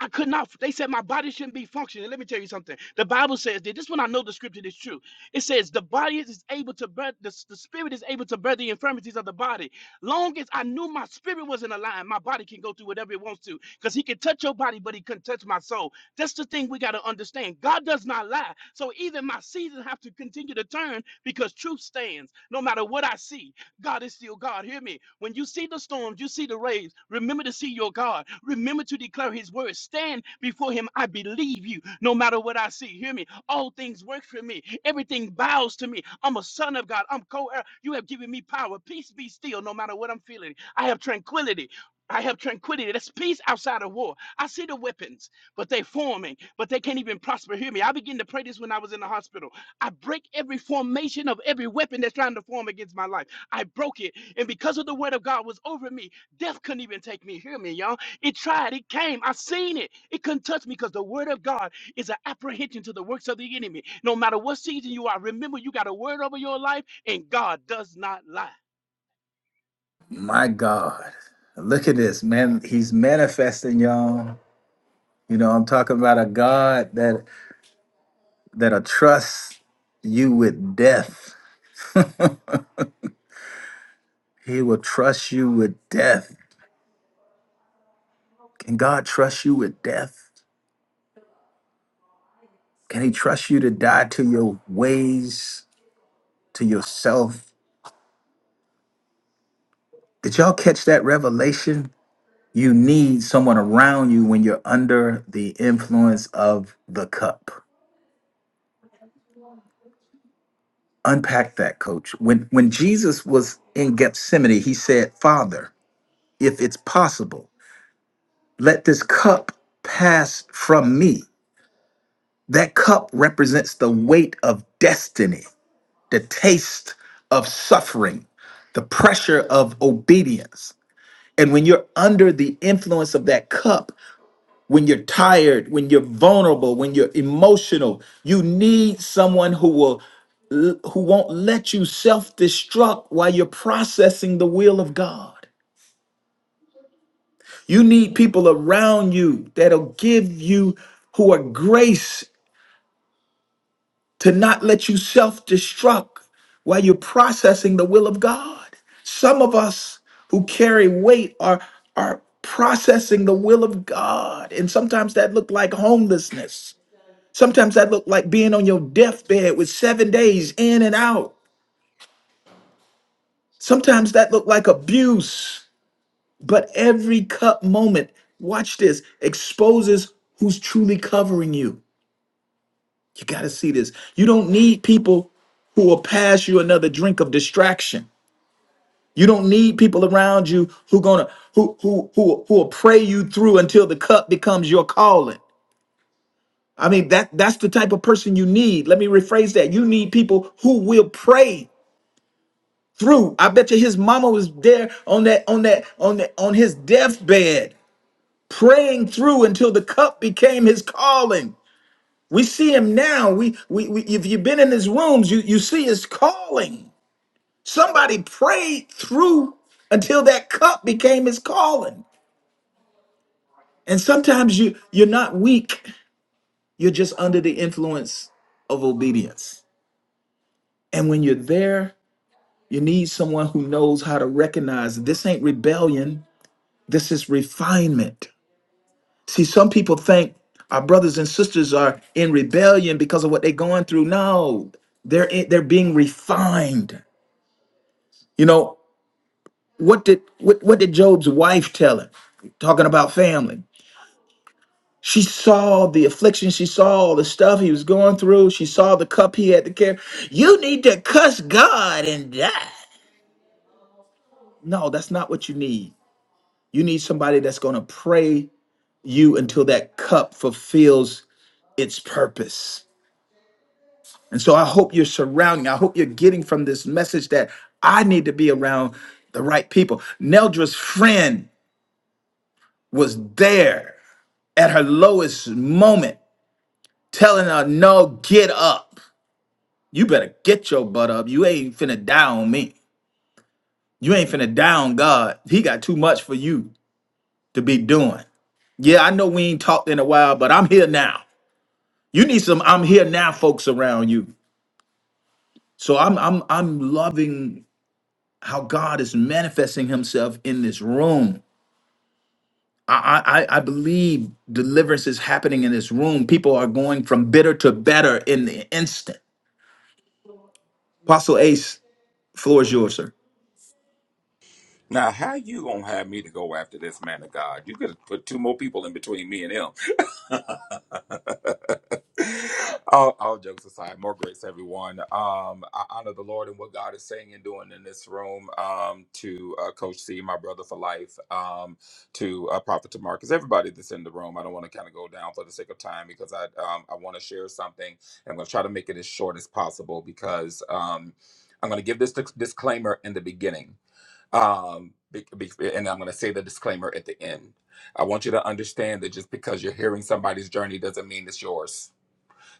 D: I could not. They said my body shouldn't be functioning. Let me tell you something. The Bible says that. This one I know the scripture is true. It says the body is able to bear the, the spirit is able to bear the infirmities of the body. Long as I knew my spirit wasn't aligned, my body can go through whatever it wants to. Because he can touch your body, but he couldn't touch my soul. That's the thing we gotta understand. God does not lie. So even my seasons have to continue to turn because truth stands no matter what I see. God is still God. Hear me. When you see the storms, you see the waves, remember to see your God. Remember to declare his word. Stand before him. I believe you no matter what I see. Hear me. All things work for me. Everything bows to me. I'm a son of God. I'm co heir. You have given me power. Peace be still no matter what I'm feeling. I have tranquility. I have tranquility. That's peace outside of war. I see the weapons, but they're forming, but they can't even prosper. Hear me. I began to pray this when I was in the hospital. I break every formation of every weapon that's trying to form against my life. I broke it. And because of the word of God was over me, death couldn't even take me. Hear me, y'all. It tried, it came. I seen it. It couldn't touch me because the word of God is an apprehension to the works of the enemy. No matter what season you are, remember you got a word over your life, and God does not lie.
A: My God. Look at this, man. He's manifesting, y'all. You know, I'm talking about a God that that'll trust you with death. He will trust you with death. Can God trust you with death? Can He trust you to die to your ways, to yourself? Did y'all catch that revelation? You need someone around you when you're under the influence of the cup. Unpack that, coach. When when Jesus was in Gethsemane, he said, "Father, if it's possible, let this cup pass from me. That cup represents the weight of destiny, the taste of suffering, the pressure of obedience. And when you're under the influence of that cup, when you're tired, when you're vulnerable, when you're emotional, you need someone who will who won't let you self-destruct while you're processing the will of God. You need people around you that'll give you who are grace to not let you self destruct while you're processing the will of God. Some of us who carry weight are, are processing the will of God. And sometimes that looked like homelessness. Sometimes that looked like being on your deathbed with seven days in and out. Sometimes that looked like abuse. But every cup moment, watch this, exposes who's truly covering you. You got to see this. You don't need people who will pass you another drink of distraction. You don't need people around you who gonna who who who who will pray you through until the cup becomes your calling. I mean that that's the type of person you need. Let me rephrase that. You need people who will pray through. I bet you his mama was there on that on that on that on his deathbed praying through until the cup became his calling. We see him now. We, we, we if you've been in his rooms, you, you see his calling. Somebody prayed through until that cup became his calling. And sometimes you you're not weak. You're just under the influence of obedience. And when you're there, you need someone who knows how to recognize this ain't rebellion, this is refinement. See, some people think our brothers and sisters are in rebellion because of what they're going through. No, they're in, they're being refined. You know, what did what, what did Job's wife tell him? Talking about family. She saw the affliction, she saw all the stuff he was going through, she saw the cup he had to carry. You need to cuss God and die. No, that's not what you need. You need somebody that's going to pray you until that cup fulfills its purpose. And so I hope you're surrounding, I hope you're getting from this message that I need to be around the right people. Neldra's friend was there at her lowest moment, telling her, no, get up. You better get your butt up. You ain't finna die on me. You ain't finna die on God. He got too much for you to be doing. Yeah, I know we ain't talked in a while, but I'm here now. You need some I'm here now folks around you. So I'm I'm I'm loving how God is manifesting himself in this room. I, I, I I believe deliverance is happening in this room. People are going from bitter to better in the instant. Apostle Ace Floor is yours, sir.
E: Now, how you gonna have me to go after this man of God? You could have put two more people in between me and him. all, all jokes aside, more grace, everyone. Um, I honor the Lord and what God is saying and doing in this room. Um, to uh, Coach C, my brother for life. Um, to uh, Prophet to Marcus, everybody that's in the room. I don't want to kind of go down for the sake of time because I um, I want to share something. I'm gonna try to make it as short as possible because um, I'm gonna give this disc- disclaimer in the beginning um, be, be, and I'm going to say the disclaimer at the end. I want you to understand that just because you're hearing somebody's journey doesn't mean it's yours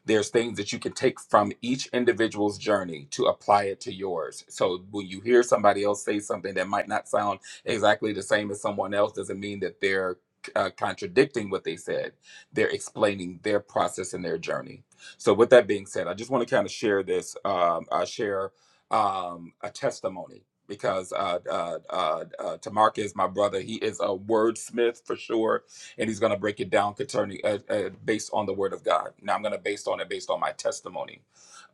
E: there's things that you can take from each individual's journey to apply it to yours. So when you hear somebody else say something that might not sound exactly the same as someone else, doesn't mean that they're uh, contradicting what they said. They're explaining their process and their journey. So with that being said, I just want to kind of share this, um, uh, share um, a testimony because uh, uh, uh, uh, Tamarcus, my brother, he is a wordsmith for sure and he's going to break it down concerning uh, uh, based on the word of God. Now I'm going to based on it based on my testimony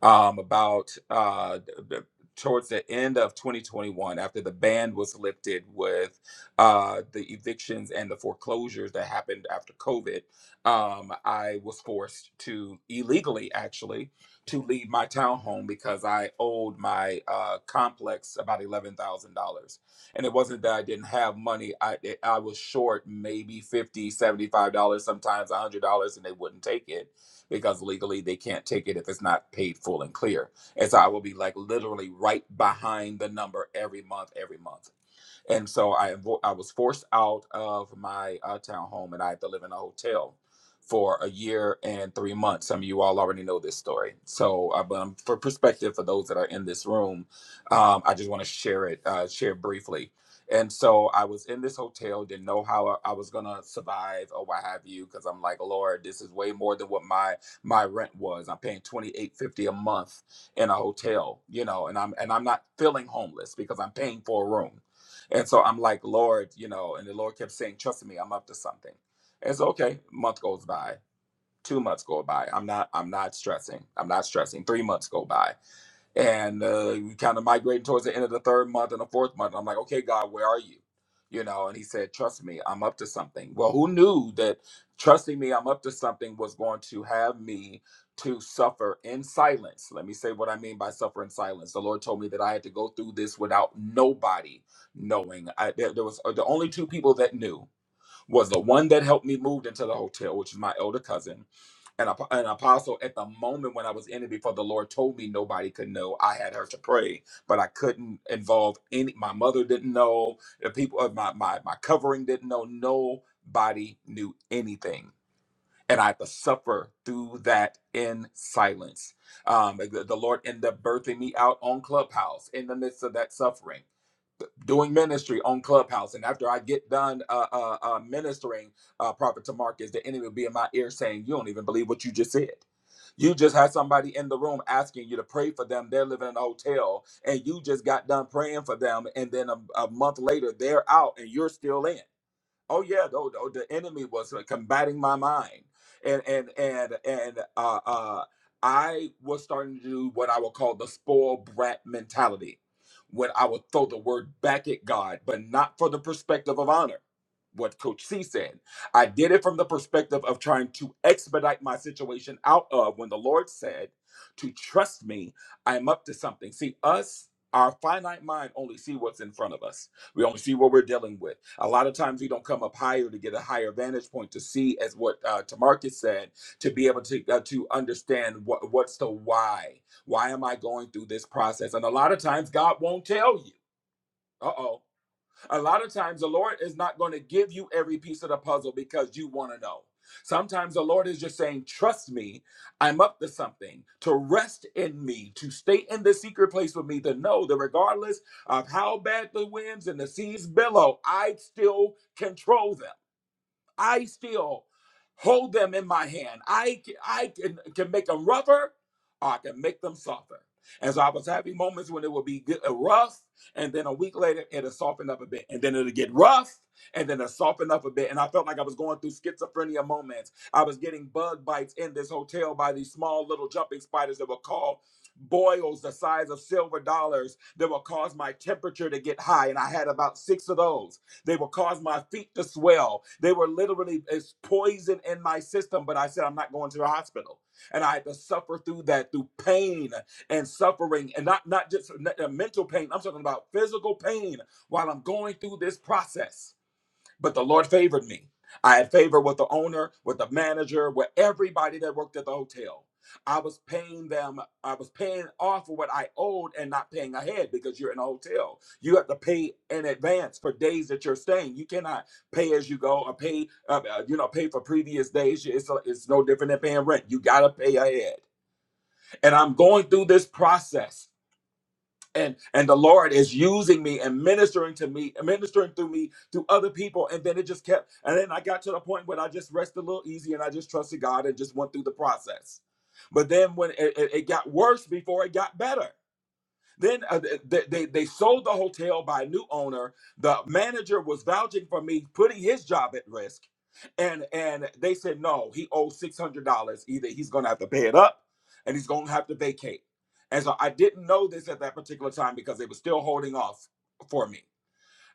E: um, about uh, d- towards the end of 2021 after the ban was lifted with uh, the evictions and the foreclosures that happened after COVID. Um, I was forced to illegally actually to leave my townhome because I owed my uh, complex about $11,000 and it wasn't that i didn't have money i i was short maybe 50 dollars, 75 dollars sometimes 100 dollars and they wouldn't take it because legally they can't take it if it's not paid full and clear and so i will be like literally right behind the number every month every month and so I I was forced out of my uh, town home, and I had to live in a hotel for a year and three months. Some of you all already know this story. So, uh, but um, for perspective for those that are in this room, um, I just want to share it uh, share briefly. And so I was in this hotel, didn't know how I I was gonna survive or what have you, because I'm like, Lord, this is way more than what my my rent was. I'm paying twenty eight fifty a month in a hotel, you know, and I'm and I'm not feeling homeless because I'm paying for a room and so I'm like, Lord, you know, and the Lord kept saying, trust me, I'm up to something. And so, okay. Month goes by, two months go by. I'm not, I'm not stressing. I'm not stressing. Three months go by and uh, we kind of migrating towards the end of the third month and the fourth month. I'm like, okay, God, where are you? You know, and he said, trust me, I'm up to something. Well, who knew that trusting me, I'm up to something was going to have me to suffer in silence? Let me say what I mean by suffer in silence. The Lord told me that I had to go through this without nobody knowing. I, there, there was uh, the only two people that knew was the one that helped me moved into the hotel, which is my elder cousin an, an apostle at the moment when I was in it before the Lord told me nobody could know. I had her to pray, but I couldn't involve any. My mother didn't know. The people of my my my covering didn't know. Nobody knew anything, and I had to suffer through that in silence. Um, the, the Lord ended up birthing me out on Clubhouse in the midst of that suffering doing ministry on Clubhouse. And after I get done uh, uh, uh, ministering, uh, Prophet Tamarcus, the enemy will be in my ear saying, You don't even believe what you just said. You just had somebody in the room asking you to pray for them. They're living in a hotel, and you just got done praying for them. And then a, a month later, they're out, and you're still in. Oh yeah, the the enemy was uh, combating my mind, and and and and uh, uh, I was starting to do what I would call the spoiled brat mentality, when I would throw the word back at God, but not for the perspective of honor. What Coach C said, I did it from the perspective of trying to expedite my situation out of when the Lord said to trust me. I am up to something. See us, our finite mind only see what's in front of us we only see what we're dealing with. A lot of times we don't come up higher to get a higher vantage point to see, as what uh, Tamarcus said, to be able to uh, to understand what what's the why. Why am I going through this process? And a lot of times God won't tell you. Uh oh. A lot of times, the Lord is not going to give you every piece of the puzzle because you want to know. Sometimes the Lord is just saying, Trust me, I'm up to something, to rest in me, to stay in the secret place with me, to know that regardless of how bad the winds and the seas billow, I still control them. I still hold them in my hand. I can, I can, can make them rougher or I can make them softer. And so I was having moments when it would be good, uh, rough, and then a week later it'll soften up a bit, and then it'll get rough, and then it'll soften up a bit. And I felt like I was going through schizophrenia moments. I was getting bug bites in this hotel by these small little jumping spiders that were called boils the size of silver dollars that would cause my temperature to get high. And I had about six of those. They will cause my feet to swell. They were literally it's poison in my system, but I said I'm not going to the hospital. And I had to suffer through that, through pain and suffering, and not not just uh, mental pain. I'm talking about physical pain while I'm going through this process but the Lord favored me. I had favor with the owner, with the manager, with everybody that worked at the hotel. I was paying them, I was paying off of what I owed and not paying ahead because you're in a hotel. You have to pay in advance for days that you're staying. You cannot pay as you go or pay, uh, uh, you know, pay for previous days. It's, it's no different than paying rent. You got to pay ahead. And I'm going through this process and and the lord is using me and ministering to me ministering through me to other people and then it just kept and then i got to the point where i just rested a little easy and i just trusted god and just went through the process but then when it, it, it got worse before it got better then uh, they, they they sold the hotel by a new owner. The manager was vouching for me, putting his job at risk, and and they said no, he owes six hundred dollars. Either he's going to have to pay it up, and he's going to have to vacate. And so I didn't know this at that particular time because they were still holding off for me.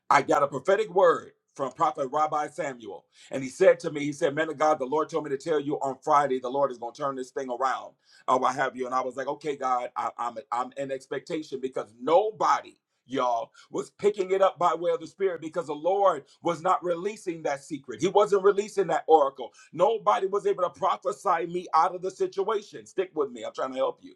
E: I got a prophetic word from Prophet Rabbi Samuel. And he said to me, he said, man of God, the Lord told me to tell you on Friday, the Lord is going to turn this thing around Oh, what have you. And I was like, okay, God, I, I'm, I'm in expectation because nobody, y'all, was picking it up by way of the Spirit because the Lord was not releasing that secret. He wasn't releasing that oracle. Nobody was able to prophesy me out of the situation. Stick with me. I'm trying to help you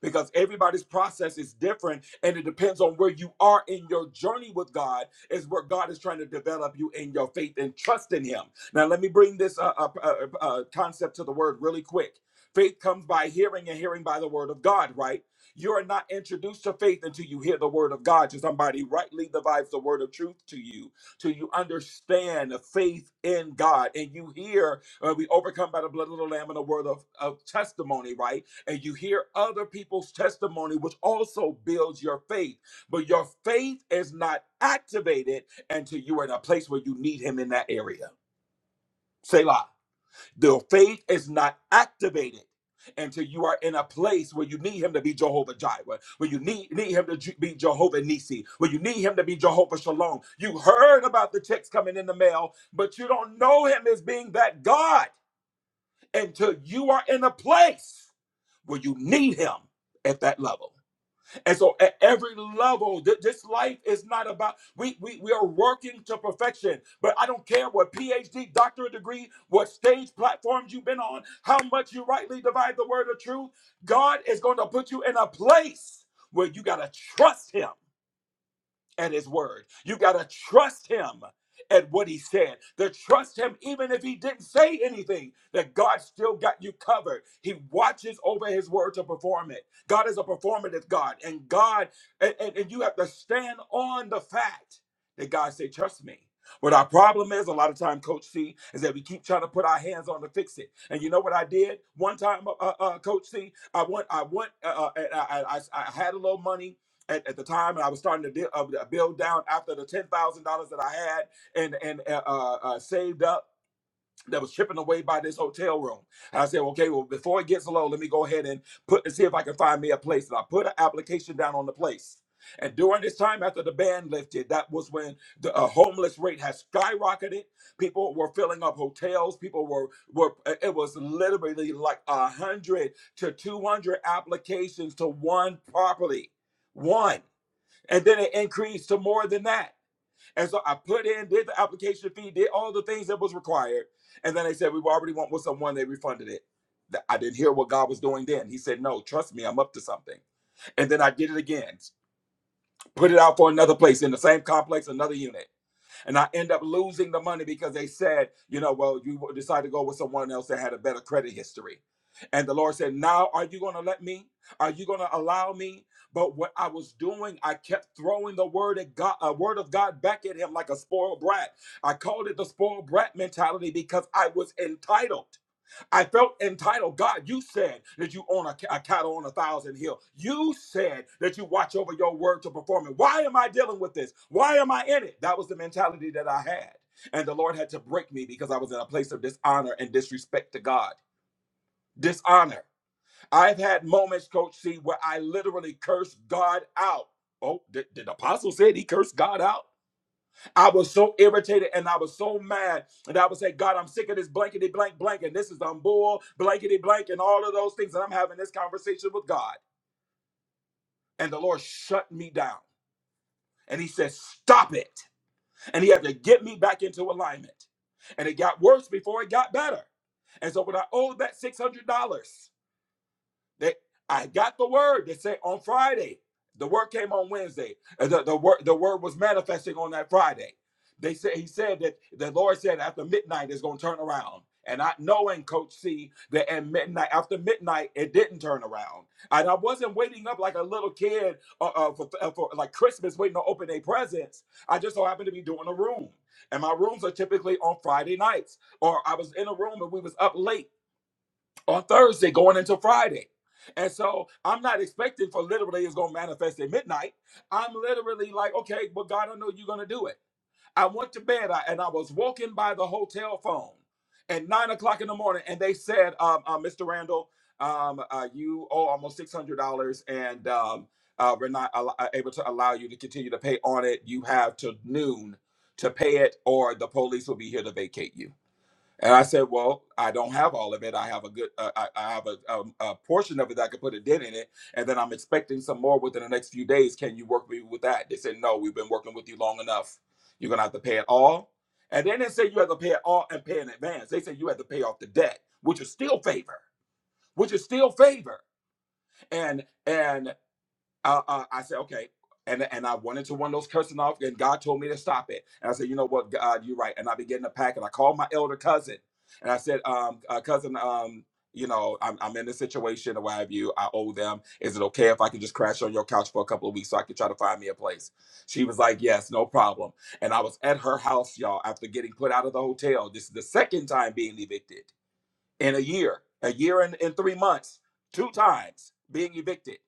E: because everybody's process is different and it depends on where you are in your journey with God is where God is trying to develop you in your faith and trust in him. Now let me bring this uh, uh, uh, uh, concept to the word really quick. Faith comes by hearing and hearing by the word of God, right? You are not introduced to faith until you hear the word of God. To somebody rightly divides the word of truth to you, till you understand the faith in God, and you hear uh, we overcome by the blood of the Lamb and the word of, of testimony, right? and you hear other people's testimony, which also builds your faith. But your faith is not activated until you are in a place where you need Him in that area. Selah. The faith is not activated until you are in a place where you need Him to be Jehovah Jireh, where you need, need Him to ju- be Jehovah Nisi, where you need Him to be Jehovah Shalom. You heard about the checks coming in the mail, but you don't know Him as being that God until you are in a place where you need him at that level. And so at every level, th- this life is not about we, we we are working to perfection. But I don't care what PhD, doctorate degree, what stage platforms you've been on, how much you rightly divide the word of truth, God is going to put you in a place where you gotta trust him at his word. You got to trust him at what he said. To trust him even if he didn't say anything, that God still got you covered. He watches over his word to perform it. God is a performative God, and God, and, and, and you have to stand on the fact that God said, trust me. What our problem is, a lot of time, Coach C, is that we keep trying to put our hands on to fix it. And you know what I did one time, uh, uh, uh, Coach C? I went, I went, uh, uh, and I, I, I I had a little money, at, at the time, and I was starting to di- uh, build down after the ten thousand dollars that I had and and uh, uh, uh, saved up that was chipping away by this hotel room. And I said, okay, well, before it gets low, let me go ahead and put and see if I can find me a place. And I put an application down on the place. And during this time, after the ban lifted, that was when the uh, homeless rate has skyrocketed. People were filling up hotels. People were were. uh, It was literally like a hundred to two hundred applications to one property. One and then it increased to more than that. And so I put in, did the application fee, did all the things that was required, and then they said we already went with someone. They refunded it. I didn't hear what God was doing then. He said, "No, trust me, I'm up to something." And then I did it again, put it out for another place in the same complex, another unit and I end up losing the money because they said, you know, well, you decided to go with someone else that had a better credit history. And the Lord said, Now are you going to let me? Are you going to allow me? But what I was doing, I kept throwing the word at God, a word of God back at him like a spoiled brat. I called it the spoiled brat mentality because I was entitled. I felt entitled. God, you said that you own a, ca- a cattle on a thousand hill. You said that you watch over your word to perform it. Why am I dealing with this? Why am I in it? That was the mentality that I had. And the Lord had to break me because I was in a place of dishonor and disrespect to God. Dishonor. I've had moments, Coach C, where I literally cursed God out. Oh, did, did the apostle said he cursed God out? I was so irritated and I was so mad. And I would say, God, I'm sick of this blankety blank blank. And this is I'm bull, blankety blank, and all of those things. And I'm having this conversation with God. And the Lord shut me down. And he said, Stop it. And he had to get me back into alignment. And it got worse before it got better. And so when I owed that $600, They, I got the word. They say on Friday. The word came on Wednesday. Uh, The, the word the word was manifesting on that Friday. They said he said that the Lord said after midnight it's gonna turn around. And I knowing Coach C that at midnight after midnight it didn't turn around. And I wasn't waiting up like a little kid uh, uh, for, uh, for like Christmas waiting to open a presents. I just so happened to be doing a room, and my rooms are typically on Friday nights. Or I was in a room and we was up late on Thursday going into Friday. And so I'm not expecting for literally it's gonna manifest at midnight. I'm literally like, okay, but God, I know you're gonna do it. I went to bed I, and I was walking by the hotel phone at nine o'clock in the morning, and they said, um, uh, Mr. Randall, um, uh, you owe almost six hundred dollars, and um, uh, we're not al- uh, able to allow you to continue to pay on it. You have to noon to pay it, or the police will be here to vacate you. And I said, well, I don't have all of it. I have a good, uh, I, I have a, um a portion of it that I could put a dent in it. And then I'm expecting some more within the next few days. Can you work with me with that? They said, no, we've been working with you long enough. You're going to have to pay it all. And then they said you have to pay it all and pay in advance. They said you have to pay off the debt, which is still favor, which is still favor. And and uh, uh, I said, okay. And, and I wanted to one of those cursing off, and God told me to stop it. And I said, you know what, God, you're right. And I began to pack, and I called my elder cousin, and I said, um, uh, cousin, um, you know, I'm, I'm in this situation, or what have you. I owe them. Is it okay if I can just crash on your couch for a couple of weeks so I can try to find me a place? She was like, yes, no problem. And I was at her house, y'all, after getting put out of the hotel. This is the second time being evicted in a year, a year and in three months, two times being evicted.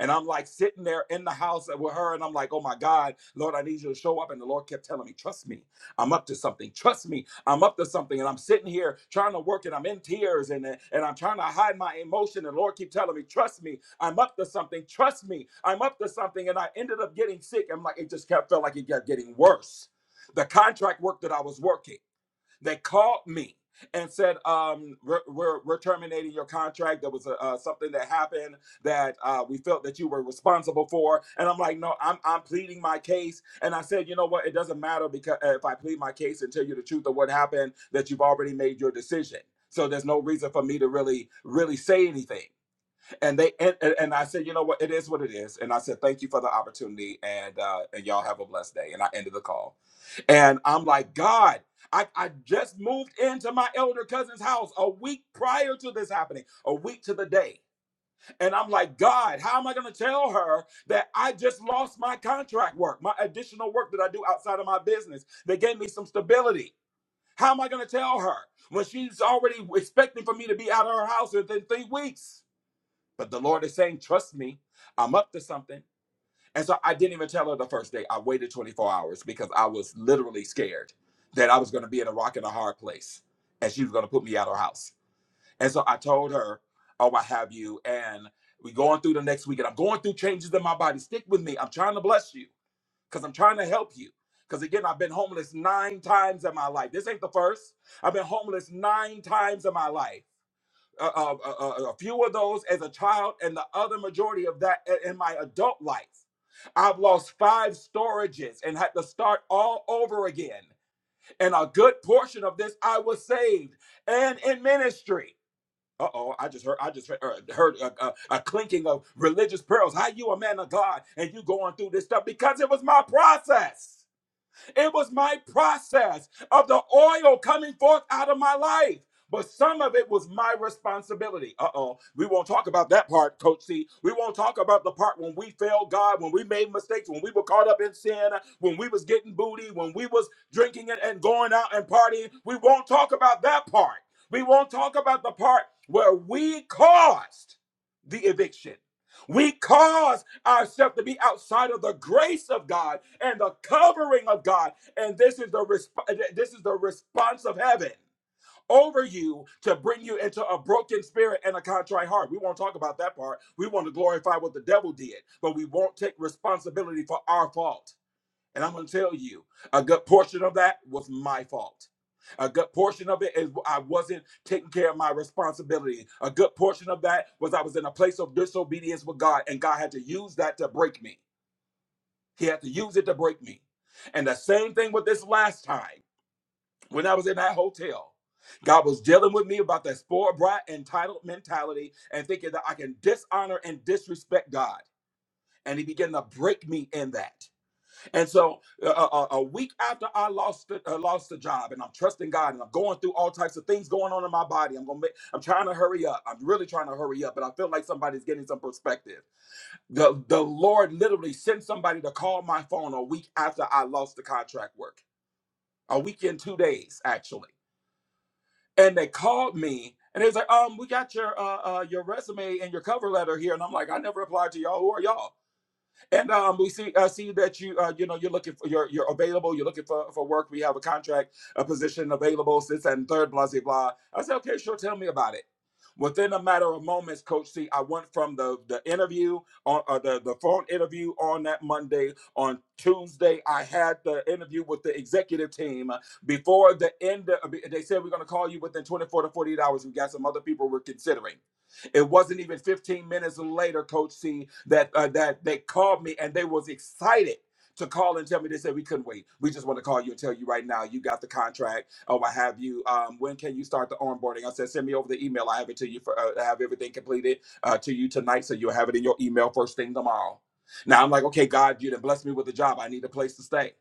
E: And I'm like sitting there in the house with her, and I'm like, oh my God, Lord, I need you to show up. And the Lord kept telling me, trust me, I'm up to something. Trust me, I'm up to something. And I'm sitting here trying to work, and I'm in tears, and, and I'm trying to hide my emotion. And the Lord keep telling me, trust me, I'm up to something. Trust me, I'm up to something. And I ended up getting sick. I'm like, it just kept felt like it kept getting worse. The contract work that I was working. They called me and said, um, we're, we're, we're terminating your contract. There was a, uh, something that happened that uh, we felt that you were responsible for. And I'm like, no, I'm, I'm pleading my case. And I said, you know what? It doesn't matter because if I plead my case and tell you the truth of what happened, that you've already made your decision. So there's no reason for me to really, really say anything and they and, and I said, you know what, it is what it is. And I said, thank you for the opportunity, and uh, and y'all have a blessed day. And I ended the call, and I'm like, God, I I just moved into my elder cousin's house a week prior to this happening, a week to the day, and I'm like, God, how am I going to tell her that I just lost my contract work, my additional work that I do outside of my business that gave me some stability? How am I going to tell her when she's already expecting for me to be out of her house within three weeks? But the Lord is saying, trust me, I'm up to something. And so I didn't even tell her the first day. I waited 24 hours because I was literally scared that I was going to be in a rock and a hard place and she was going to put me out of her house. And so I told her, oh, I have you. And we going through the next week and I'm going through changes in my body. Stick with me. I'm trying to bless you because I'm trying to help you. Because again, I've been homeless nine times in my life. This ain't the first. I've been homeless nine times in my life a, a, a a few of those as a child and the other majority of that in my adult life. I've lost five storages and had to start all over again. And a good portion of this, I was saved and in ministry. Uh oh! I just heard I just heard, uh, heard a, a, a clinking of religious pearls. How you a man of God and you going through this stuff because it was my process. It was my process of the oil coming forth out of my life. But some of it was my responsibility. Uh oh. We won't talk about that part, Coach C. We won't talk about the part when we failed God, when we made mistakes, when we were caught up in sin, when we was getting booty, when we was drinking and, and going out and partying. We won't talk about that part. We won't talk about the part where we caused the eviction. We caused ourselves to be outside of the grace of God and the covering of God. And this is the resp- this is the response of heaven over you to bring you into a broken spirit and a contrite heart. We won't talk about that part. We want to glorify what the devil did, but we won't take responsibility for our fault. And I'm going to tell you, a good portion of that was my fault. A good portion of it is I wasn't taking care of my responsibility. A good portion of that was I was in a place of disobedience with God, and God had to use that to break me. He had to use it to break me. And the same thing with this last time when I was in that hotel. God was dealing with me about that spoiled brat entitled mentality and thinking that I can dishonor and disrespect God. And he began to break me in that. And so, uh, a, a week after I lost the, uh, lost the job, and I'm trusting God, and I'm going through all types of things going on in my body. I'm gonna, make, I'm trying to hurry up. I'm really trying to hurry up, but I feel like somebody's getting some perspective. The the Lord literally sent somebody to call my phone a week after I lost the contract work, a week in two days actually, and they called me. And they was like, um, we got your uh, uh your resume and your cover letter here, and I'm like, I never applied to y'all. Who are y'all? And um, we see uh, see that you uh, you know you're looking for you're you're available. You're looking for, for work. We have a contract, a position available. This and third, blah blah blah. I said, okay, sure. Tell me about it. Within a matter of moments, Coach C, I went from the the interview on uh, the the phone interview on that Monday. On Tuesday, I had the interview with the executive team. Before the end, of, they said we're going to call you within 24 to 48 hours. We got some other people we're considering. It wasn't even 15 minutes later, Coach C, that uh, that they called me and they was excited to call and tell me. They said we couldn't wait. We just want to call you and tell you right now you got the contract or what have you. Um, when can you start the onboarding? I said send me over the email. I have it to you for uh, I have everything completed uh, to you tonight, so you'll have it in your email first thing tomorrow. Now I'm like, okay, God, you done blessed me with a job. I need a place to stay.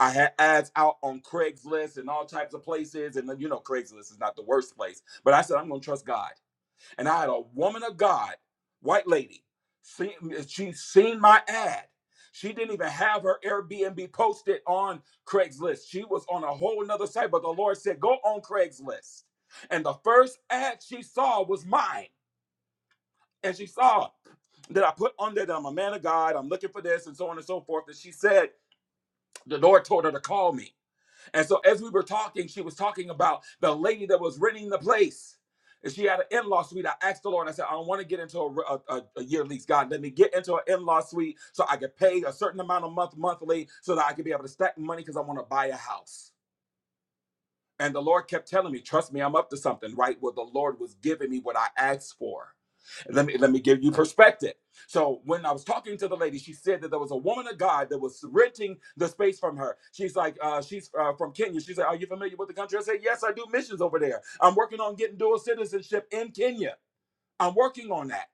E: I had ads out on Craigslist and all types of places, and then, you know Craigslist is not the worst place. But I said I'm gonna trust God and I had a woman of God, white lady, seen, she seen my ad. She didn't even have her Airbnb posted on Craigslist. She was on a whole nother site, but the Lord said, go on Craigslist. And the first ad she saw was mine. And she saw that I put on there that I'm a man of God, I'm looking for this, and so on and so forth. And she said, the Lord told her to call me. And so as we were talking, she was talking about the lady that was renting the place. And she had an in-law suite. I asked the Lord, I said, I don't want to get into a, a, a year lease. God, let me get into an in-law suite so I could pay a certain amount of month monthly so that I could be able to stack money because I want to buy a house. And the Lord kept telling me, trust me, I'm up to something, right? Well, the Lord was giving me what I asked for. Let me let me give you perspective. So when I was talking to the lady, she said that there was a woman of God that was renting the space from her. She's like, uh, she's uh, from Kenya. She said, Are you familiar with the country? I said, Yes, I do missions over there. I'm working on getting dual citizenship in Kenya. I'm working on that.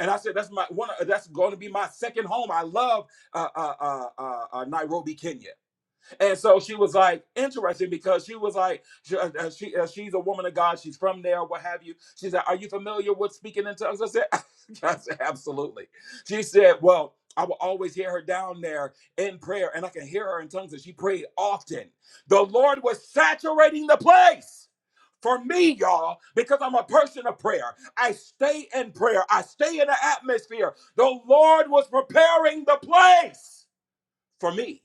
E: And I said, That's my one. That's going to be my second home. I love uh, uh, uh, uh, uh, Nairobi, Kenya. And so she was like, interesting because she was like, she, uh, uh, she- uh, she's a woman of God. She's from there, what have you. She said, Are you familiar with speaking in tongues? I said, I said, Absolutely. She said, Well, I will always hear her down there in prayer, and I can hear her in tongues, and she prayed often. The Lord was saturating the place for me, y'all, because I'm a person of prayer. I stay in prayer, I stay in the atmosphere. The Lord was preparing the place for me.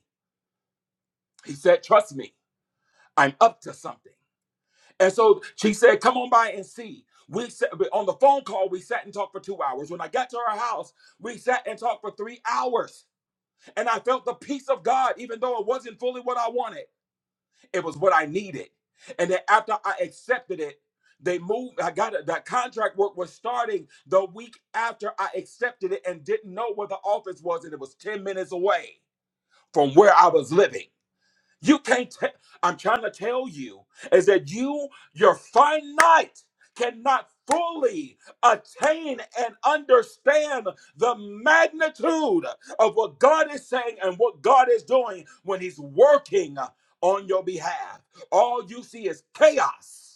E: He said, Trust me. I'm up to something. And so she said, Come on by and see. We sat, on the phone call, we sat and talked for two hours. When I got to her house, we sat and talked for three hours. And I felt the peace of God, even though it wasn't fully what I wanted, it was what I needed. And then after I accepted it, they moved. I got it. That contract work was starting the week after I accepted it and didn't know where the office was. And it was 10 minutes away from where I was living. You can't. Te- I'm trying to tell you is that you, you're finite, cannot fully attain and understand the magnitude of what God is saying and what God is doing when He's working on your behalf. All you see is chaos.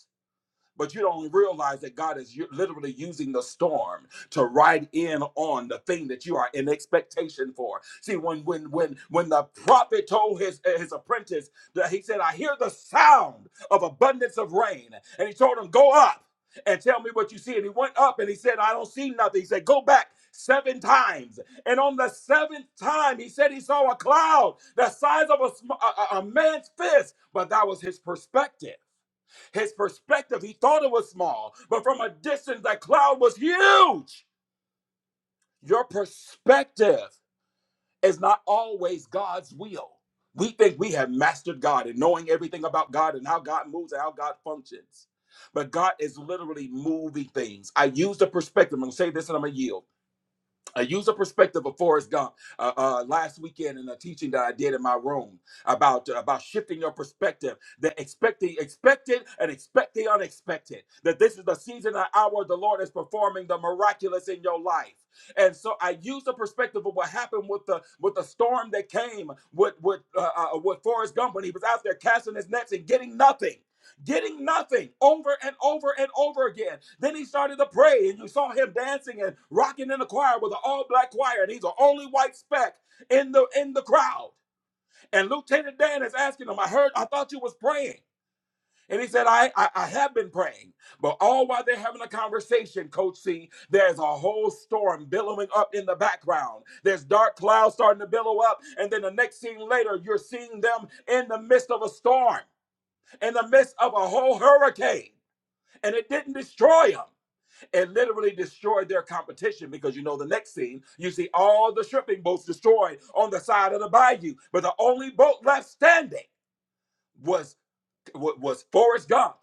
E: But you don't realize that God is u- literally using the storm to ride in on the thing that you are in expectation for. See, when when when when the prophet told his his apprentice that he said, "I hear the sound of abundance of rain," and he told him, "Go up." and tell me what you see. And he went up and he said, I don't see nothing. He said, Go back seven times. And on the seventh time, he said he saw a cloud the size of a, sm- a, a- a man's fist, but that was his perspective. His perspective, he thought it was small, but from a distance, that cloud was huge. Your perspective is not always God's will. We think we have mastered God and knowing everything about God and how God moves and how God functions. But God is literally moving things. I use the perspective. I'm going to say this and I'm going to yield. I use a perspective of Forrest Gump uh, uh, last weekend in a teaching that I did in my room about uh, about shifting your perspective, that expect the expected and expect the unexpected. That this is the season and hour the Lord is performing the miraculous in your life. And so I used the perspective of what happened with the with the storm that came with with uh, uh, with Forrest Gump when he was out there casting his nets and getting nothing getting nothing over and over and over again. Then he started to pray, and you saw him dancing and rocking in the choir with an all-black choir, and he's the only white speck in the in the crowd. And Lieutenant Dan is asking him, I heard, I thought you was praying. And he said, I, I, I have been praying. But all while they're having a conversation, Coach C, there's a whole storm billowing up in the background. There's dark clouds starting to billow up. And then the next scene later, you're seeing them in the midst of a storm, in the midst of a whole hurricane and it didn't destroy them. It literally destroyed their competition because you know the next scene, you see all the shipping boats destroyed on the side of the bayou, but the only boat left standing was was Forrest Gump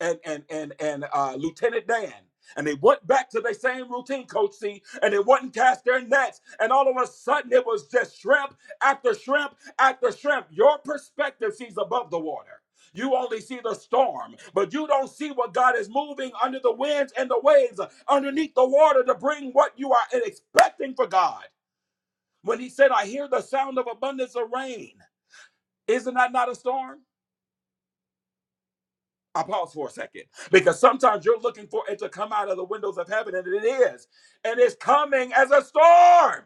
E: and and and and uh, Lieutenant Dan. And they went back to the same routine, Coach C, and they wouldn't cast their nets. And all of a sudden, it was just shrimp after shrimp after shrimp. Your perspective sees above the water. You only see the storm, but you don't see what God is moving under the winds and the waves, underneath the water to bring what you are expecting for God. When He said, I hear the sound of abundance of rain, isn't that not a storm? I pause for a second because sometimes you're looking for it to come out of the windows of heaven, and it is, and it's coming as a storm.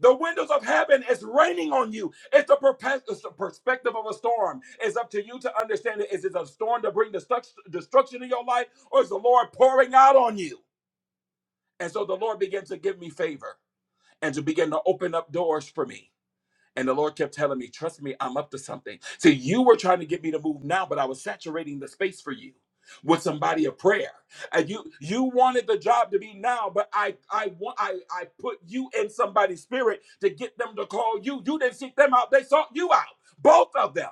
E: The windows of heaven is raining on you. It's the, perpe- it's the perspective of a storm. It's up to you to understand it. Is it a storm to bring destruct- destruction in your life, or is the Lord pouring out on you? And so the Lord began to give me favor and to begin to open up doors for me. And the Lord kept telling me, trust me, I'm up to something. See, you were trying to get me to move now, but I was saturating the space for you with somebody of prayer. And you you wanted the job to be now, but I I want I, I put you in somebody's spirit to get them to call you. You didn't seek them out, they sought you out. Both of them.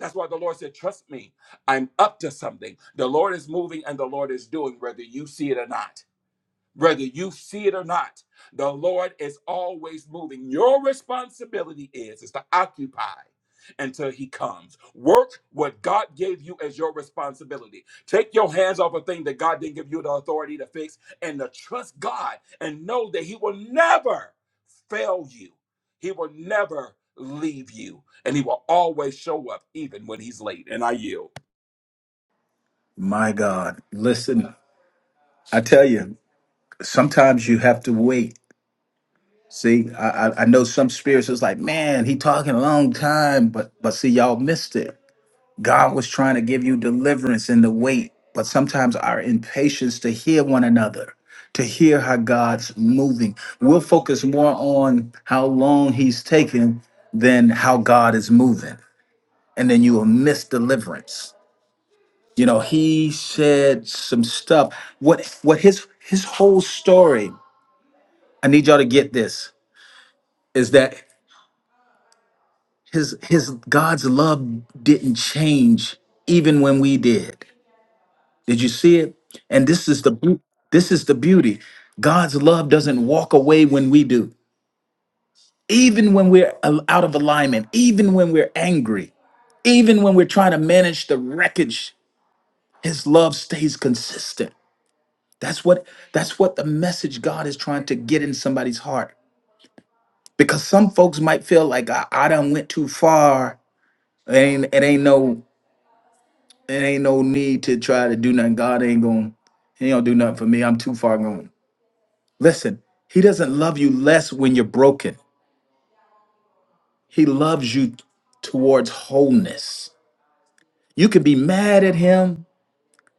E: That's why the Lord said, Trust me, I'm up to something. The Lord is moving and the Lord is doing, whether you see it or not. Whether you see it or not, the Lord is always moving. Your responsibility is, is to occupy until he comes. Work what God gave you as your responsibility. Take your hands off a thing that God didn't give you the authority to fix and to trust God and know that he will never fail you. He will never leave you and he will always show up even when he's late. And I yield.
A: My God. Listen, I tell you, sometimes you have to wait. See, I, I I know some spirits is like, man, he talking a long time, but but see, y'all missed it. God was trying to give you deliverance in the wait, but sometimes our impatience to hear one another, to hear how God's moving. We'll focus more on how long he's taking than how God is moving. And then you will miss deliverance. You know, he said some stuff. What what his his whole story, I need y'all to get this, is that his his God's love didn't change even when we did. Did you see it? And this is the beau- this is the beauty. God's love doesn't walk away when we do. Even when we're al- out of alignment, even when we're angry, even when we're trying to manage the wreckage, his love stays consistent. That's what that's what the message God is trying to get in somebody's heart. Because some folks might feel like I, I done went too far. It ain't it ain't no it ain't no need to try to do nothing. God ain't going to he don't do nothing for me. I'm too far gone. Listen, he doesn't love you less when you're broken. He loves you towards wholeness. You can be mad at him,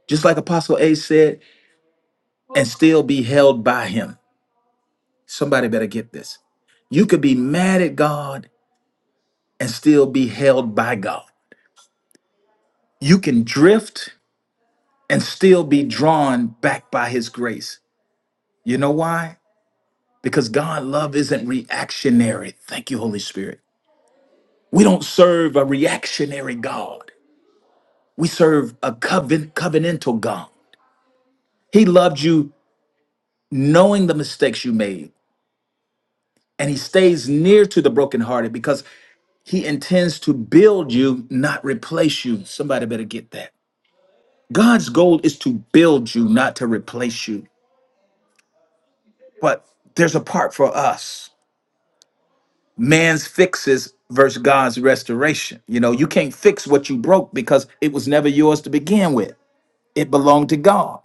A: just like Apostle A said, and still be held by him. Somebody better get this. You could be mad at God and still be held by God. You can drift and still be drawn back by His grace. You know why? Because God's love isn't reactionary. Thank you, Holy Spirit. We don't serve a reactionary God. We serve a coven- covenantal God. He loved you knowing the mistakes you made, and He stays near to the brokenhearted because He intends to build you, not replace you. Somebody better get that. God's goal is to build you, not to replace you. but there's a part for us man's fixes versus god's restoration you know you can't fix what you broke because it was never yours to begin with it belonged to god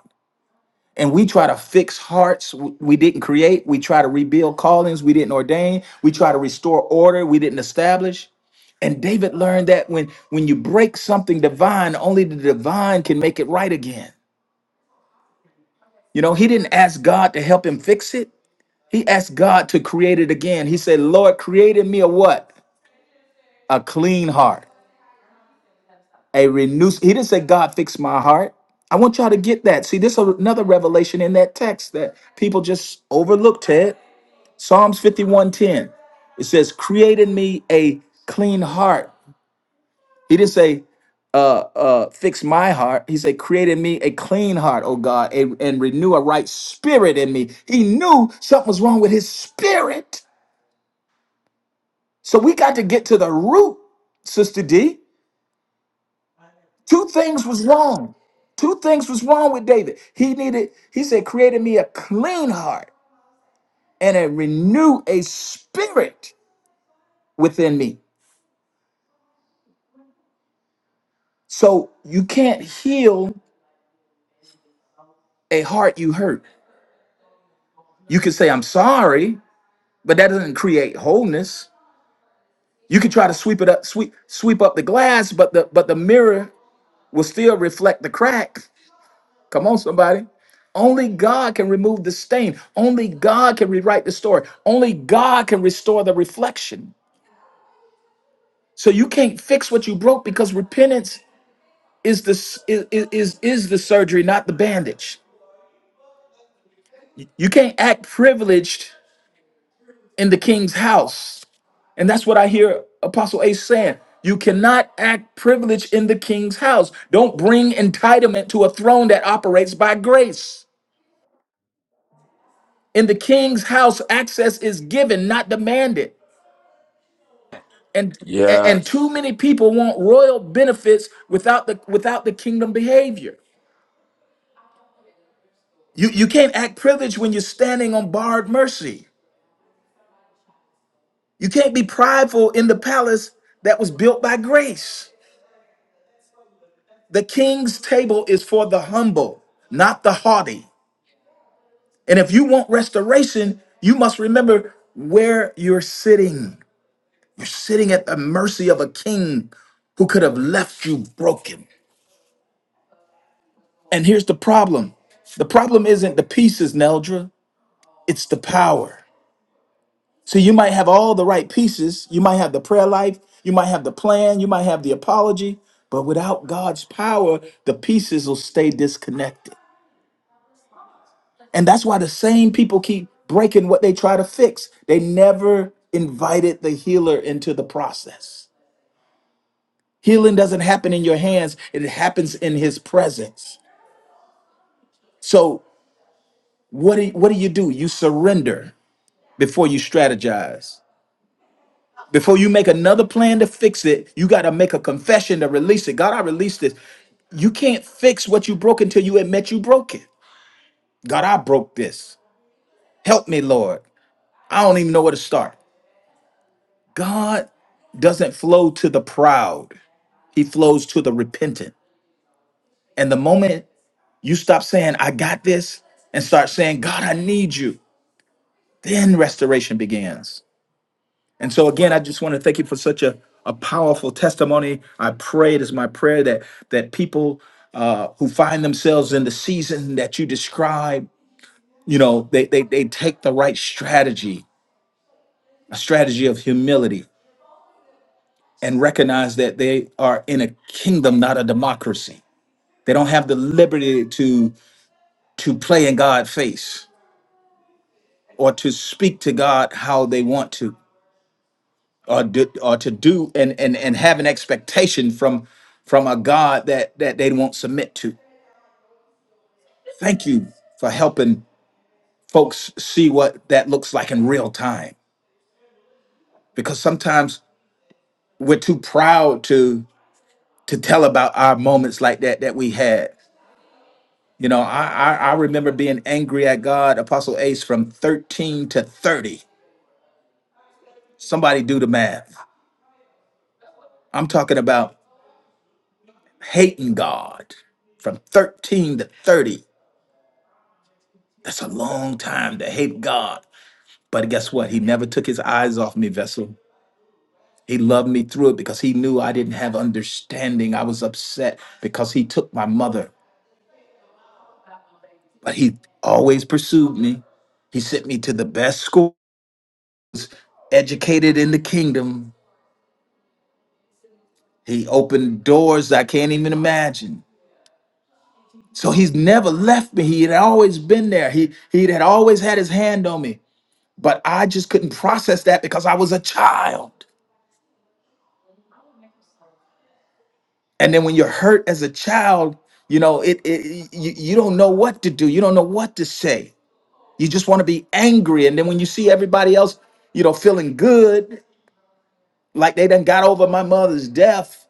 A: and we try to fix hearts w- we didn't create we try to rebuild callings we didn't ordain we try to restore order we didn't establish and david learned that when when you break something divine only the divine can make it right again you know, he didn't ask God to help him fix it. He asked God to create it again. He said, Lord, create in me a what? a clean heart, a renewed. He didn't say, God, fix my heart. I want y'all to get that. See, this is another revelation in that text that people just overlook, Ted. Psalms 51.10. It says, create in me a clean heart. He didn't say, uh, uh, fix my heart. He said, create in me a clean heart, oh God, and, and renew a right spirit in me. He knew something was wrong with his spirit. So we got to get to the root, Sister D. Two things was wrong. Two things was wrong with David. He needed, he said, created me a clean heart and a renew a spirit within me. So you can't heal a heart you hurt. You can say, I'm sorry, but that doesn't create wholeness. You can try to sweep it up, sweep, sweep up the glass, but the but the mirror will still reflect the crack. Come on, somebody. Only God can remove the stain. Only God can rewrite the story. Only God can restore the reflection. So you can't fix what you broke because repentance is the s- is is is the surgery, not the bandage. You can't act privileged in the king's house. And that's what I hear Apostle Ace saying. You cannot act privileged in the king's house. Don't bring entitlement to a throne that operates by grace. In the king's house, access is given, not demanded. and and
E: Yes.
A: too many people want royal benefits without the without the kingdom behavior you you can't act privileged when you're standing on borrowed mercy you can't be prideful in the palace that was built by grace the king's table is for the humble not the haughty and if you want restoration you must remember where you're sitting you're sitting at the mercy of a king who could have left you broken And here's the problem the problem isn't the pieces, Neldra, it's the power. So you might have all the right pieces. You might have the prayer life, you might have the plan, you might have the apology, but without God's power, the pieces will stay disconnected. And that's why the same people keep breaking what they try to fix. They never invited the healer into the process. Healing doesn't happen in your hands, it happens in his presence. So what do, what do you do? You surrender. before you strategize. Before you make another plan to fix it, you got to make a confession to release it. God, I release this. You can't fix what you broke until you admit you broke it. God, I broke this. Help me, Lord. I don't even know where to start. God doesn't flow to the proud, He flows to the repentant. And the moment you stop saying, I got this, and start saying, God, I need you, then restoration begins. And so again, I just want to thank you for such a, a powerful testimony. I pray it is my prayer that that people uh, who find themselves in the season that you describe, you know, they, they they take the right strategy, a strategy of humility, and recognize that they are in a kingdom, not a democracy. They don't have the liberty to to play in God's face or to speak to God how they want to or do, or to do and and and have an expectation from from a God that that they won't submit to. Thank you for helping folks see what that looks like in real time because sometimes we're too proud to to tell about our moments like that that we had. You know, I I, I remember being angry at God, Apostle Ace, from 13 to 30. Somebody do the math. I'm talking about hating God from 13 to 30 That's a long time to hate God. But guess what? He never took his eyes off me, vessel. He loved me through it because he knew I didn't have understanding. I was upset because he took my mother. But he always pursued me. He sent me to the best schools, educated in the kingdom. He opened doors I can't even imagine. So he's never left me. He had always been there. He he had always had his hand on me. But I just couldn't process that because I was a child. and then when you're hurt as a child you know it, it you, you don't know what to do you don't know what to say you just want to be angry and then when you see everybody else you know feeling good like they done got over my mother's death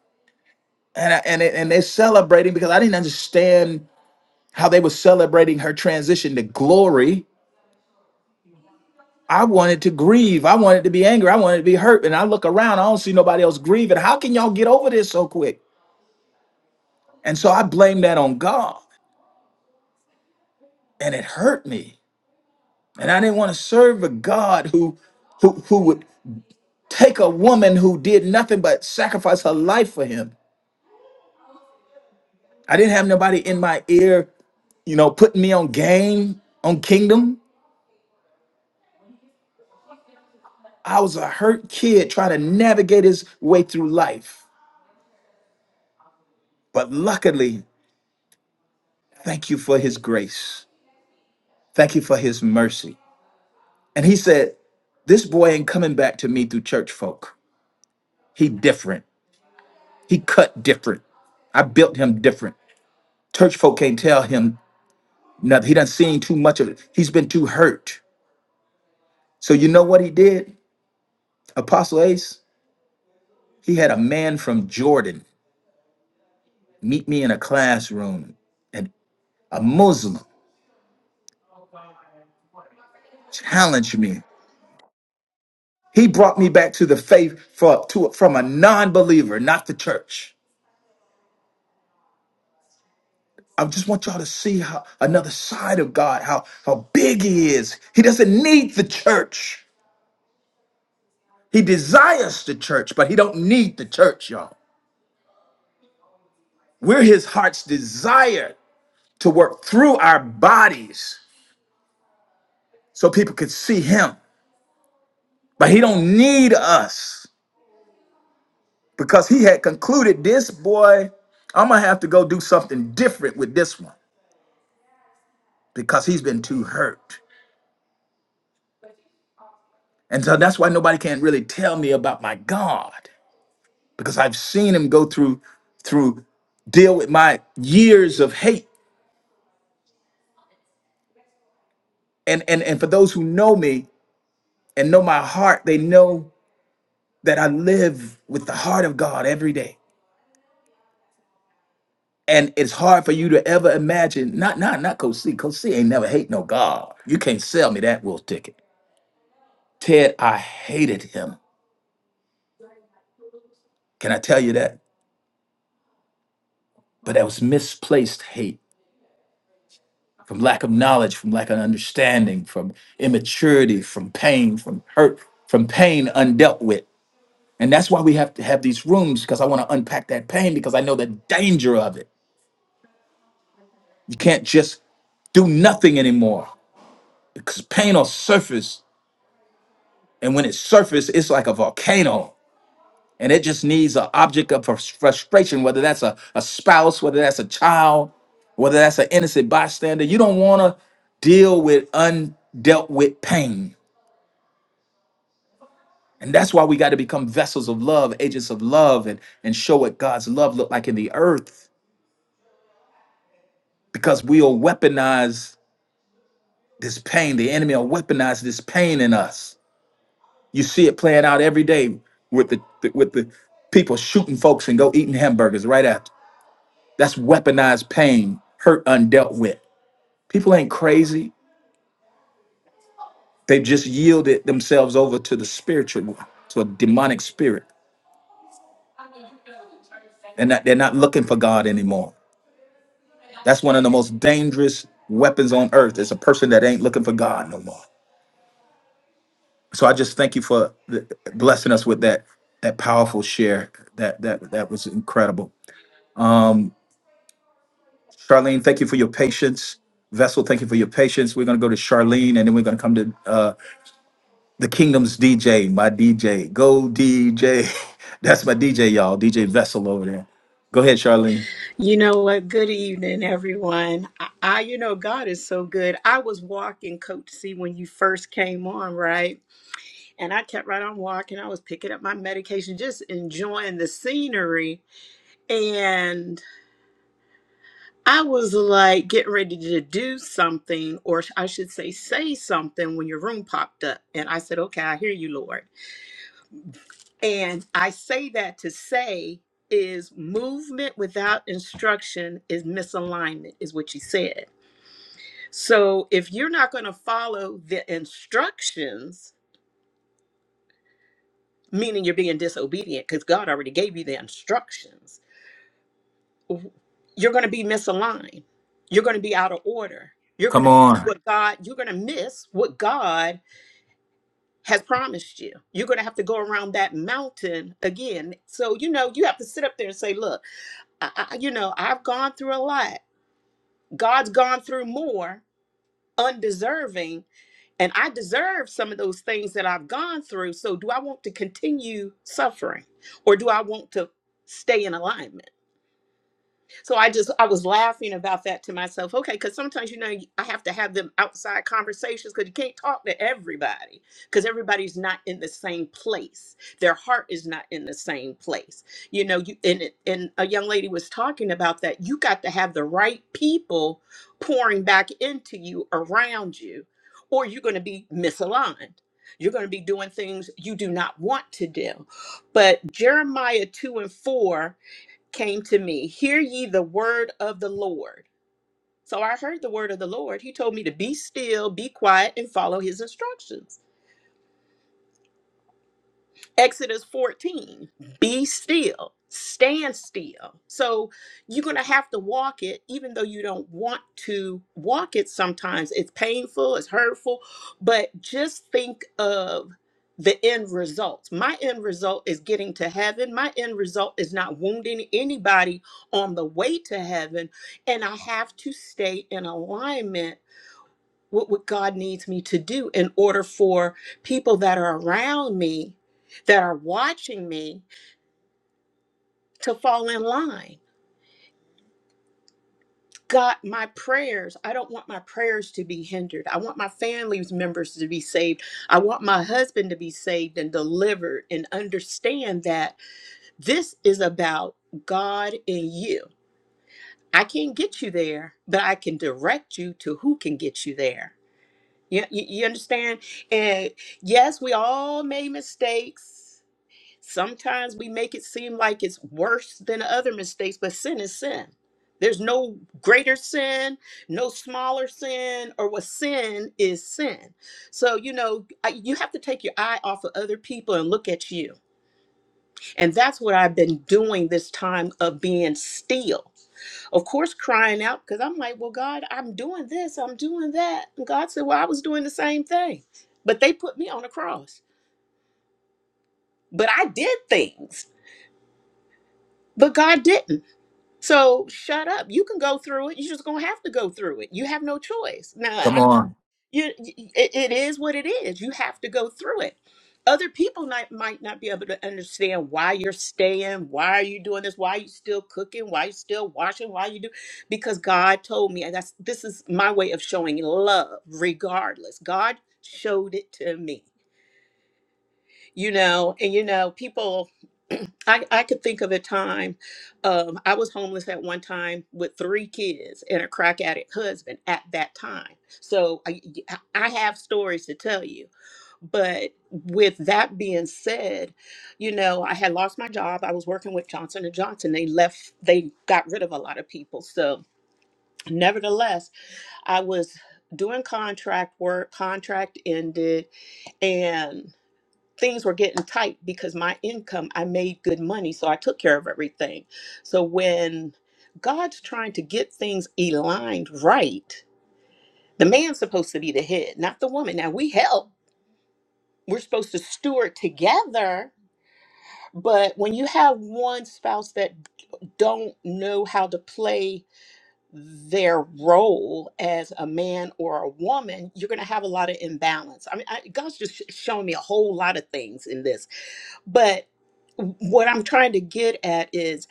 A: and I, and, it, and they're celebrating because i didn't understand how they were celebrating her transition to glory i wanted to grieve i wanted to be angry i wanted to be hurt and i look around i don't see nobody else grieving how can y'all get over this so quick and so i blame that on god and it hurt me And I didn't want to serve a God who who who would take a woman who did nothing but sacrifice her life for him. I didn't have nobody in my ear, you know, putting me on game, on kingdom. I was a hurt kid trying to navigate his way through life. But luckily, thank you for his grace. Thank you for his mercy. And he said, This boy ain't coming back to me through church folk. He different. He cut different. I built him different. Church folk can't tell him No, he done seen too much of it. He's been too hurt. So you know what he did? Apostle Ace, he had a man from Jordan meet me in a classroom and a Muslim challenge me. He brought me back to the faith for, to, from a non-believer, not the church. I just want y'all to see how another side of God, how how big he is. He doesn't need the church. He desires the church, but he don't need the church, y'all. We're his heart's desire. to work through our bodies so people could see him. But he don't need us because he had concluded this boy, I'm gonna have to go do something different with this one because he's been too hurt. And so that's why nobody can really tell me about my God because I've seen him go through through deal with my years of hate. And and and for those who know me and know my heart, they know that I live with the heart of God every day. And it's hard for you to ever imagine, not not not Coach C. Coach C ain't never hate no God. You can't sell me that wolf ticket. Ted, I hated him. Can I tell you that? But that was misplaced hate from lack of knowledge, from lack of understanding, from immaturity, from pain, from hurt, from pain undealt with. And that's why we have to have these rooms because I want to unpack that pain because I know the danger of it. You can't just do nothing anymore because pain will surface. And when it surfaces, it's like a volcano. and it just needs an object of frus- frustration, whether that's a, a spouse, whether that's a child, whether that's an innocent bystander. You don't want to deal with undealt with pain. And that's why we got to become vessels of love, agents of love, and, and show what God's love look like in the earth. Because we'll weaponize this pain. The enemy will weaponize this pain in us. You see it playing out every day with the with the people shooting folks and go eating hamburgers right after. That's weaponized pain, hurt undealt with. People ain't crazy. They've just yielded themselves over to the spiritual, to a demonic spirit. And that they're not looking for God anymore. That's one of the most dangerous weapons on earth is a person that ain't looking for God no more. So I just thank you for th- blessing us with that that powerful share. That that that was incredible. Charlene, thank you for your patience. Vessel, thank you for your patience. We're gonna go to Charlene and then we're gonna come to uh, The Kingdom's DJ, my DJ. Go DJ. That's my DJ, y'all. DJ Vessel over there. Go ahead, Charlene.
F: You know what? Good evening, everyone. I, I, you know, God is so good. I was walking, Coach C, when you first came on, right? And I kept right on walking. I was picking up my medication, just enjoying the scenery. And I was like getting ready to do something, or I should say, say something when your room popped up. And I said, Okay, I hear you, Lord. And I say that to say, is movement without instruction is misalignment, is what you said. So if you're not going to follow the instructions, meaning you're being disobedient because God already gave you the instructions, w- you're going to be misaligned. You're going to be out of order. You're going
A: Come
F: to
A: on.
F: what God, you're going to miss what God has promised you. You're going to have to go around that mountain again. So, you know, you have to sit up there and say, look, I, I, you know, I've gone through a lot. God's gone through more undeserving And I deserve some of those things that I've gone through. So do I want to continue suffering or do I want to stay in alignment? So I just I was laughing about that to myself. Okay, because sometimes you know you- I have to have them outside conversations because you can't talk to everybody because everybody's not in the same place. Their heart is not in the same place. You know, you and it- and a young lady was talking about that. You got to have the right people pouring back into you around you, or you're going to be misaligned. You're going to be doing things you do not want to do. But Jeremiah 2 and 4 came to me, Hear ye the word of the Lord. So I heard the word of the Lord. He told me to be still, be quiet, and follow his instructions. Exodus 14, be still, stand still. So you're going to have to walk it, even though you don't want to walk it sometimes. It's painful, it's hurtful, but just think of the end result. My end result is getting to heaven. My end result is not wounding anybody on the way to heaven. And I have to stay in alignment what would God needs me to do in order for people that are around me, that are watching me, to fall in line. God, my prayers, I don't want my prayers to be hindered. I want my family's members to be saved. I want my husband to be saved and delivered and understand that this is about God and you. I can't get you there, but I can direct you to who can get you there. You, you, you understand? And yes, we all made mistakes. Sometimes we make it seem like it's worse than other mistakes, but sin is sin. There's no greater sin, no smaller sin, or what sin is sin. So, you know, I- you have to take your eye off of other people and look at you and that's what I've been doing this time of being still. Of course, crying out because I'm like, well, God, I'm doing this, I'm doing that. And God said, well, I was doing the same thing, but they put me on a cross. But I did things, but God didn't. So shut up. You can go through it. You're just going to have to go through it. You have no choice. Now,
A: Come
F: I'm.
A: on.
F: you it, it is what it is you have to go through it other people might, might not be able to understand why you're staying why are you doing this why are you still cooking why you still washing why you do because god told me and that's this is my way of showing love regardless god showed it to me you know and you know people I, I could think of a time um, i was homeless at one time with three kids and a crack addict husband at that time so i, I have stories to tell you but with that being said you know i had lost my job i was working with johnson and johnson they left they got rid of a lot of people so nevertheless i was doing contract work contract ended things were getting tight because my income, I made good money, so I took care of everything. So when God's trying to get things aligned right, the man's supposed to be the head, not the woman. Now we help. We're supposed to steward together, but when you have one spouse that don't know how to play their role as a man or a woman, you're going to have a lot of imbalance. I mean, I, God's just sh- showing me a whole lot of things in this But what I'm trying to get at is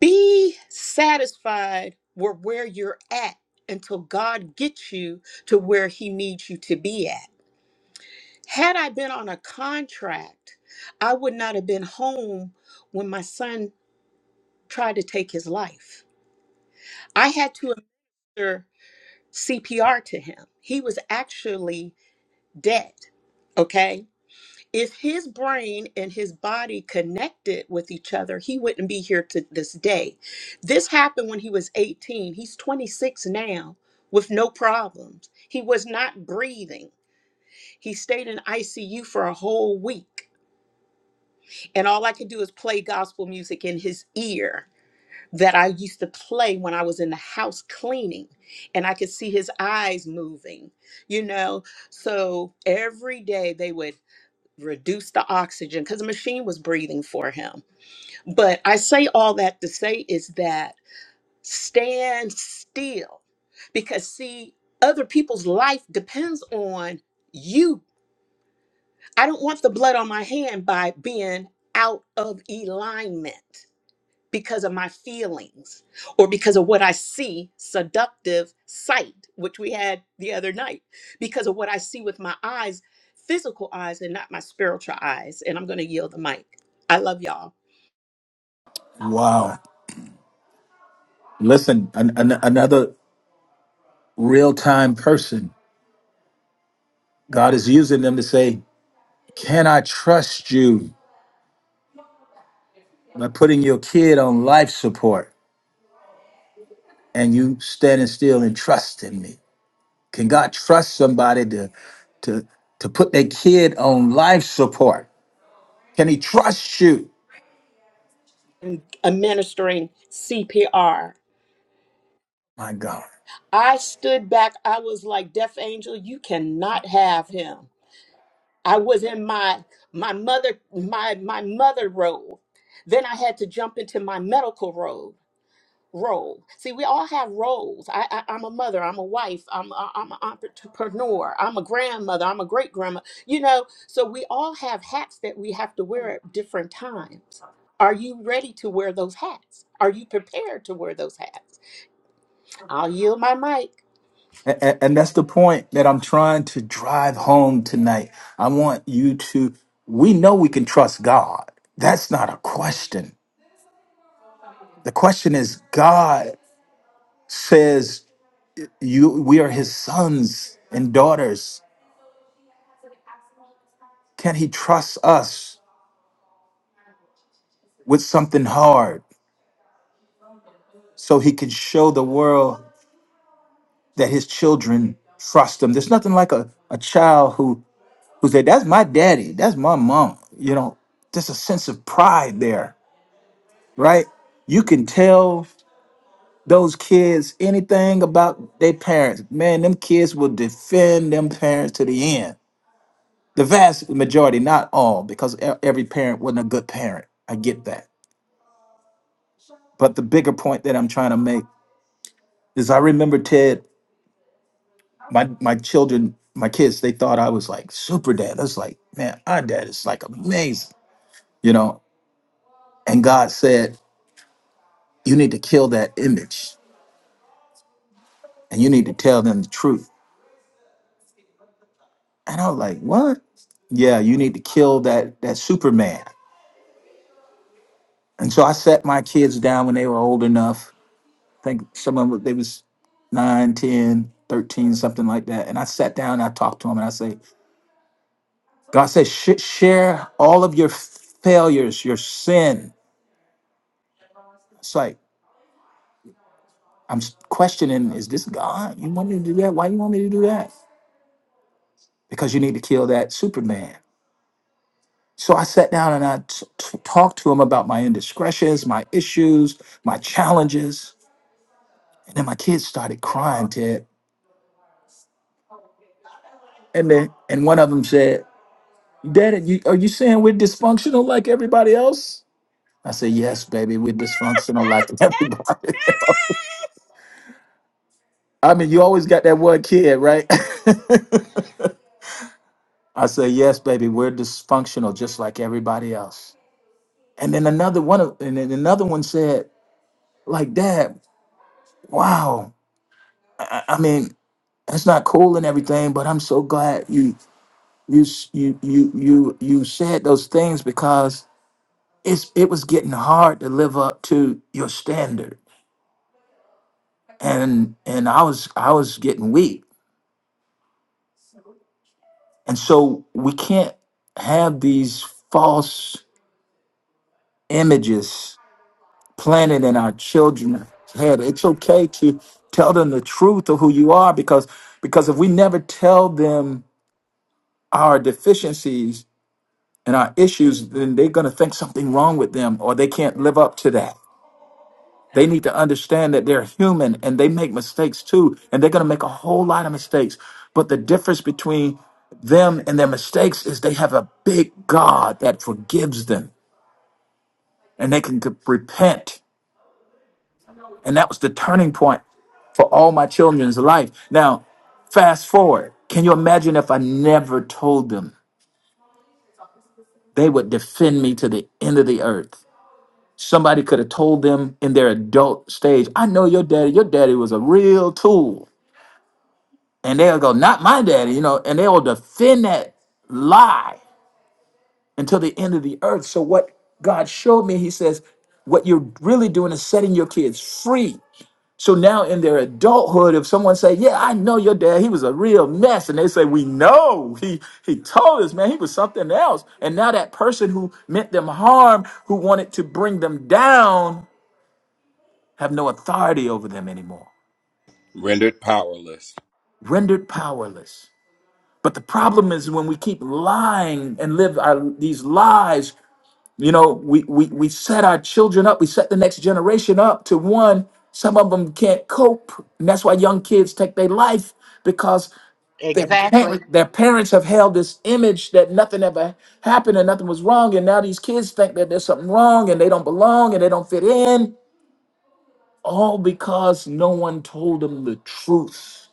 F: be satisfied with where you're at until God gets you to where he needs you to be at. Had I been on a contract, I would not have been home when my son tried to take his life. I had to administer CPR to him. He was actually dead. Okay. if his brain and his body connected with each other, he wouldn't be here to this day. This happened when he was 18. He's 26 now with no problems. He was not breathing. He stayed in ICU for a whole week. And all I could do is play gospel music in his ear that I used to play when I was in the house cleaning. And I could see his eyes moving, you know. So every day they would reduce the oxygen because the machine was breathing for him. But I say all that to say is that stand still because, see, other people's life depends on you. I don't want the blood on my hand by being out of alignment because of my feelings or because of what I see, seductive sight, which we had the other night, because of what I see with my eyes, physical eyes, and not my spiritual eyes. And I'm going to yield the mic. I love y'all.
A: Wow. Listen, an, an- another real time person. God is using them to say, Can I trust you by putting your kid on life support and you standing still and trusting me? Can God trust somebody to, to, to put their kid on life support? Can he trust you?
F: Administering CPR.
A: My God.
F: I stood back. I was like, Deaf Angel, you cannot have him. I was in my my mother my my mother role. Then I had to jump into my medical role. role. See, we all have roles. I, I I'm a mother. I'm a wife. I'm a, I'm an entrepreneur. I'm a grandmother. I'm a great grandma. You know, so we all have hats that we have to wear at different times. Are you ready to wear those hats? Are you prepared to wear those hats? I'll yield my mic.
A: And, and that's the point that I'm trying to drive home tonight. I want you to, we know we can trust God. That's not a question. The question is God says you we are his sons and daughters. Can he trust us with something hard so he can show the world that his children trust him? There's nothing like a, a child who who said, That's my daddy, that's my mom. You know, there's a sense of pride there right? You can tell those kids anything about their parents. Man, them kids will defend them parents to the end. The vast majority, not all, because e- every parent wasn't a good parent. I get that. But the bigger point that I'm trying to make is I remember Ted, my my children, my kids, they thought I was like super dad. I was like, man, our dad is like amazing, you know? And God said, you need to kill that image and you need to tell them the truth And I was like, what? Yeah, you need to kill that that Superman. And so I sat my kids down when they were old enough. I think some of them, they was 9, 10, 13, something like that. And I sat down and I talked to them and I say, God says, "Sh- share all of your failures, your sin. It's like, I'm s- questioning, is this God? You want me to do that? Why you want me to do that? Because you need to kill that Superman. So I sat down and I t- t- talked to him about my indiscretions, my issues, my challenges. And then my kids started crying, Ted. And then and one of them said, Daddy, you, are you saying we're dysfunctional like everybody else? I said, Yes, baby, we're dysfunctional like everybody else. I mean, you always got that one kid, right? I said, Yes, baby, we're dysfunctional just like everybody else. And then another one of and then another one said, like dad, wow. I, I I mean, that's not cool and everything, but I'm so glad you you s- you you you you said those things because it's it was getting hard to live up to your standard and and i was i was getting weak and so we can't have these false images planted in our children's head it's okay to tell them the truth of who you are because because if we never tell them our deficiencies and our issues then they're going to think something wrong with them or they can't live up to that They need to understand that they're human and they make mistakes too. And they're going to make a whole lot of mistakes. But the difference between them and their mistakes is they have a big God that forgives them and they can c- repent. And that was the turning point for all my children's life. Now, fast forward. Can you imagine if I never told them? They would defend me to the end of the earth. Somebody could have told them in their adult stage, I know your daddy, your daddy was a real tool. And they'll go, not my daddy, you know, and they will defend that lie until the end of the earth. So what God showed me, he says, what you're really doing is setting your kids free. So now in their adulthood, if someone say, Yeah, I know your dad, he was a real mess, and they say, We know he he told us, man, he was something else. And now that person who meant them harm, who wanted to bring them down, have no authority over them anymore.
E: Rendered powerless.
A: Rendered powerless But the problem is when we keep lying and live our, these lies, you know, we, we, we set our children up, we set the next generation up to one, some of them can't cope. And that's why young kids take their life because their,
C: Exactly.
A: parent, their parents have held this image that nothing ever happened and nothing was wrong. And now these kids think that there's something wrong and they don't belong and they don't fit in, all because no one told them the truth.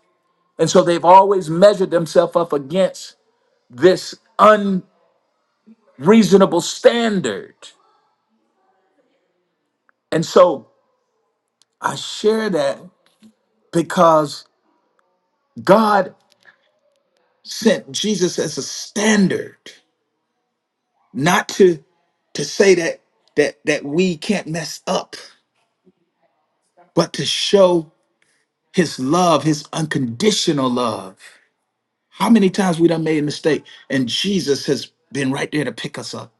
A: And so they've always measured themselves up against this reasonable standard. And so I share that because God sent Jesus as a standard, not to to say that that that we can't mess up, but to show his love, his unconditional love. How many times we done made a mistake and Jesus has been right there to pick us up.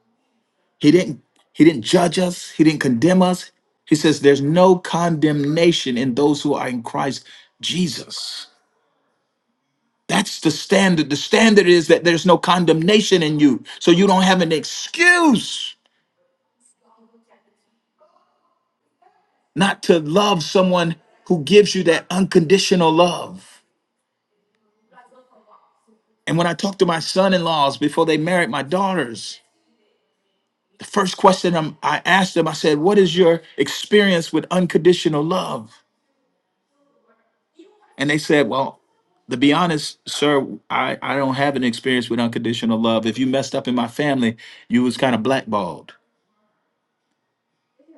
A: He didn't he didn't judge us, he didn't condemn us. He says there's no condemnation in those who are in Christ Jesus. That's the standard. The standard is that there's no condemnation in you. So you don't have an excuse not to love someone who gives you that unconditional love. And when I talked to my son in laws before they married my daughters, the first question I'm- I asked them, I said, What is your experience with unconditional love? And they said, Well, to be honest, sir, I, I don't have an experience with unconditional love. If you messed up in my family, you was kind of blackballed.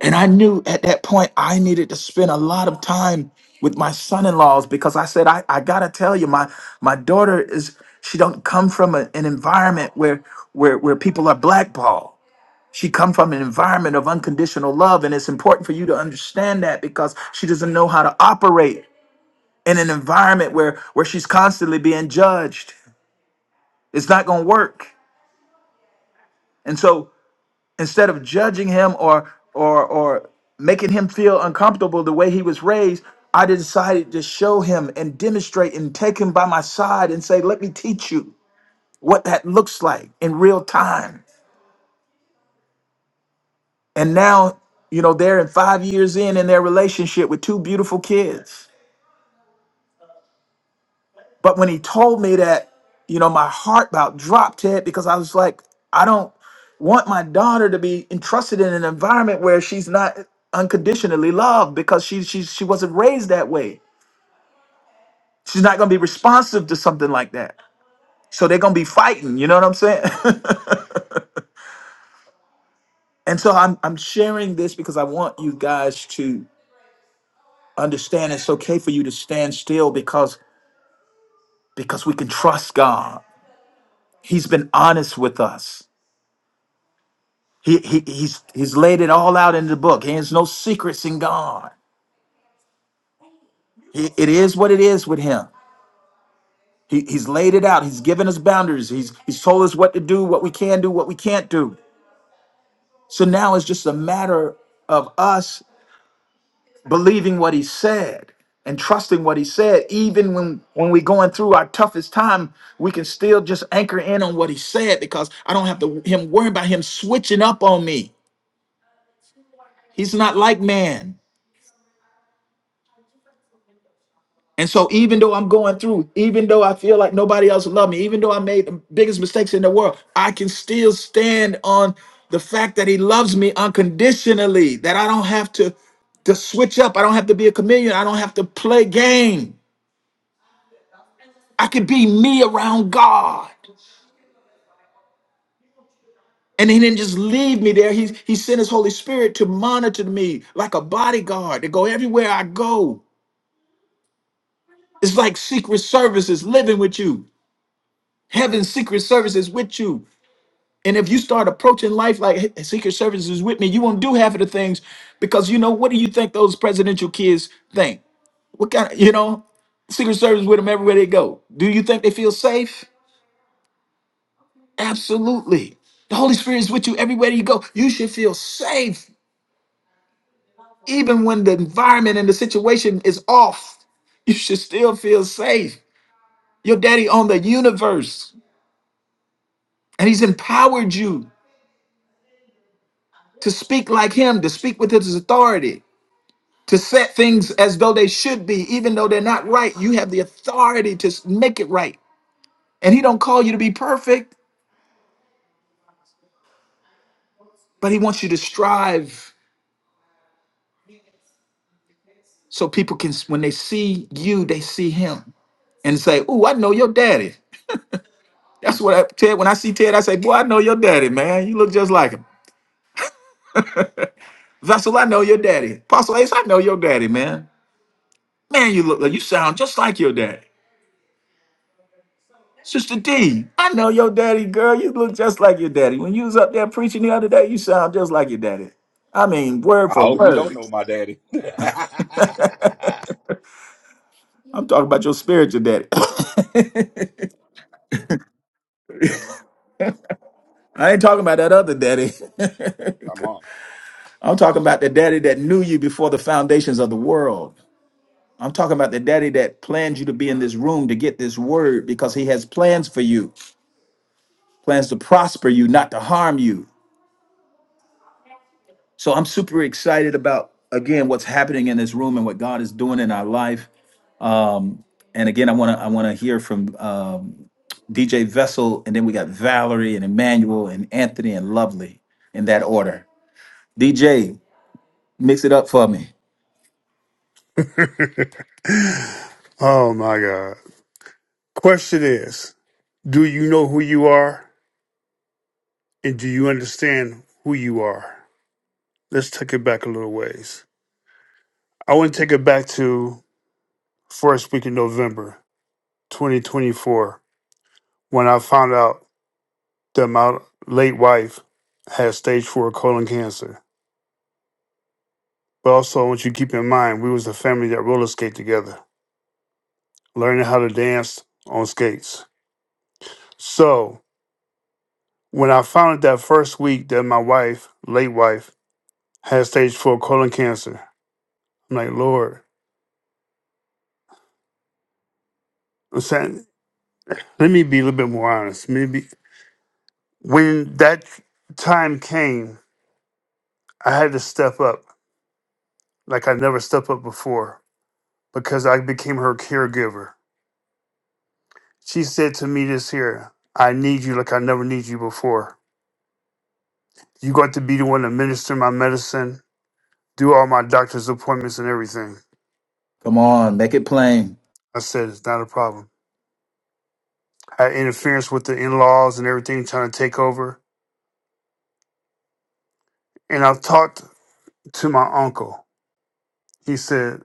A: And I knew at that point I needed to spend a lot of time with my son-in-laws because I said, I, I gotta tell you, my my daughter is she don't come from a- an environment where where where people are blackballed. She come from an environment of unconditional love, and it's important for you to understand that because she doesn't know how to operate in an environment where where she's constantly being judged. It's not gonna work. And so instead of judging him or or or making him feel uncomfortable the way he was raised i decided to show him and demonstrate and take him by my side and say let me teach you what that looks like in real time and now you know they're in five years in in their relationship with two beautiful kids But when he told me that, you know, my heart about dropped it because I was like, I don't want my daughter to be entrusted in an environment where she's not unconditionally loved because she she she wasn't raised that way. She's not gonna be responsive to something like that. So they're gonna be fighting, you know what I'm saying? and so I'm I'm sharing this because I want you guys to understand it's okay for you to stand still because because we can trust God. He's been honest with us. He, he he's he's laid it all out in the book. There's no secrets in God. He, it is what it is with him. He, he's laid it out. He's given us boundaries. He's he's told us what to do, what we can do, what we can't do. So now it's just a matter of us believing what he said and trusting what he said. Even when when we're going through our toughest time, we can still just anchor in on what he said because I don't have to him worry about him switching up on me. He's not like man. And so even though I'm going through, even though I feel like nobody else loves me, even though I made the biggest mistakes in the world, I can still stand on the fact that he loves me unconditionally, that I don't have to to switch up. I don't have to be a chameleon. I don't have to play game. I could be me around God. And he didn't just leave me there. He, he sent his Holy Spirit to monitor me like a bodyguard to go everywhere I go. It's like secret services living with you. Heaven's secret services with you. And if you start approaching life like "Hey, Secret Service is with me, you won't do half of the things because you know what do you think those presidential kids think? What kind of you know Secret Service with them everywhere they go? Do you think they feel safe? Absolutely. The Holy Spirit is with you everywhere you go. You should feel safe even when the environment and the situation is off. You should still feel safe. Your daddy owned the universe and he's empowered you to speak like him, to speak with his authority. to set things as though they should be, even though they're not right. You have the authority to s- make it right. And he don't call you to be perfect, but he wants you to strive so people can s- when they see you, they see him and say, "Ooh, I know your daddy." That's what I Ted. When I see Ted, I say, "Boy, I know your daddy, man. You look just like him." Vessel, I know your daddy. Apostle Ace, I know your daddy, man. Man, you look like you sound just like your daddy. Sister D, I know your daddy, girl. You look just like your daddy. When you was up there preaching the other day, you sound just like your daddy. I mean, word
E: I
A: for
E: hope you don't
A: word.
E: know my daddy.
A: I'm talking about your spiritual daddy. I ain't talking about that other daddy.
E: Come on.
A: I'm talking about the daddy that knew you before the foundations of the world. I'm talking about the daddy that planned you to be in this room to get this word because he has plans for you, plans to prosper you, not to harm you. So I'm super excited about, again, what's happening in this room and what God is doing in our life. Um, and again, I want to I want to hear from um, DJ Vessel, and then we got Valerie and Emmanuel and Anthony and Lovely in that order. DJ, mix it up for me.
G: Oh my God. Question is Do you know who you are and do you understand who you are? Let's take it back a little ways. I want to take it back to first week in November 2024 when I found out that my late wife had stage four colon cancer. But also I want you to keep in mind we was a family that roller skate together, learning how to dance on skates. So when I found out that first week that my wife, late wife, had stage four colon cancer. I'm like, Lord, I'm saying, let me be a little bit more honest. Maybe when that time came, I had to step up like I never stepped up before because I became her caregiver. She said to me this here, I need you like I never need you before. You got to be the one to minister my medicine, do all my doctor's appointments and everything.
A: Come on, make it plain.
G: I said, it's not a problem. I had interference with the in laws and everything trying to take over. And I've talked to my uncle. He said,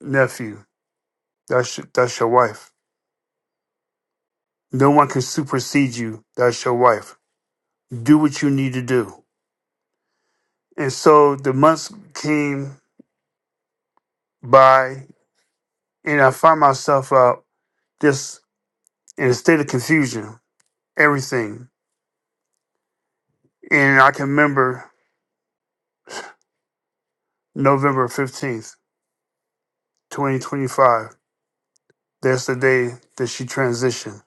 G: Nephew, that's, that's your wife. No one can supersede you. That's your wife. Do what you need to do. And so the months came by, and I find myself out just in a state of confusion, everything. And I can remember November 15th, 2025. That's the day that she transitioned.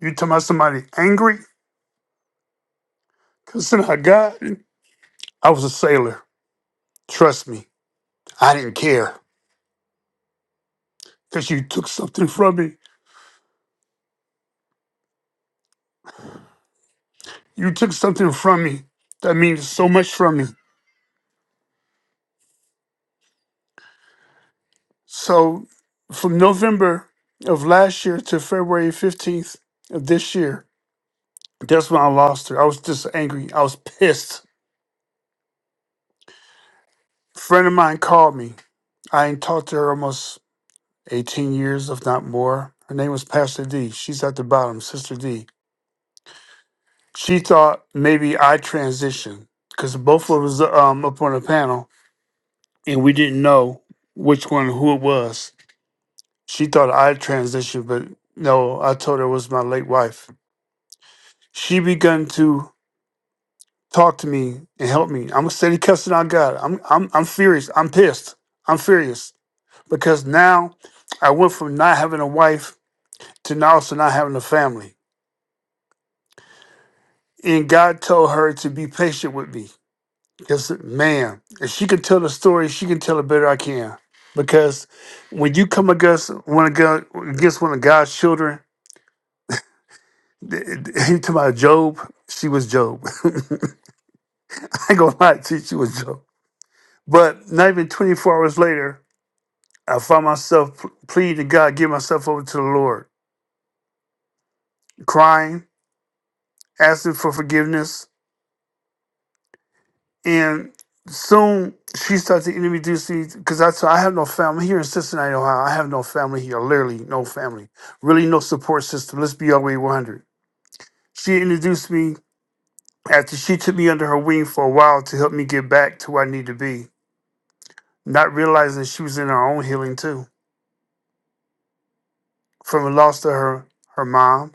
G: You talking about somebody angry? Because God, I was a sailor. Trust me, I didn't care. because you took something from me. You took something from me that means so much from me. So from November of last year to February 15th of this year, that's when I lost her. I was just angry. I was pissed. A friend of mine called me. I ain't talked to her almost 18 years, if not more. Her name was Pastor D. She's at the bottom, Sister D. She thought maybe I transitioned because both of us um, up on a panel and we didn't know which one who it was. She thought I transitioned, but no, I told her it was my late wife. She begun to talk to me and help me. I'm a steady cussing out God. I'm I'm I'm furious. I'm pissed. I'm furious. Because now I went from not having a wife to now also not having a family. And God told her to be patient with me. Because man, if she could tell the story, she can tell it better I can. Because when you come against one of God against one of God's children, You talk about Job. She was Job. I ain't gonna lie to you, she was Job. But not even 24 hours later, I found myself pl- pleading to God, give myself over to the Lord, crying, asking for forgiveness. And soon she started to introduce me because I said, I have no family here in Cincinnati, Ohio. I have no family here, literally no family, really no support system. Let's be all the way 100. She introduced me after she took me under her wing for a while to help me get back to where I need to be not realizing she was in her own healing too. From the loss to her her mom,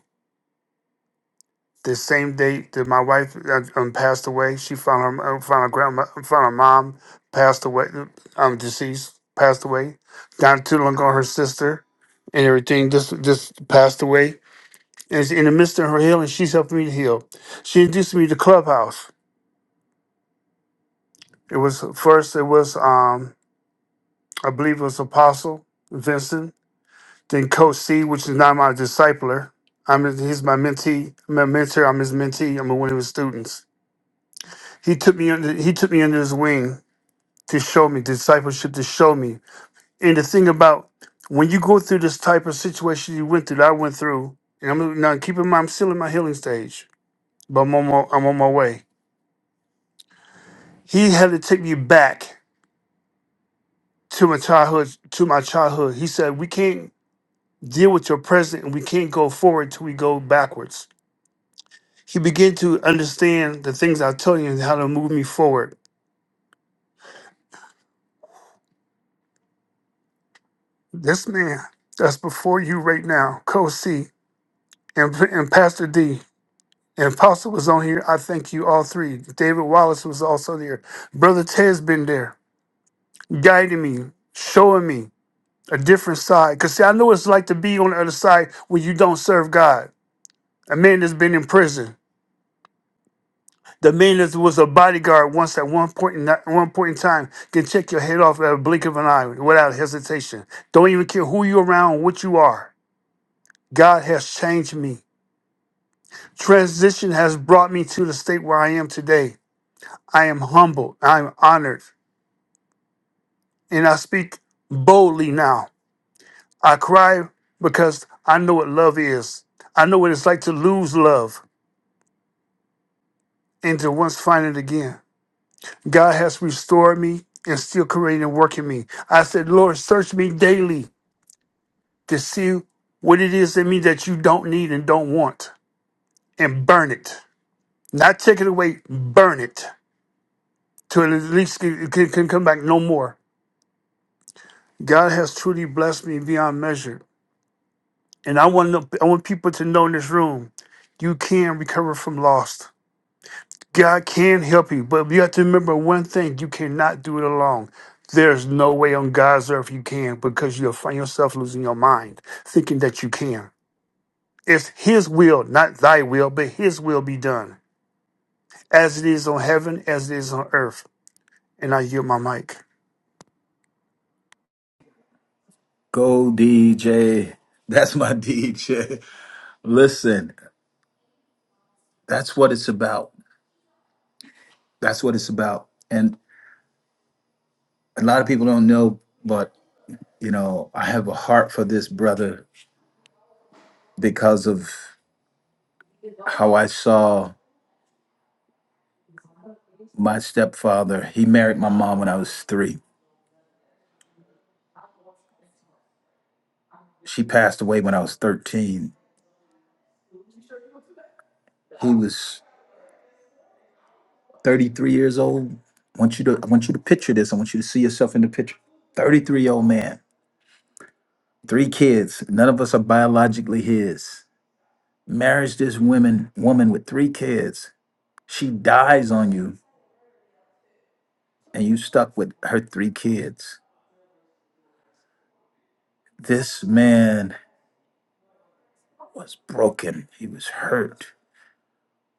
G: the same day that my wife uh, um, passed away, she found her uh, found her grandma found her mom passed away, uh, um, deceased, passed away. Not too long ago, her sister and everything just just passed away. And it's in the midst of her healing, she's helping me to heal. She introduced me to Clubhouse. It was first, it was um, I believe it was Apostle Vincent Then Coach C, which is now my discipler. I'm his- he's my mentee, my mentor. I'm his mentee. I'm one of his students. He took me under he took me under his wing to show me discipleship to show me. And the thing about when you go through this type of situation you went through, that I went through, and I'm now keep in mind I'm still in my healing stage, but I'm on my, I'm on my way. He had to take me back to my childhood. To my childhood, he said we can't deal with your present and we can't go forward till we go backwards. He began to understand the things I told him and how to move me forward. This man that's before you right now, Co. C and, and Pastor D, and Apostle was on here. I thank you all three. David Wallace was also there. Brother Ted's been there, guiding me, showing me a different side. Because, see, I know what it's like to be on the other side when you don't serve God. A man that's been in prison. The man that was a bodyguard once at one point in at one point in time can check your head off at a blink of an eye without hesitation. Don't even care who you're around, or what you are. God has changed me. Transition has brought me to the state where I am today. I am humbled. I am honored. And I speak boldly now. I cry because I know what love is. I know what it's like to lose love and to once find it again. God has restored me and still creating and working me. I said, Lord, search me daily to see what it is in me that you don't need and don't want and burn it. Not take it away, burn it till at least it can, can come back no more. God has truly blessed me beyond measure. And I want, to- I want people to know in this room, you can recover from loss. God can help you, but you have to remember one thing: you cannot do it alone. There's no way on God's earth you can because you'll find yourself losing your mind thinking that you can. It's His will, not thy will, but His will be done, as it is on heaven, as it is on earth. And I yield my mic.
A: Go DJ. That's my DJ. Listen, that's what it's about. That's what it's about. And a lot of people don't know, but you know, I have a heart for this brother because of how I saw my stepfather. He married my mom when I was three She passed away when I was 13. He was 33 years old. I want you to I want you to picture this. I want you to see yourself in the picture. 33 year old man, three kids. None of us are biologically his. Marries this woman woman with three kids. She dies on you, and you stuck with her three kids. This man was broken. He was hurt,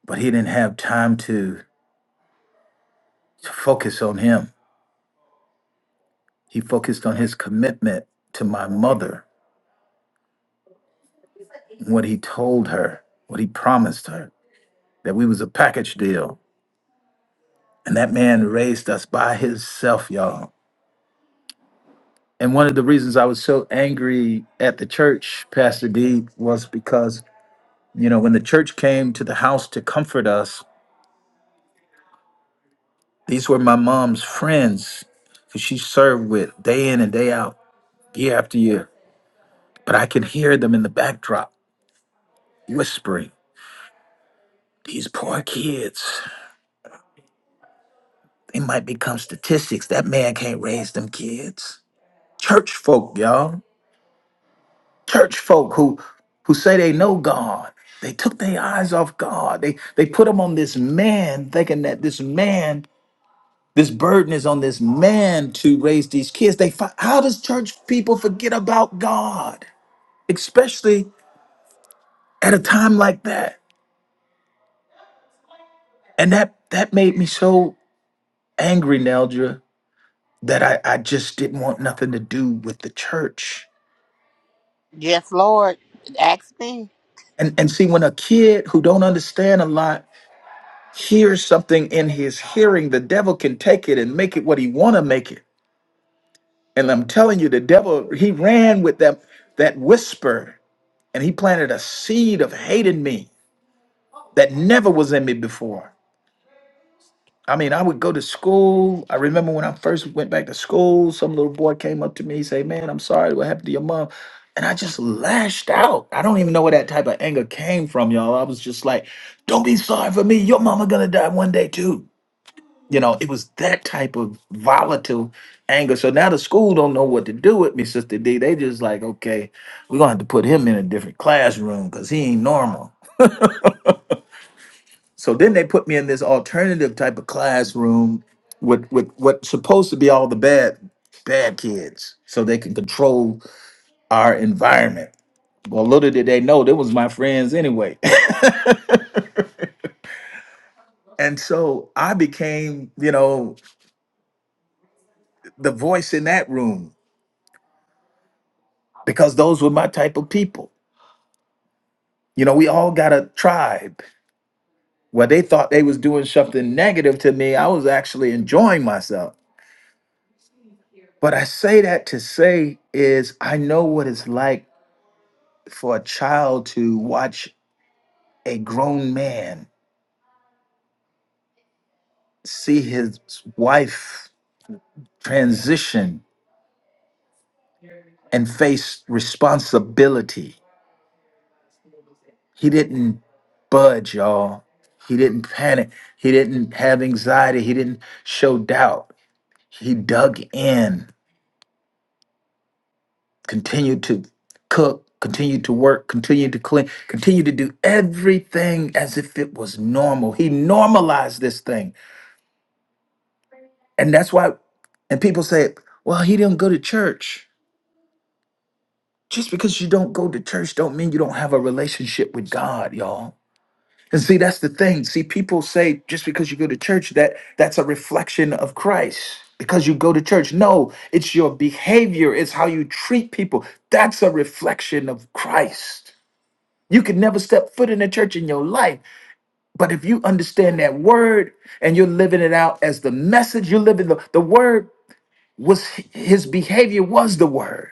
A: but he didn't have time to, to focus on him. He focused on his commitment to my mother what he told her, what he promised her, that we was a package deal. And that man raised us by himself, y'all. And one of the reasons I was so angry at the church, Pastor D, was because, you know, when the church came to the house to comfort us, these were my mom's friends who she served with day in and day out, year after year. But I could hear them in the backdrop whispering, these poor kids, they might become statistics. That man can't raise them kids. Church folk, y'all. Church folk who who say they know God. They took their eyes off God. They they put them on this man, thinking that this man, this burden is on this man to raise these kids. They fi- how does church people forget about God, especially at a time like that? And that that made me so angry, Neldra, that I, I just didn't want nothing to do with the church.
C: Yes, Lord. Ask me.
A: And and see, when a kid who don't understand a lot hears something in his hearing, the devil can take it and make it what he want to make it. And I'm telling you, the devil he ran with that that whisper, and he planted a seed of hate in me that never was in me before. I mean, I would go to school. I remember when I first went back to school, some little boy came up to me, say, "Man, I'm sorry, what happened to your mom?" And I just lashed out. I don't even know where that type of anger came from, y'all. I was just like, "Don't be sorry for me. Your mama gonna die one day too." You know, it was that type of volatile anger. So now the school don't know what to do with me, Sister D. They just like, okay, we're gonna have to put him in a different classroom because he ain't normal. So then they put me in this alternative type of classroom with with what's supposed to be all the bad bad kids, so they can control our environment. Well, little did they know they was my friends anyway. and so I became, you know, the voice in that room because those were my type of people. You know, we all got a tribe where they thought they was doing something negative to me. I was actually enjoying myself. But I say that to say is I know what it's like for a child to watch a grown man see his wife transition and face responsibility. He didn't budge, y'all. He didn't panic. He didn't have anxiety. He didn't show doubt. He dug in continue to cook, continue to work, continue to clean, continue to do everything as if it was normal. He normalized this thing. And that's why, and people say, well, he didn't go to church. Just because you don't go to church don't mean you don't have a relationship with God, y'all. And see, that's the thing. See, people say just because you go to church, that that's a reflection of Christ. Because you go to church. No, it's your behavior, it's how you treat people. That's a reflection of Christ. You could never step foot in a church in your life. But if you understand that word and you're living it out as the message, you're living the, the word was his behavior was the word.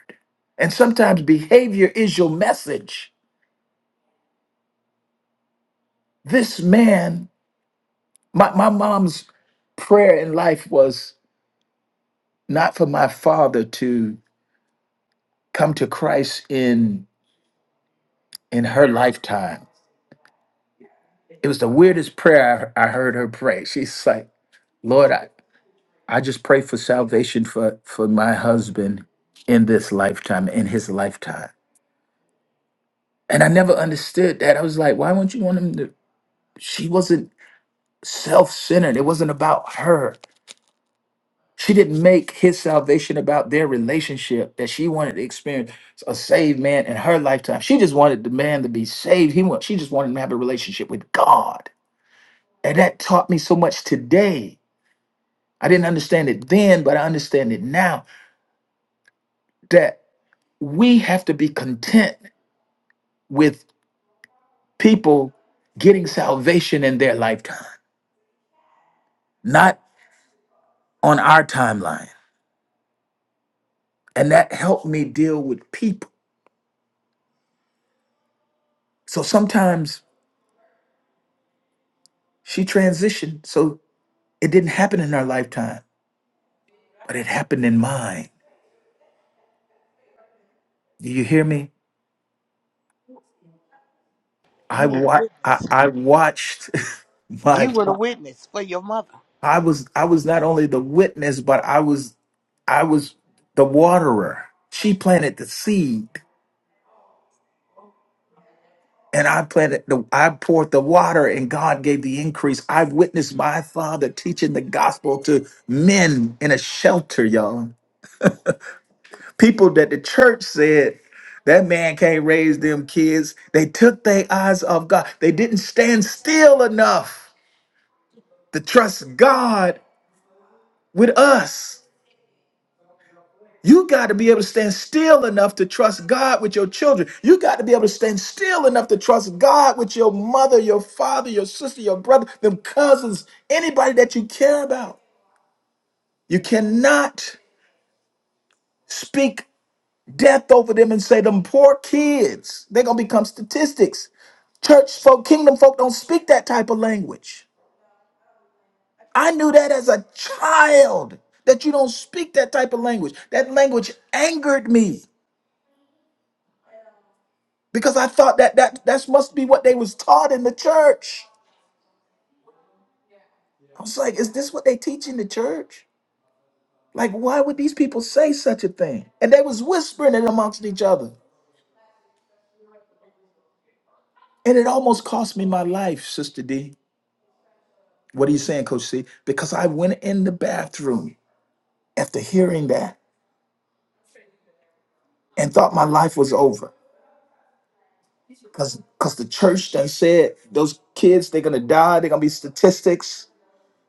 A: And sometimes behavior is your message. This man, my, my mom's prayer in life was not for my father to come to Christ in in her lifetime. It was the weirdest prayer I, I heard her pray. She's like, Lord, I, I just pray for salvation for for my husband in this lifetime, in his lifetime. And I never understood that. I was like, why wouldn't you want him to? She wasn't self-centered. It wasn't about her. She didn't make his salvation about their relationship that she wanted to experience a saved man in her lifetime. She just wanted the man to be saved. He want, she just wanted him to have a relationship with God. And that taught me so much today. I didn't understand it then, but I understand it now that we have to be content with people getting salvation in their lifetime, not on our timeline. And that helped me deal with people. So sometimes she transitioned. So it didn't happen in her lifetime, but it happened in mine. Do you hear me? I
C: You were the
A: wa- I,
C: witness.
A: I watched my
C: You were the witness for your mother.
A: I was I was not only the witness, but I was I was the waterer. She planted the seed. and I planted the I poured the water and God gave the increase. I have witnessed my father teaching the gospel to men in a shelter, y'all. People that the church said that man can't raise them kids. They took their eyes off God. They didn't stand still enough to trust God with us. You got to be able to stand still enough to trust God with your children. You got to be able to stand still enough to trust God with your mother, your father, your sister, your brother, them cousins, anybody that you care about. You cannot speak death over them and say, them poor kids, they're going to become statistics. Church folk, kingdom folk don't speak that type of language. I knew that as a child, that you don't speak that type of language. That language angered me. because I thought that that that must be what they was taught in the church. I was like, is this what they teach in the church? Like, why would these people say such a thing? And they was whispering it amongst each other, and it almost cost me my life, Sister D. What are you saying, Coach C? Because I went in the bathroom after hearing that and thought my life was over. Cause, Cause the church done said those kids they're gonna die. They're gonna be statistics.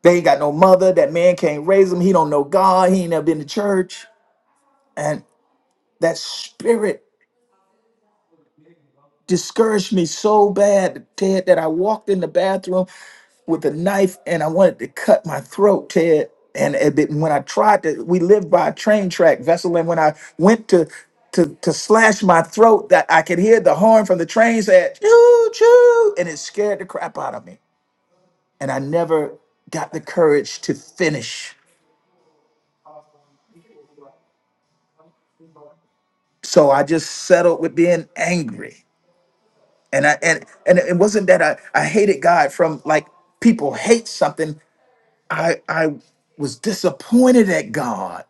A: They ain't got no mother. That man can't raise them. He don't know God. He ain't never been to church. That spirit discouraged me so bad, Ted, that I walked in the bathroom with a knife and I wanted to cut my throat, Ted. And it didn't- when I tried to, we lived by a train track vessel, and when I went to to to slash my throat, that I could hear the horn from the train said choo choo, and it scared the crap out of me. And I never got the courage to finish, so I just settled with being angry. and I and and it wasn't that I I hated God from like people hate something. I I was disappointed at God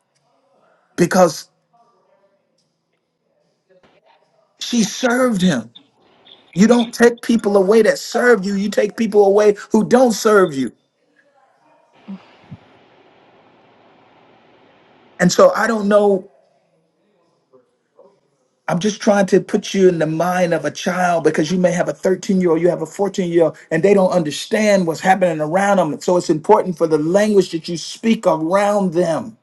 A: because she served him. You don't take people away that serve you. You take people away who don't serve you. And so I don't know. I'm just trying to put you in the mind of a child because you may have a 13 year old, you have a 14 year old, and they don't understand what's happening around them. So it's important for the language that you speak around them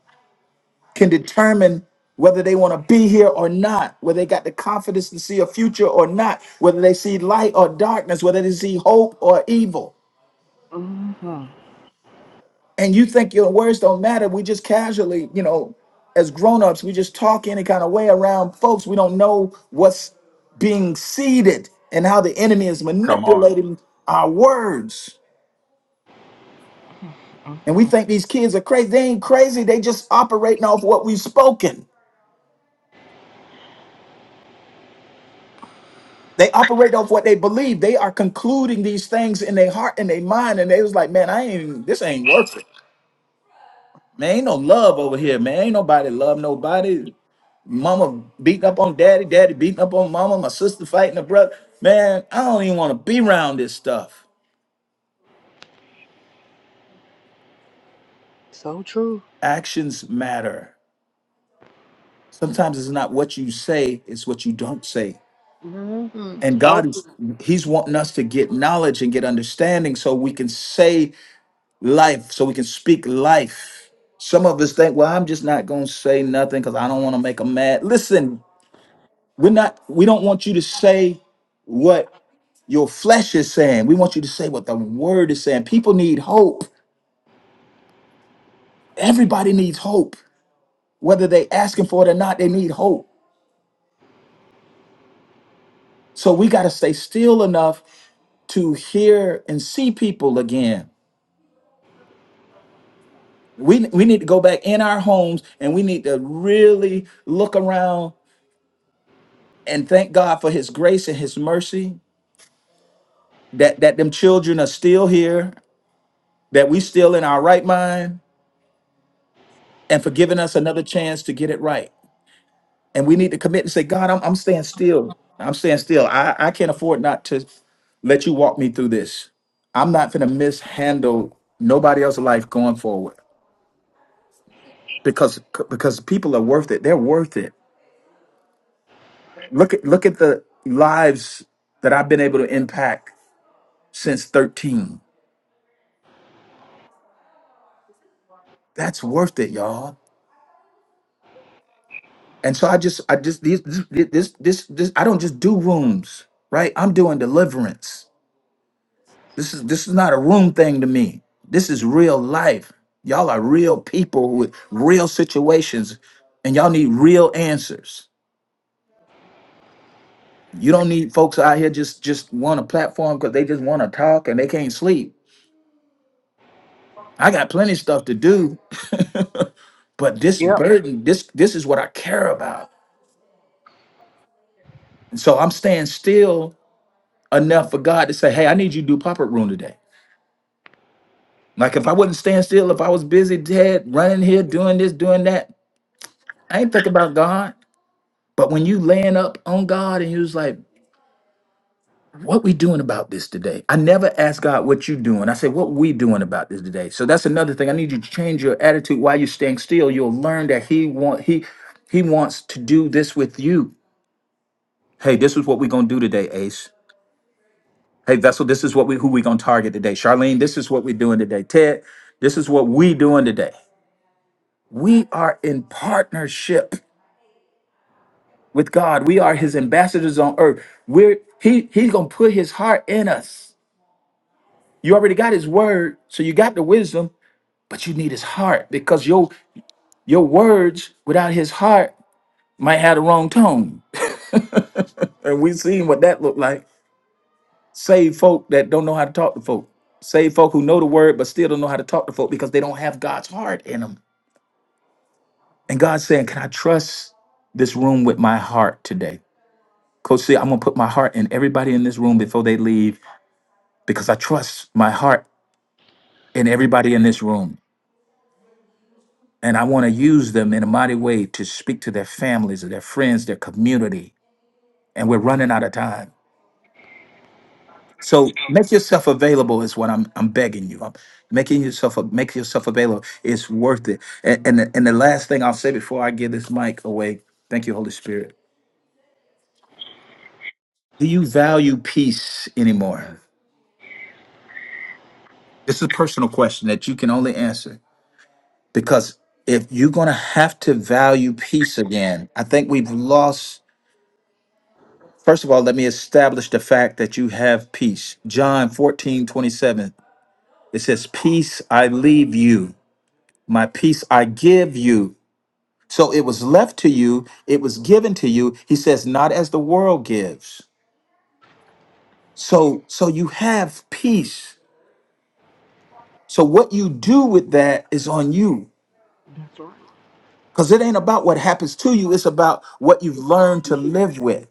A: can determine whether they want to be here or not, whether they got the confidence to see a future or not, whether they see light or darkness, whether they see hope or evil.
C: hmm
A: And you think your words don't matter. We just casually, you know, as grown-ups, we just talk any kind of way around folks. We don't know what's being seeded and how the enemy is
E: Come on.
A: manipulating our words. And we think these kids are crazy. They ain't crazy. They just operating off what we've spoken. They operate off what they believe. They are concluding these things in their heart and their mind. And they was like, man, I ain't this ain't worth it. Man, ain't no love over here, man. Ain't nobody love nobody. Mama beating up on daddy, daddy beating up on mama, my sister fighting her brother. Man, I don't even want to be around this stuff.
C: So true.
A: Actions matter. Sometimes it's not what you say, it's what you don't say.
C: Mm-hmm.
A: And
C: So
A: God
C: true.
A: is He's wanting us to get knowledge and get understanding so we can say life so we can speak life. Some of us think, well, I'm just not going to say nothing because I don't want to make them mad. Listen, we're not, we don't want you to say what your flesh is saying. We want you to say what the word is saying. People need hope. Everybody needs hope. Whether they asking for it or not, they need hope. So we got to stay still enough to hear and see people again. We, we need to go back in our homes and we need to really look around and thank God for his grace and his mercy that that them children are still here, that we still in our right mind and for giving us another chance to get it right. And we need to commit and say, God, I'm, I'm staying still. I'm staying still. I, I can't afford not to let you walk me through this. I'm not going to mishandle nobody else's life going forward because because people are worth it. They're worth it. Look at look at the lives that I've been able to impact since 13. That's worth it, y'all And so I just, I just these, this, this, this, this. I don't just do rooms, right? I'm doing deliverance. This is this is not a room thing to me. This is real life. Y'all are real people with real situations, and y'all need real answers. You don't need folks out here just just want a platform because they just want to talk and they can't sleep. I got plenty of stuff to do, but this
C: Yep.
A: burden, this this is what I care about. And so I'm staying still enough for God to say, "Hey, I need you to do pop up room today." Like if I wouldn't stand still, if I was busy dead running here, doing this, doing that, I ain't thinking about God. But when you laying up on God and you was like, what we doing about this today? I never ask God what you doing. I say, what we doing about this today? So that's another thing. I need you to change your attitude while you're staying still. You'll learn that He want He He wants to do this with you. Hey, this is what we're gonna do today, Ace. Hey, Vessel, this is what we who we gonna target today. Charlene, this is what we're doing today. Ted, this is what we doing today. We are in partnership. with God. We are his ambassadors on earth. We're he he's gonna put his heart in us. You already got his word, so you got the wisdom, but you need his heart because your your words without his heart might have the wrong tone. And we've seen what that looked like. Save folk that don't know how to talk to folk. Save folk who know the word but still don't know how to talk to folk because they don't have God's heart in them. And God's saying, Can I trust this room with my heart today? Coach, see, I'm gonna put my heart in everybody in this room before they leave because I trust my heart in everybody in this room. And I want to use them in a mighty way to speak to their families, or their friends, their community. And we're running out of time. So make yourself available is what I'm I'm begging you. I'm making yourself make yourself available. It's worth it. And and the, and the last thing I'll say before I give this mic away, thank you, Holy Spirit. Do you value peace anymore? This is a personal question that you can only answer. because if you're going to have to value peace again, I think we've lost. First of all, let me establish the fact that you have peace. John 14 27. it says, Peace I leave you, my peace I give you. So it was left to you, it was given to you. He says, Not as the world gives. So, so you have peace. So what you do with that is on you.
C: That's right.
A: Because it ain't about what happens to you, it's about what you've learned to
C: mm were
A: live with.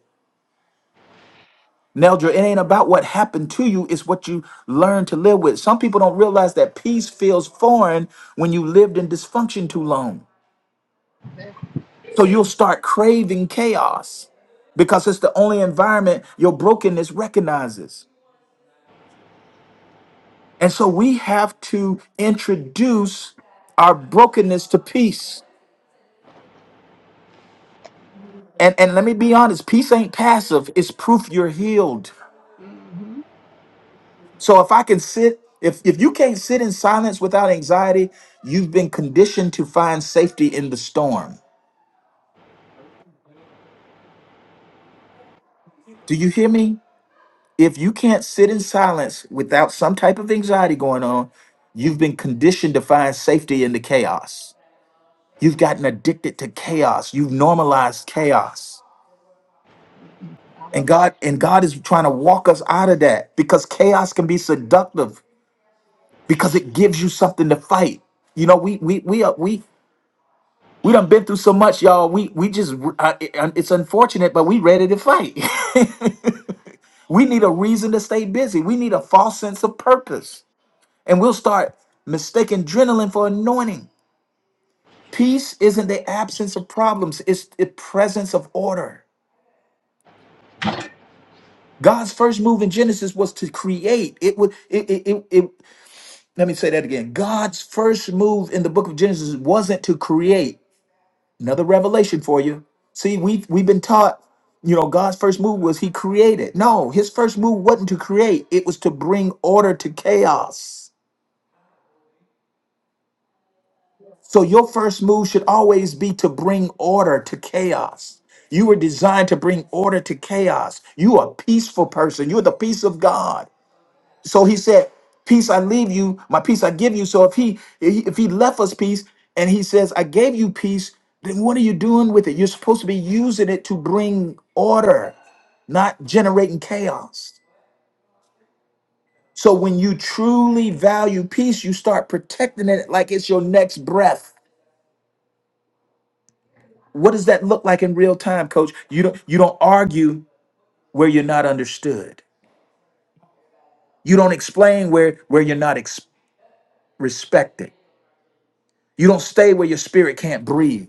A: Neldra, it ain't about what happened to you, it's what you learn to live with. Some people don't realize that peace feels foreign when you lived in dysfunction too long.
C: there.
A: So you'll start craving chaos because it's the only environment your brokenness recognizes. And so we have to introduce our brokenness to peace. And, and let me be honest, peace ain't passive, it's proof you're healed.
C: hmm
A: So if I can sit, if if you can't sit in silence without anxiety, you've been conditioned to find safety in the storm. Do you hear me? If you can't sit in silence without some type of anxiety going on, you've been conditioned to find safety in the chaos. You've gotten addicted to chaos. You've normalized chaos. And God and God is trying to walk us out of that because chaos can be seductive because it gives you something to fight. You know, we we we are we We done been through so much, y'all. We we just I, I- it's unfortunate, but we ready to fight. we need a reason to stay busy. We need a false sense of purpose, and we'll start mistaking adrenaline for anointing. Peace isn't the absence of problems; it's the presence of order. God's first move in Genesis was to create. It would it it, it, it let me say that again. God's first move in the book of Genesis wasn't to create. Another revelation for you. See, we've we've been taught, you know, God's first move was he created. No, his first move wasn't to create, it was to bring order to chaos. So your first move should always be to bring order to chaos. You were designed to bring order to chaos. You are a peaceful person. You're the peace of God. So he said, "Peace I leave you, my peace I give you." So if he if he left us peace and he says, "I gave you peace," then what are you doing with it? You're supposed to be using it to bring order, not generating chaos. So when you truly value peace, you start protecting it like it's your next breath. What does that look like in real time, coach? You don't you don't argue where you're not understood. You don't explain where where you're not ex- respected. You don't stay where your spirit can't breathe.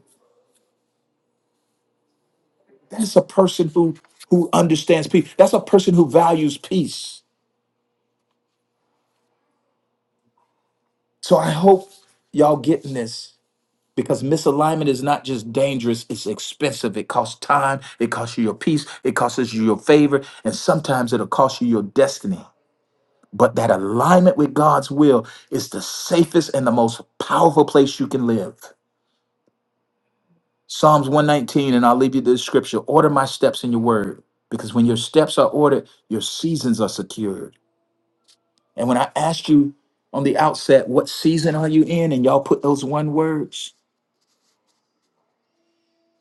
A: That's a person who who understands peace. That's a person who values peace. So I hope y'all getting this because misalignment is not just dangerous, it's expensive. It costs time, it costs you your peace, it costs you your favor, and sometimes it'll cost you your destiny. But that alignment with God's will is the safest and the most powerful place you can live. Psalms 119, and I'll leave you this scripture order my steps in your word, because when your steps are ordered, your seasons are secured. And when I asked you on the outset, what season are you in? And y'all put those one words,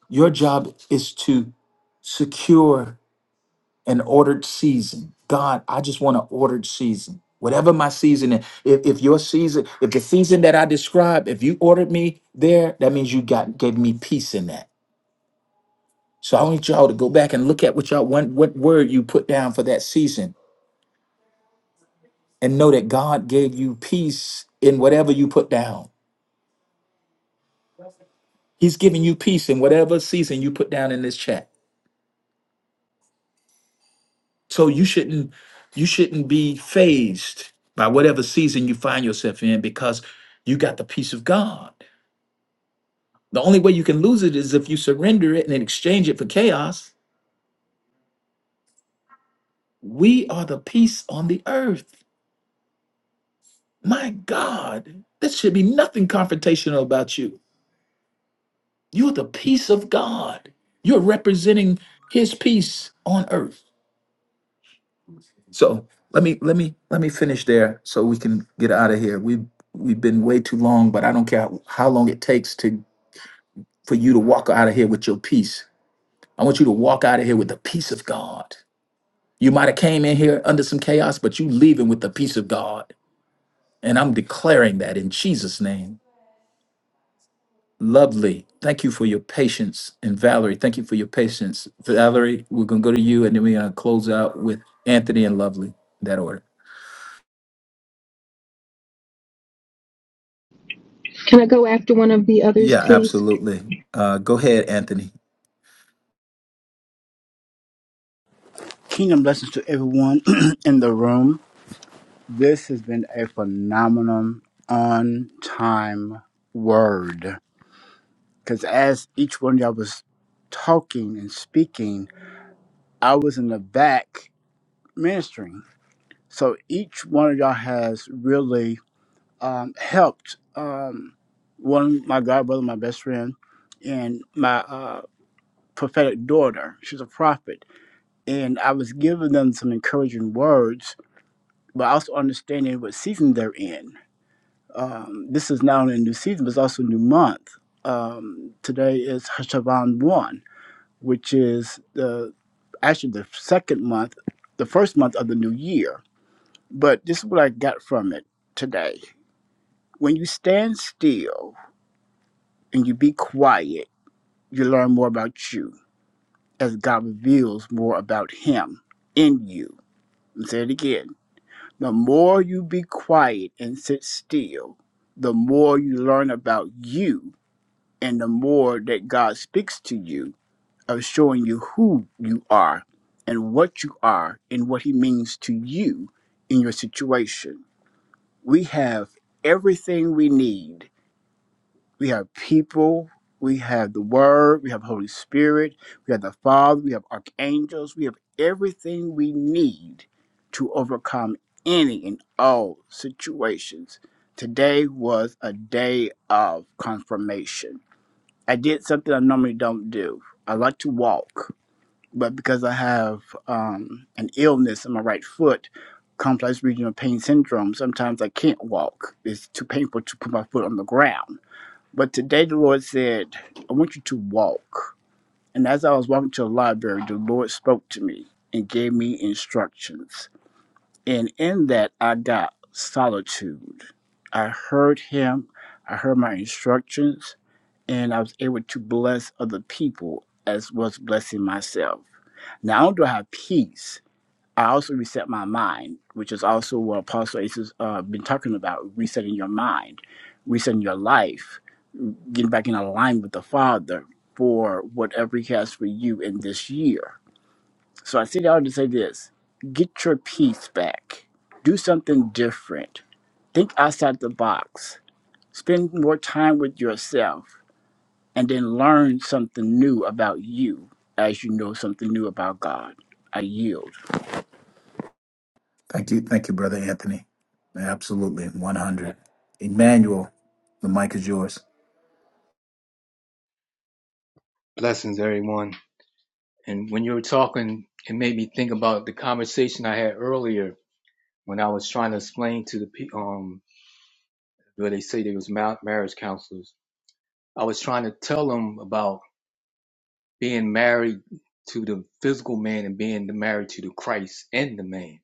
A: your job is to secure an ordered season. God, I just want an ordered season. Whatever my season is, if, if your season, if the season that I described, if you ordered me there, that means you got gave me peace in that. So I want y'all to go back and look at what y'all what, what word you put down for that season and know that God gave you peace in whatever you put down. He's giving you peace in whatever season you put down in this chat. So you shouldn't you shouldn't be phased by whatever season you find yourself in because you got the peace of God. The only way you can lose it is if you surrender it and then exchange it for chaos. We are the peace on the earth. My God, there should be nothing confrontational about you. You're the peace of God. You're representing his peace on earth. So let me let me let me finish there so we can get out of here. We we've been way too long, but I don't care how long it takes to for you to walk out of here with your peace. I want you to walk out of here with the peace of God. You might have came in here under some chaos, but you leaving with the peace of God. And I'm declaring that in Jesus' name. Lovely. Thank you for your patience. And Valerie, thank you for your patience. Valerie, we're gonna go to you and then we're gonna close out with Anthony and Lovely in that order.
H: Can I go after one of the others,
A: Yeah,
H: please?
A: absolutely. Uh, go ahead, Anthony.
I: Kingdom blessings to everyone in the room. This has been a phenomenal on time word. Because as each one of y'all was talking and speaking, I was in the back ministering. So each one of y'all has really um, helped um, one, my god brother, my best friend, and my uh, prophetic daughter. She's a prophet. And I was giving them some encouraging words but also understanding what season they're in. Um, this is not only a new season, but it's also a new month. Um, today is Hashavan 1, which is the actually the second month, the first month of the new year. But this is what I got from it today. When you stand still and you be quiet, you learn more about you as God reveals more about Him in you. And say it again The more you be quiet and sit still, the more you learn about you and the more that God speaks to you of showing you who you are and what you are and what He means to you in your situation. We have everything we need we have people, we have the Word, we have Holy Spirit, we have the Father, we have archangels, we have everything we need to overcome any and all situations. Today was a day of confirmation. I did something I normally don't do. I like to walk, but because I have um, an illness in my right foot, complex regional pain syndrome, sometimes I can't walk. It's too painful to put my foot on the ground but today the Lord said, I want you to walk. And as I was walking to the library, the Lord spoke to me and gave me instructions. And in that, I got solitude. I heard Him, I heard my instructions, and I was able to bless other people as was blessing myself. Now, Not only do I have peace, I also reset my mind, which is also what Apostle Ace has uh, been talking about resetting your mind, resetting your life get back in alignment with the Father for whatever He has for you in this year. So I sit down to say this get your peace back, do something different, think outside the box, spend more time with yourself, and then learn something new about you as you know something new about God. I yield.
A: Thank you. Thank you, Brother Anthony. Absolutely. 100. Emmanuel, the mic is yours.
J: Blessings, everyone. And when you were talking, it made me think about the conversation I had earlier when I was trying to explain to the people um, where they say they was ma- marriage counselors. I was trying to tell them about being married to the physical man and being married to the Christ and the man.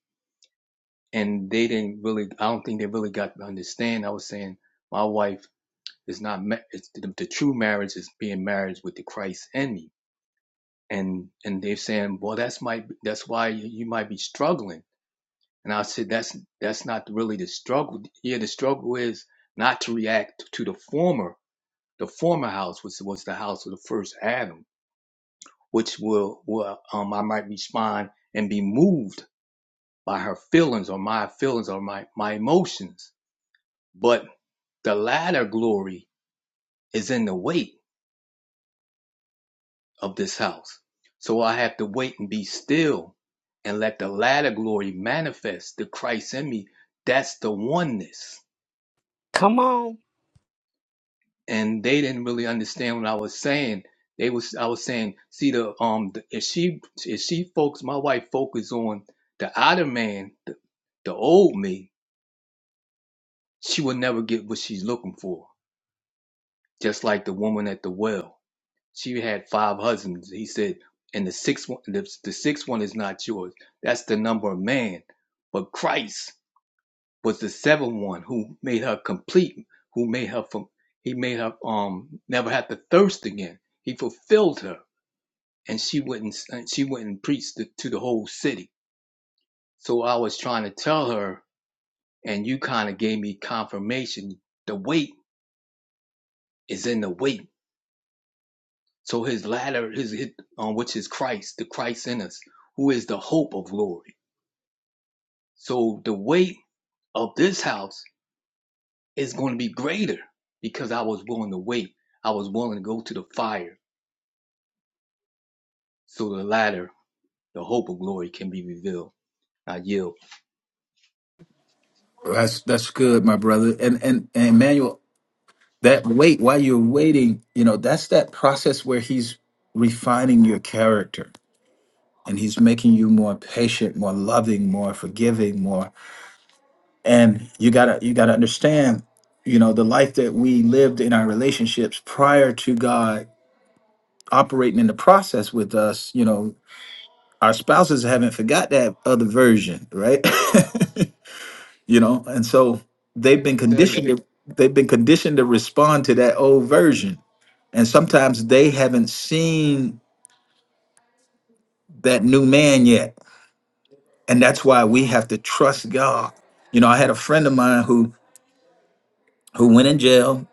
J: And they didn't really, I don't think they really got to understand. I was saying my wife is not, ma- it's the, the true marriage is being married with the Christ and me and and they're saying, well, that's might that's why you, you might be struggling. And I said, that's that's not really the struggle. Yeah, the struggle is not to react to the former. The former house was was the house of the first Adam, which will will um I might respond and be moved by her feelings or my feelings or my my emotions. But the latter glory is in the wait. of this house. So I have to wait and be still and let the latter glory manifest the Christ in me. That's the oneness.
F: Come on.
J: And they didn't really understand what I was saying. They was I was saying, see the um the, if she if she focus my wife focus on the outer man, the, the old me, she will never get what she's looking for. Just like the woman at the well. She had five husbands. He said, and the sixth one, the, the sixth one is not yours. That's the number of man. But Christ was the seventh one who made her complete, who made her from, he made her um never have to thirst again. He fulfilled her, and she wouldn't, and she wouldn't preach to, to the whole city. So I was trying to tell her, and you kind of gave me confirmation. The weight is in the weight So his ladder is his, um, which is Christ, the Christ in us, who is the hope of glory. So the weight of this house is going to be greater because I was willing to wait. I was willing to go to the fire. So the ladder, the hope of glory can be revealed. I yield.
A: That's that's good, my brother. And and, and Emmanuel, that wait while you're waiting, you know, that's that process where he's refining your character and he's making you more patient, more loving, more forgiving, more and you gotta you gotta understand, you know, the life that we lived in our relationships prior to God operating in the process with us, you know, our spouses haven't forgot that other version, right? you know, and so they've
J: I
A: been
J: tell
A: conditioned
J: you,
A: to they've been conditioned to respond to that old version. And sometimes they haven't seen that new man yet. And that's why we have to trust God. You know, I had a friend of mine who who went in jail.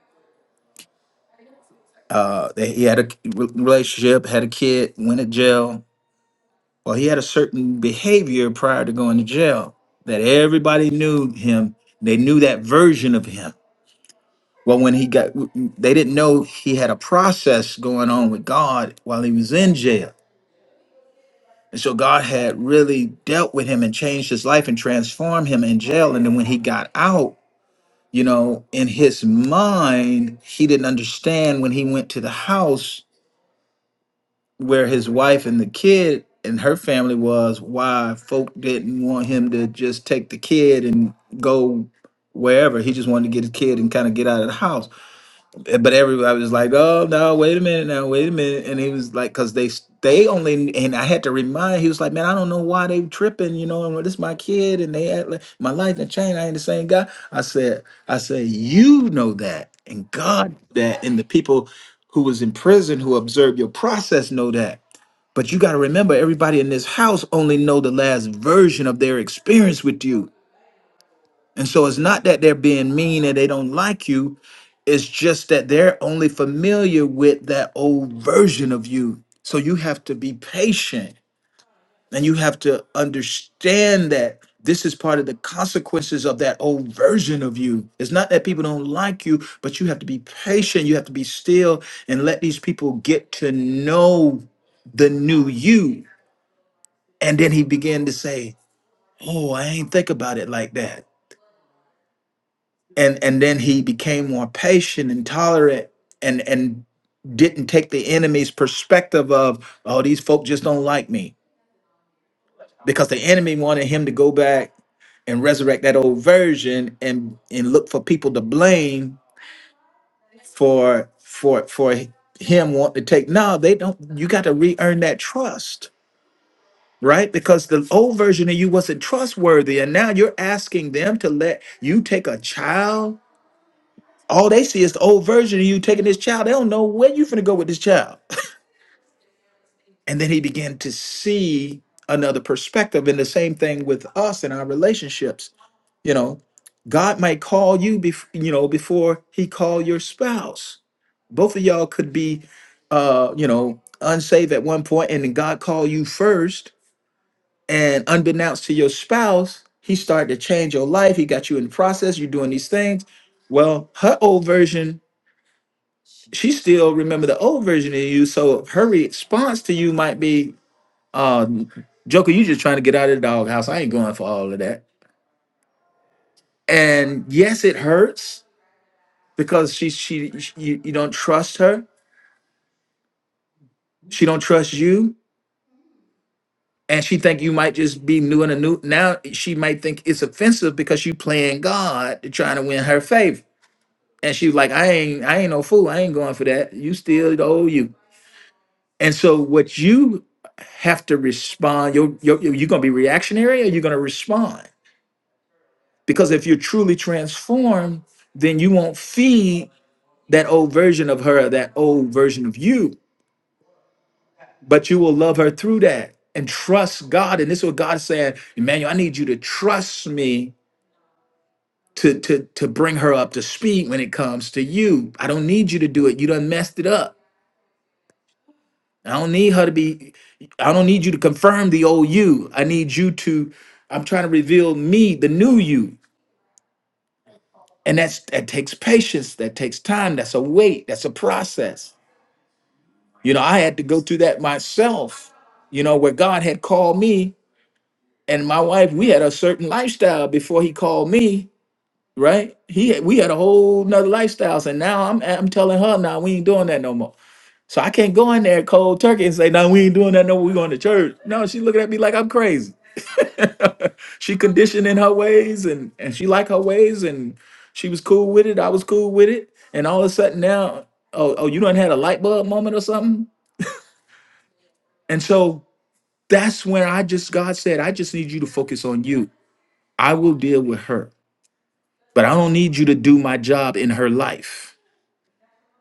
A: Uh, they- he had a relationship, had a kid, went in jail, Well, he had a certain behavior prior to going to jail that everybody knew him. They knew that version of him. Well, when he got, they didn't know he had a process going on with God while he was in jail. And so God had really dealt with him and changed his life and transformed him in jail. And then when he got out, you know, in his mind, he didn't understand when he went to the house where his wife and the kid and her family was why folk didn't want him to just take the kid and go wherever he just wanted to get his kid and kind of get out of the house Eh, but everybody was like oh no wait a minute now wait a minute and he was like because they s- they only and i had to remind he was like man i don't know why they tripping you know and this my kid and they act like my life in a chain. i ain't the same guy i said i said you know that and god that and the people who was in prison who observed your process know that but you got to remember, everybody in this house only know the last version of their experience with you. And so it's not that they're being mean and they don't like you. It's just that they're only familiar with that old version of you. So you have to be patient and you have to understand that this is part of the consequences of that old version of you. It's not that people don't like you, but you have to be patient. You have to be still and let these people get to know the new you and then he began to say, Oh, I ain't think about it like that. And and then he became more patient and tolerant and and didn't take the enemy's perspective of, oh, these folk just don't like me. Because the enemy wanted him to go back and resurrect that old version and and look for people to blame for for for him wanting to take. No, they don't, you got to re-earn that trust right? Because the old version of you wasn't trustworthy, and now you're asking them to let you take a child. All they see is the old version of you taking this child. They don't know where you're gonna go with this child. And then he began to see another perspective, and the same thing with us in our relationships. You know, God might call you before you know before He call your spouse. Both of y'all could be, uh, you know, unsaved at one point, and then God call you first And unbeknownst to your spouse, he started to change your life. He got you in the process. You're doing these things. Well, her old version, she still remember the old version of you. So her response to you might be, um, Joker, you just trying to get out of the doghouse. I ain't going for all of that. And yes, it hurts because she she you, you don't trust her. She don't trust you. And she think you might just be new and a new. Now she might think it's offensive because you playing God, trying to win her favor And she was like, I ain't, I ain't no fool. I ain't going for that. You still the old you. And so what you have to respond, you're, you're, you're gonna be reactionary or you're gonna respond. Because if you're truly transformed, then you won't feed that old version of her, that old version of you, but you will love her through that and trust God. And this is what God is saying, Emmanuel, I need you to trust me to, to, to bring her up to speed when it comes to you. I don't need you to do it. You done messed it up. I don't need her to be, I don't need you to confirm the old you. I need you to, I'm trying to reveal me, the new you. And that's that takes patience, that takes time, that's a wait, that's a process. You know, I had to go through that myself, you know, where God had called me and my wife, we had a certain lifestyle before he called me, right? He had- we had a whole nother lifestyles. And now I'm I'm telling her now we ain't doing that no more. So I can't go in there cold turkey and say, no, we ain't doing that no more. We going to church. No, she looking at me like I'm crazy. she conditioned in her ways and and she liked her ways and she was cool with it. I was cool with it. And all of a sudden now, oh, oh, you done had a light bulb moment or something. And so that's when I just God said, I just need you to focus on you. I will deal with her, but I don't need you to do my job in her life.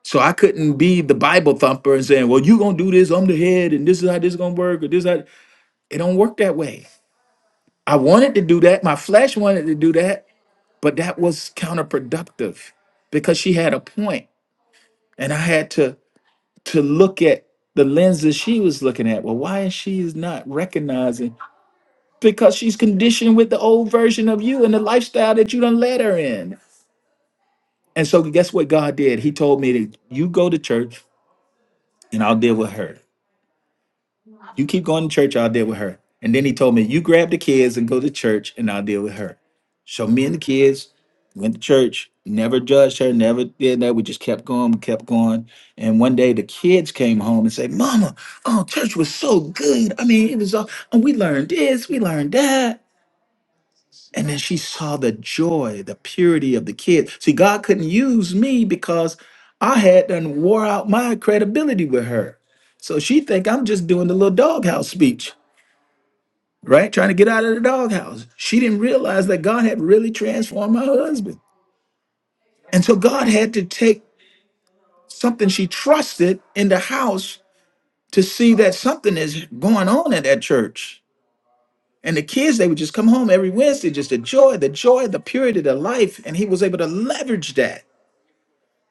A: So I couldn't be the Bible thumper and saying, well, you gonna do this, I'm the head, and this is how this is gonna work, or this how it don't work that way. I wanted to do that, my flesh wanted to do that, but that was counterproductive because she had a point and i had to to look at the lenses she was looking at well why is she is not recognizing because she's conditioned with the old version of you and the lifestyle that you done let her in and so guess what god did he told me that you go to church and i'll deal with her You keep going to church, I'll deal with her. And then he told me, You grab the kids and go to church, and I'll deal with her. So me and the kids went to church, never judged her, never did that. We just kept going, we kept going. And one day the kids came home and said, Mama, oh, church was so good. I mean, it was all, and we learned this, we learned that. And then she saw the joy, the purity of the kids. See, God couldn't use me because I had done wore out my credibility with her. So she think I'm just doing the little doghouse speech right? Trying to get out of the doghouse. She didn't realize that God had really transformed my husband. And so God had to take something she trusted in the house to see that something is going on at that church. And the kids, they would just come home every Wednesday, just the joy, the joy, the purity, the life. And he was able to leverage that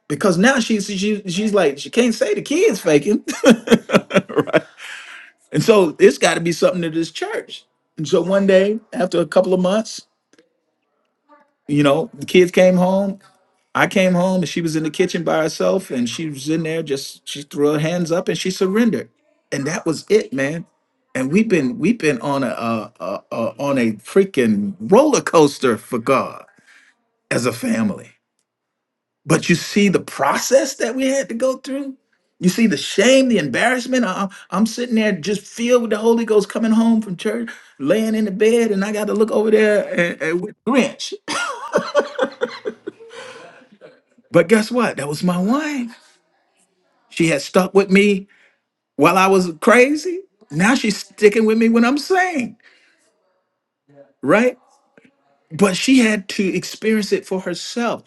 A: because now she's she, she's like she can't say the kids faking, right? And so it's got to be something to this church. And so one day, after a couple of months, you know, the kids came home I came home and she was in the kitchen by herself and she was in there just she threw her hands up and she surrendered. And that was it, man. And we've been we've been on a, a, a, a on a freaking roller coaster for God as a family. But you see the process that we had to go through? You see the shame, the embarrassment. I, I- I'm sitting there just filled with the Holy Ghost coming home from church, laying in the bed, and I got to look over there and, and with Grinch. But guess what? That was my wife. She had stuck with me while I was crazy. Now she's sticking with me when I'm sane, right? But she had to experience it for herself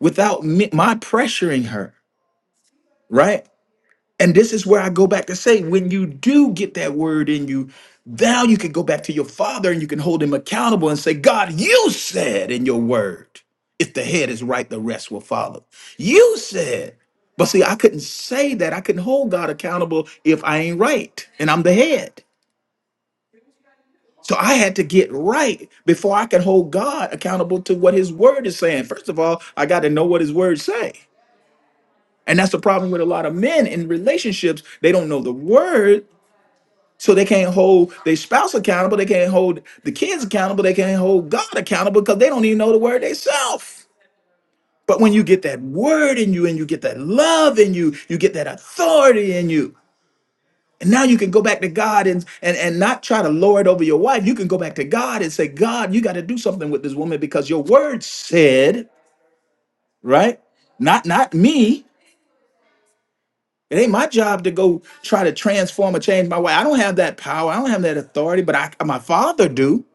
A: without me, my pressuring her, right? And this is where I go back to say when you do get that word in you, now you can go back to your father and you can hold him accountable and say, God, you said in your word, if the head is right, the rest will follow. You said. But see, I couldn't say that. I couldn't hold God accountable if I ain't right and I'm the head. So I had to get right before I could hold God accountable to what his word is saying. First of all, I got to know what his words say. And that's the problem with a lot of men in relationships. They don't know the word, so they can't hold their spouse accountable, they can't hold the kids accountable, they can't hold God accountable because they don't even know the word themselves. But when you get that word in you and you get that love in you, you get that authority in you, And now you can go back to God and, and, and not try to lord over your wife. You can go back to God and say, God, you got to do something with this woman because your word said, right? Not not me. It ain't my job to go try to transform or change my wife. I don't have that power. I don't have that authority, but I, my father do.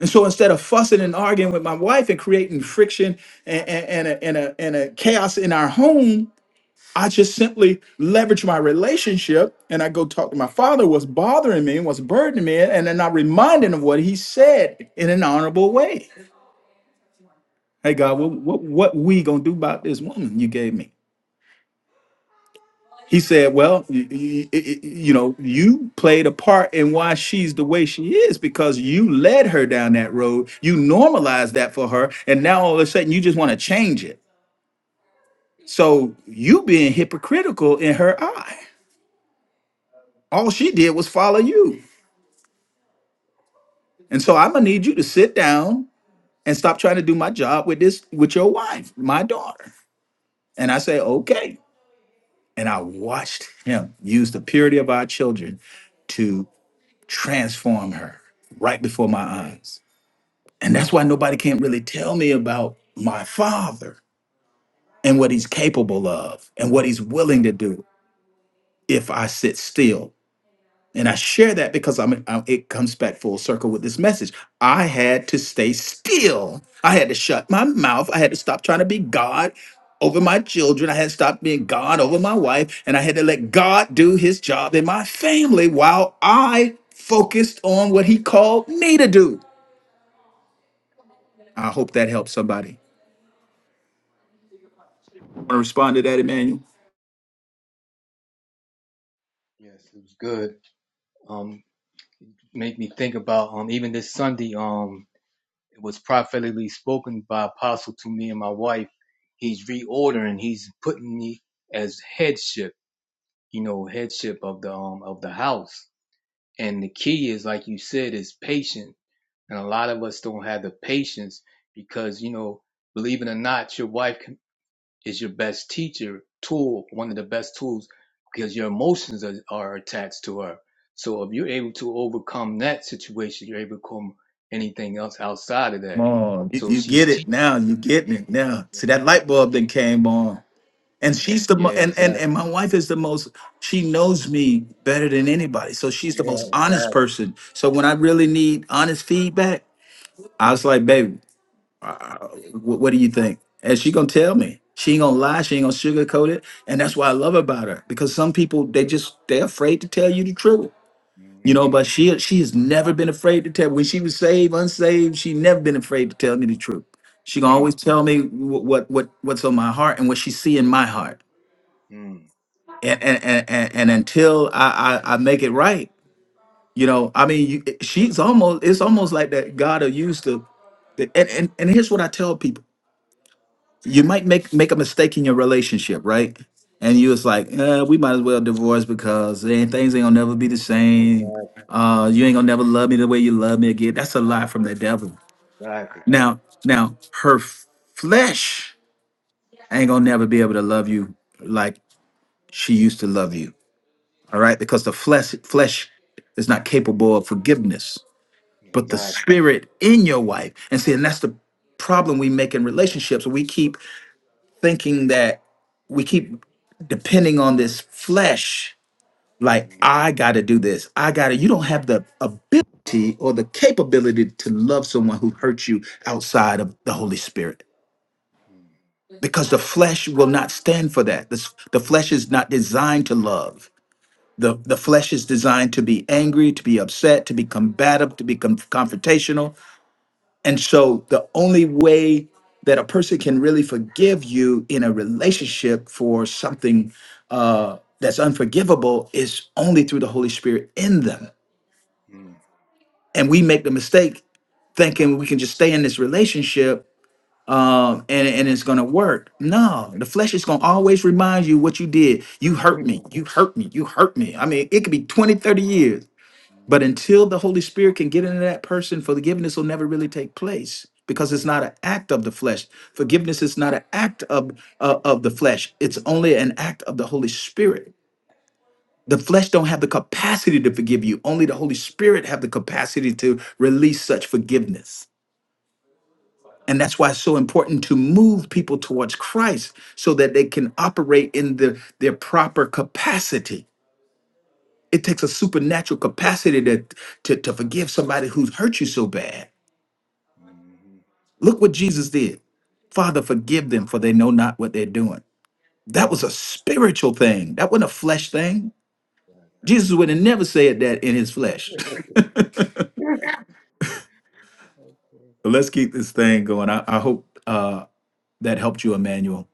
A: And so instead of fussing and arguing with my wife and creating friction and, and, and, a, and, a, and a chaos in our home, I just simply leverage my relationship and I go talk to my father, what's bothering me, what's burdening me, and then I remind him of what he said in an honorable way. Hey God, what what, what we gonna do about this woman you gave me? He said, Well, you, you, you know, you played a part in why she's the way she is because you led her down that road. You normalized that for her. And now all of a sudden you just want to change it. So you being hypocritical in her eye. All she did was follow you. And so I'm gonna need you to sit down and stop trying to do my job with this with your wife, my daughter. And I say, okay. And I watched him use the purity of our children to transform her right before my eyes. And that's why nobody can really tell me about my father and what he's capable of and what he's willing to do if I sit still And I share that because I'm, I'm- it comes back full circle with this message. I had to stay still. I had to shut my mouth. I had to stop trying to be God over my children. I had to stop being God over my wife. And I had to let God do his job in my family while I focused on what he called me to do. I hope that helps somebody. Want to respond to that, Emmanuel?
J: yes, it was good. Um, make me think about um even this Sunday, um, it was prophetically spoken by apostle to me and my wife. He's reordering, he's putting me as headship you know, headship of the um of the house. And the key is like you said, is patience. And a lot of us don't have the patience because, you know, believe it or not, your wife is your best teacher tool, one of the best tools because your emotions are, are attached to her. So if you're able to overcome that situation, you're able to overcome anything else outside of that.
A: Come on. You,
J: So
A: you
J: she's
A: get it
J: teaching.
A: now. You getting it now. See, that light bulb then came on. and she's the
J: Yeah,
A: mo- and
J: exactly.
A: and and my wife is the most she knows me better than anybody so she's the
J: Yeah,
A: most honest
J: exactly.
A: person so when i really need honest feedback i was like baby wh- what do you think and she gonna tell me she ain't gonna lie she ain't gonna sugarcoat it and that's what i love about her because some people they just they're afraid to tell you the truth you know but
J: Mm-hmm.
A: she she has never been afraid to tell when she was saved unsaved she never been afraid to tell me the truth she gonna always
J: Mm-hmm.
A: tell me wh- what what what's on my heart and what she see in my heart and and and, and and until I, I I make it right, you know, I mean, you, she's almost it's almost like that God will use the, the and, and and here's what I tell people: you might make make a mistake in your relationship, right? And you was like, eh, we might as well divorce because ain't, things ain't gonna never be the
J: Mm-hmm.
A: same.
J: Exactly.
A: Uh, you ain't gonna never love me the way you love me again. That's a lie from the devil.
J: Exactly.
A: Now, now her f- flesh ain't gonna never be able to love you like she used to love you all right because the flesh flesh is not capable of forgiveness but the
J: Exactly.
A: spirit in your wife and see and that's the problem we make in relationships we keep thinking that we keep depending on this flesh like
J: Mm,
A: i gotta do this i gotta you don't have the ability or the capability to love someone who hurts you outside of the holy spirit
J: mm,
A: because the flesh will not stand for that the, s- the flesh is not designed to love The, the flesh is designed to be angry, to be upset, to be combative, to be con- confrontational. And so the only way that a person can really forgive you in a relationship for something uh, that's unforgivable is only through the Holy Spirit in them.
J: mm,
A: And we make the mistake thinking we can just stay in this relationship um, and, and it's going to work. No, the flesh is going to always remind you what you did. You hurt me.
J: mm,
A: You hurt me. You hurt me. I mean, it could be 20, 30 years. But
J: mm,
A: until the Holy Spirit can get into that person, forgiveness will never really take place because it's not an act of the flesh. Forgiveness is not an act of uh, of the flesh. It's only an act of the Holy Spirit. The flesh don't have the capacity to forgive you. Only the Holy Spirit have the capacity to release such forgiveness. And that's why it's so important to move people towards Christ so that they can operate in the, their proper capacity. It takes a supernatural capacity to, to, to forgive somebody who's hurt you so bad
J: mm. mm.
A: Look what Jesus did. Father, forgive them, for they know not what they're doing. That was a spiritual thing. That wasn't a flesh thing. Jesus would have never said that in his flesh. But
J: Okay.
A: Let's keep this thing going. I, I hope uh, that helped you, Emmanuel.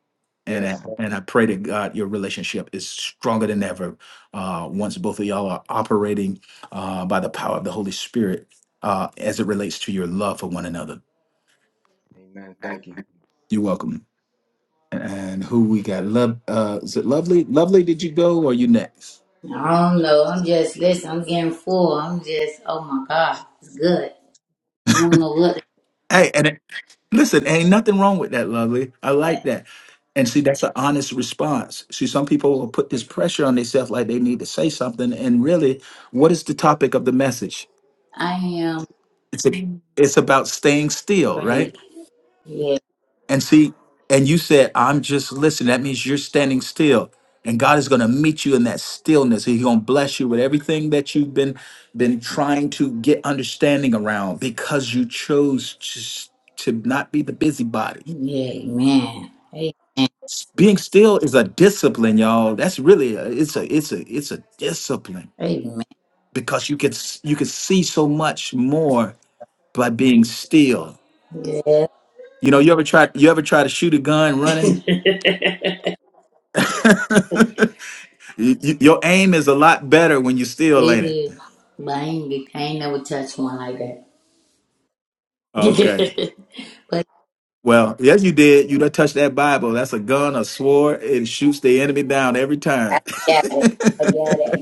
A: And I,
J: Yes.
A: and I pray to God your relationship is stronger than ever uh, once both of y'all are operating uh, by the power of the Holy Spirit uh, as it relates to your love for one another.
J: Amen. Thank you.
A: You're welcome. and who we got? Love, uh, is it lovely? Lovely, did you go or you next?
K: I don't know. I'm just listen. I'm getting full. I'm just oh my god, it's good. I don't know what
A: Hey, and it, listen, ain't nothing wrong with that, lovely. I like that. And see, that's an honest response. See, some people will put this pressure on themselves like they need to say something. And really, what is the topic of the message?
K: I am
A: It's a, it's about staying still, right?
K: great. Yeah,
A: And see, and you said, I'm just listening. That means you're standing still. And God is going to meet you in that stillness. He's going to bless you with everything that you've been been trying to get understanding around because you chose just to not be the busybody.
K: yeah, man. Hey,
A: Being still is a discipline, y'all. That's really a, it's a it's a it's a discipline
K: hey,
A: because you can s- you can see so much more by being still.
K: Yeah,
A: You know, you ever try you ever try to shoot a gun running?
K: it
A: You- you- your aim is a lot better when you still ain't it.
K: is. But I ain't, be- I ain't never touched one like that.
A: Okay.
K: but
A: Well, yes, you did. You done touched that Bible. That's a gun, a sword. It shoots the enemy down every
K: I
A: time.
K: got it. I got it.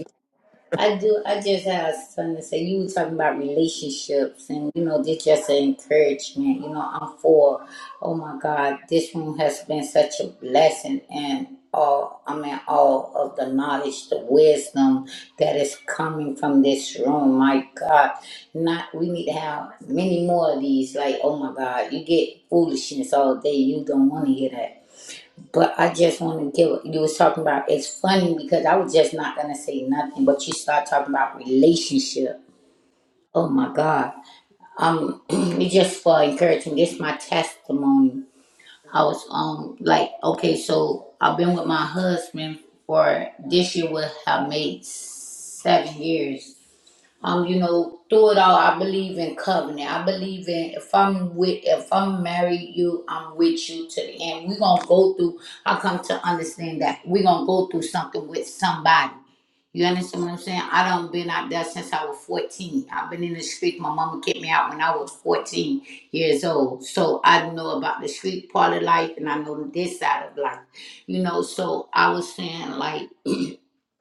K: I do. I just had something to say. You were talking about relationships, and you know, this just an encouragement. You know, I'm for. Oh my God, this room has been such a blessing, and all I mean, all of the knowledge, the wisdom that is coming from this room. My God, not we need to have many more of these. Like, oh my God, you get foolishness all day. You don't want to hear that. But I just want to get what you was talking about. It's funny because I was just not gonna say nothing, but you start talking about relationship. Oh my God! Um, it's just for encouragement. This my testimony. I was um like okay, so I've been with my husband for this year will have made seven years um, you know, through it all, I believe in covenant. I believe in if I'm with, if I'm married you, I'm with you to the end. We're gonna go through. I come to understand that we're gonna go through something with somebody. You understand what I'm saying? I don't been out there since I was 14. I've been in the street. My mama kicked me out when I was 14 years old. So I know about the street part of life, and I know this side of life. You know, so I was saying like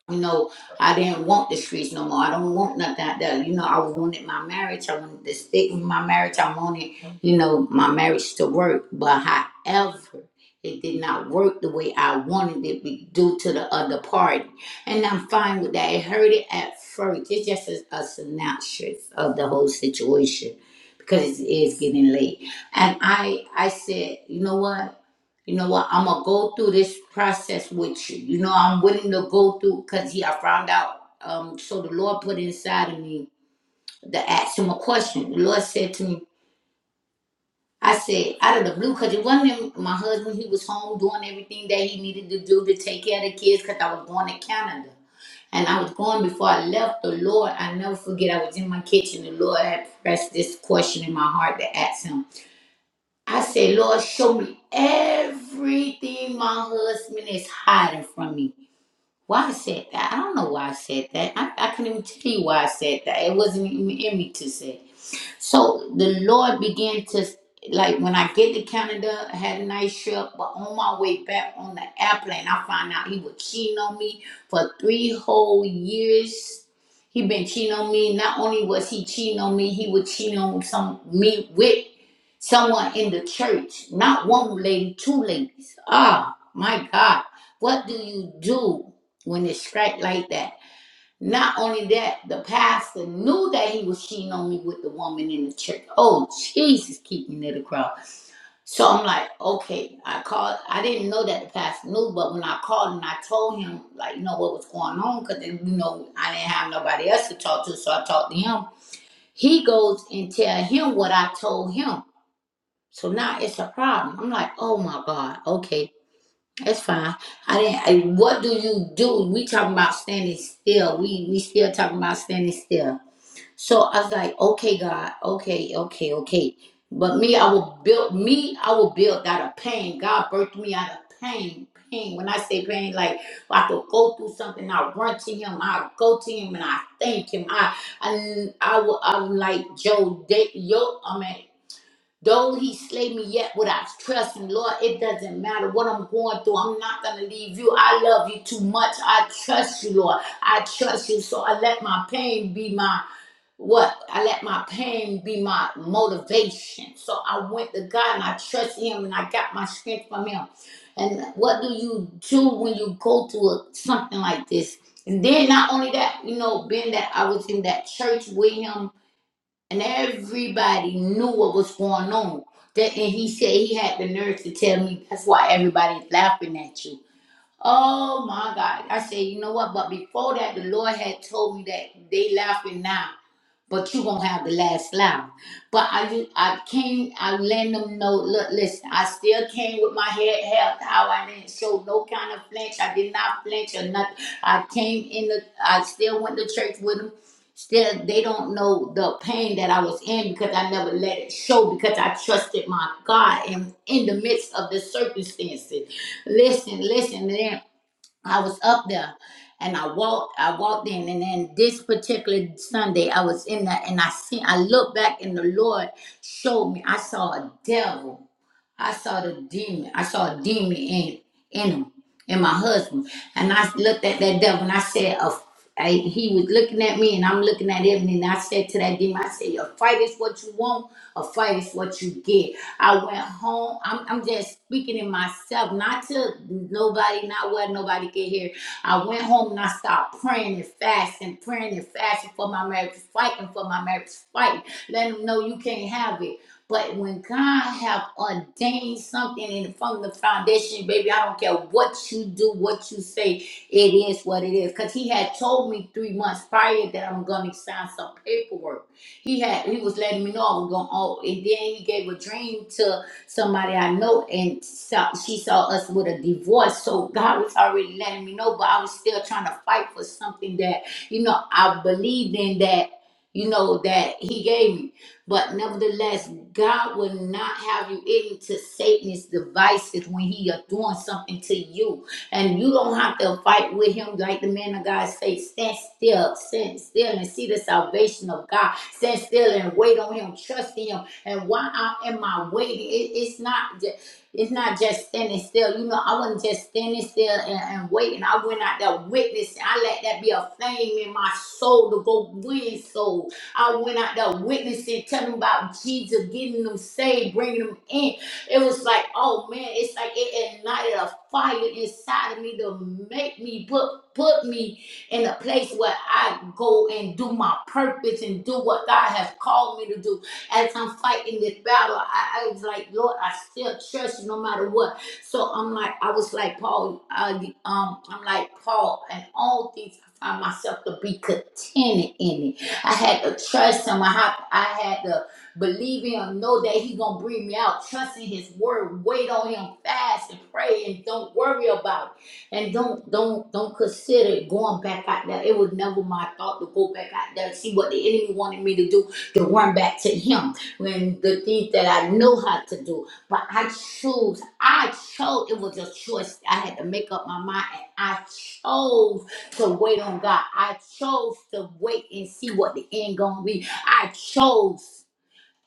K: you know, I didn't want the streets no more. I don't want nothing out there. You know, I wanted my marriage. I wanted to stick with my marriage. I wanted, you know, my marriage to work. But however, it did not work the way I wanted it be- due to the other party. And I'm fine with that. It hurt it at first. It's just a, a synopsis of the whole situation because it is getting late. And I, I said, you know what? You know what? I'm gonna go through this process with you. You know, I'm willing to go through because he I found out. Um, so the Lord put inside of me to ask him a question. The Lord said to me, I said, out of the blue, because it wasn't him- my husband, he was home doing everything that he needed to do to take care of the kids because I was going to Canada. And I was going before I left the Lord. I never forget I was in my kitchen. The Lord had pressed this question in my heart to ask him. I say, Lord, show me everything my husband is hiding from me. Why I said that? I don't know why I said that. I, I couldn't even tell you why I said that. It wasn't even in me to say. So the Lord began to like when I get to Canada, I had a nice trip, but on my way back on the airplane, I found out he was cheating on me for three whole years. He been cheating on me. Not only was he cheating on me, he was cheating on some me with someone in the church. Not one lady, two ladies. Ah, my God. What do you do when it's strike like that? Not only that, the pastor knew that he was cheating on me with the woman in the church. Oh, Jesus, keep me near the cross. So I'm like, okay, I called. I didn't know that the pastor knew, but when I called and I told him, like, you know what was going on, because you know I didn't have nobody else to talk to, so I talked to him. He goes and tell him what I told him. So now it's a problem. I'm like, oh my God, okay. That's fine. I didn't. I, what do you do? We talking about standing still. We we still talking about standing still. So I was like, okay, God, okay, okay, okay. But me, I will build. Me, I will build out of pain. God birthed me out of pain. Pain. When I say pain, like I could go through something, I run to Him. I go to Him and I thank Him. I I I will. I'm like Joe. Da- Yo, I mean. Though he slay me yet would I trust him. Lord, it doesn't matter what I'm going through. I'm not going to leave you. I love you too much. I trust you, Lord. I trust you. So I let my pain be my what? I let my pain be my motivation. So I went to God and I trust him and I got my strength from him. And what do you do when you go through a, something like this? And then not only that, you know, being that I was in that church with him and everybody knew what was going on. That and he said he had the nerve to tell me that's why everybody's laughing at you. Oh my God. I said, you know what? But before that, the Lord had told me that they laughing now but you gonna have the last laugh. But I I came, I let them know, look, listen, I still came with my head held how I didn't show no kind of flinch. I did not flinch or nothing. I came in the I still went to church with them. Still they don't know the pain that I was in because I never let it show because I trusted my God and in in the midst of the circumstances. Listen, listen, I was up there and I walked I walked in and then this particular Sunday I was in that and I seen I looked back and the Lord showed me I saw a devil I saw the demon. I saw a demon in in him, in my husband. And I looked at that devil and I said, "A I, he was looking at me and I'm looking at him and I said to that demon, I said, a fight is what you want, a fight is what you get. I went home. I'm, I'm just speaking in myself, not to nobody, not what nobody could hear. I went home and I started praying and fasting, praying and fasting for my marriage, fighting for my marriage, fighting. Let them know you can't have it. But when God have ordained something in, from the foundation, baby, I don't care what you do, what you say, it is what it is. Cause he had told me three months prior that I'm gonna sign some paperwork. He had he was letting me know I was going oh and then he gave a dream to somebody I know and saw, she saw us with a divorce. So God was already letting me know, but I was still trying to fight for something that, you know, I believed in that, you know, that he gave me. But nevertheless, God will not have you into Satan's devices when he is doing something to you. And you don't have to fight with him like the man of God say, stand still, stand still and see the salvation of God. Stand still and wait on him, trust in him. And why I- am I waiting? It- it's not ju- it's not just standing still. You know, I wasn't just standing still and, and waiting. I went out there witnessing. I let that be a flame in my soul to go win souls. I went out there witnessing, telling them about Jesus, getting them saved, bringing them in. It was like, oh man, it's like it ignited a fire inside of me to make me put put me in a place where I go and do my purpose and do what God has called me to do. As I'm fighting this battle, I, I was like, Lord, I still trust you no matter what. So I'm like, I was like Paul, I, um, I'm like Paul, and all things I find myself to be contented in it. I had to trust him. I had, I had to believe him, know that he gonna bring me out, trust in his word, wait on him, fast and pray, and don't worry about it. And don't don't don't consider going back out there. It was never my thought to go back out there and see what the enemy wanted me to do to run back to him when the things that I know how to do. But I chose, I chose, it was a choice I had to make up my mind and I chose to wait on God. I chose to wait and see what the end gonna be. I chose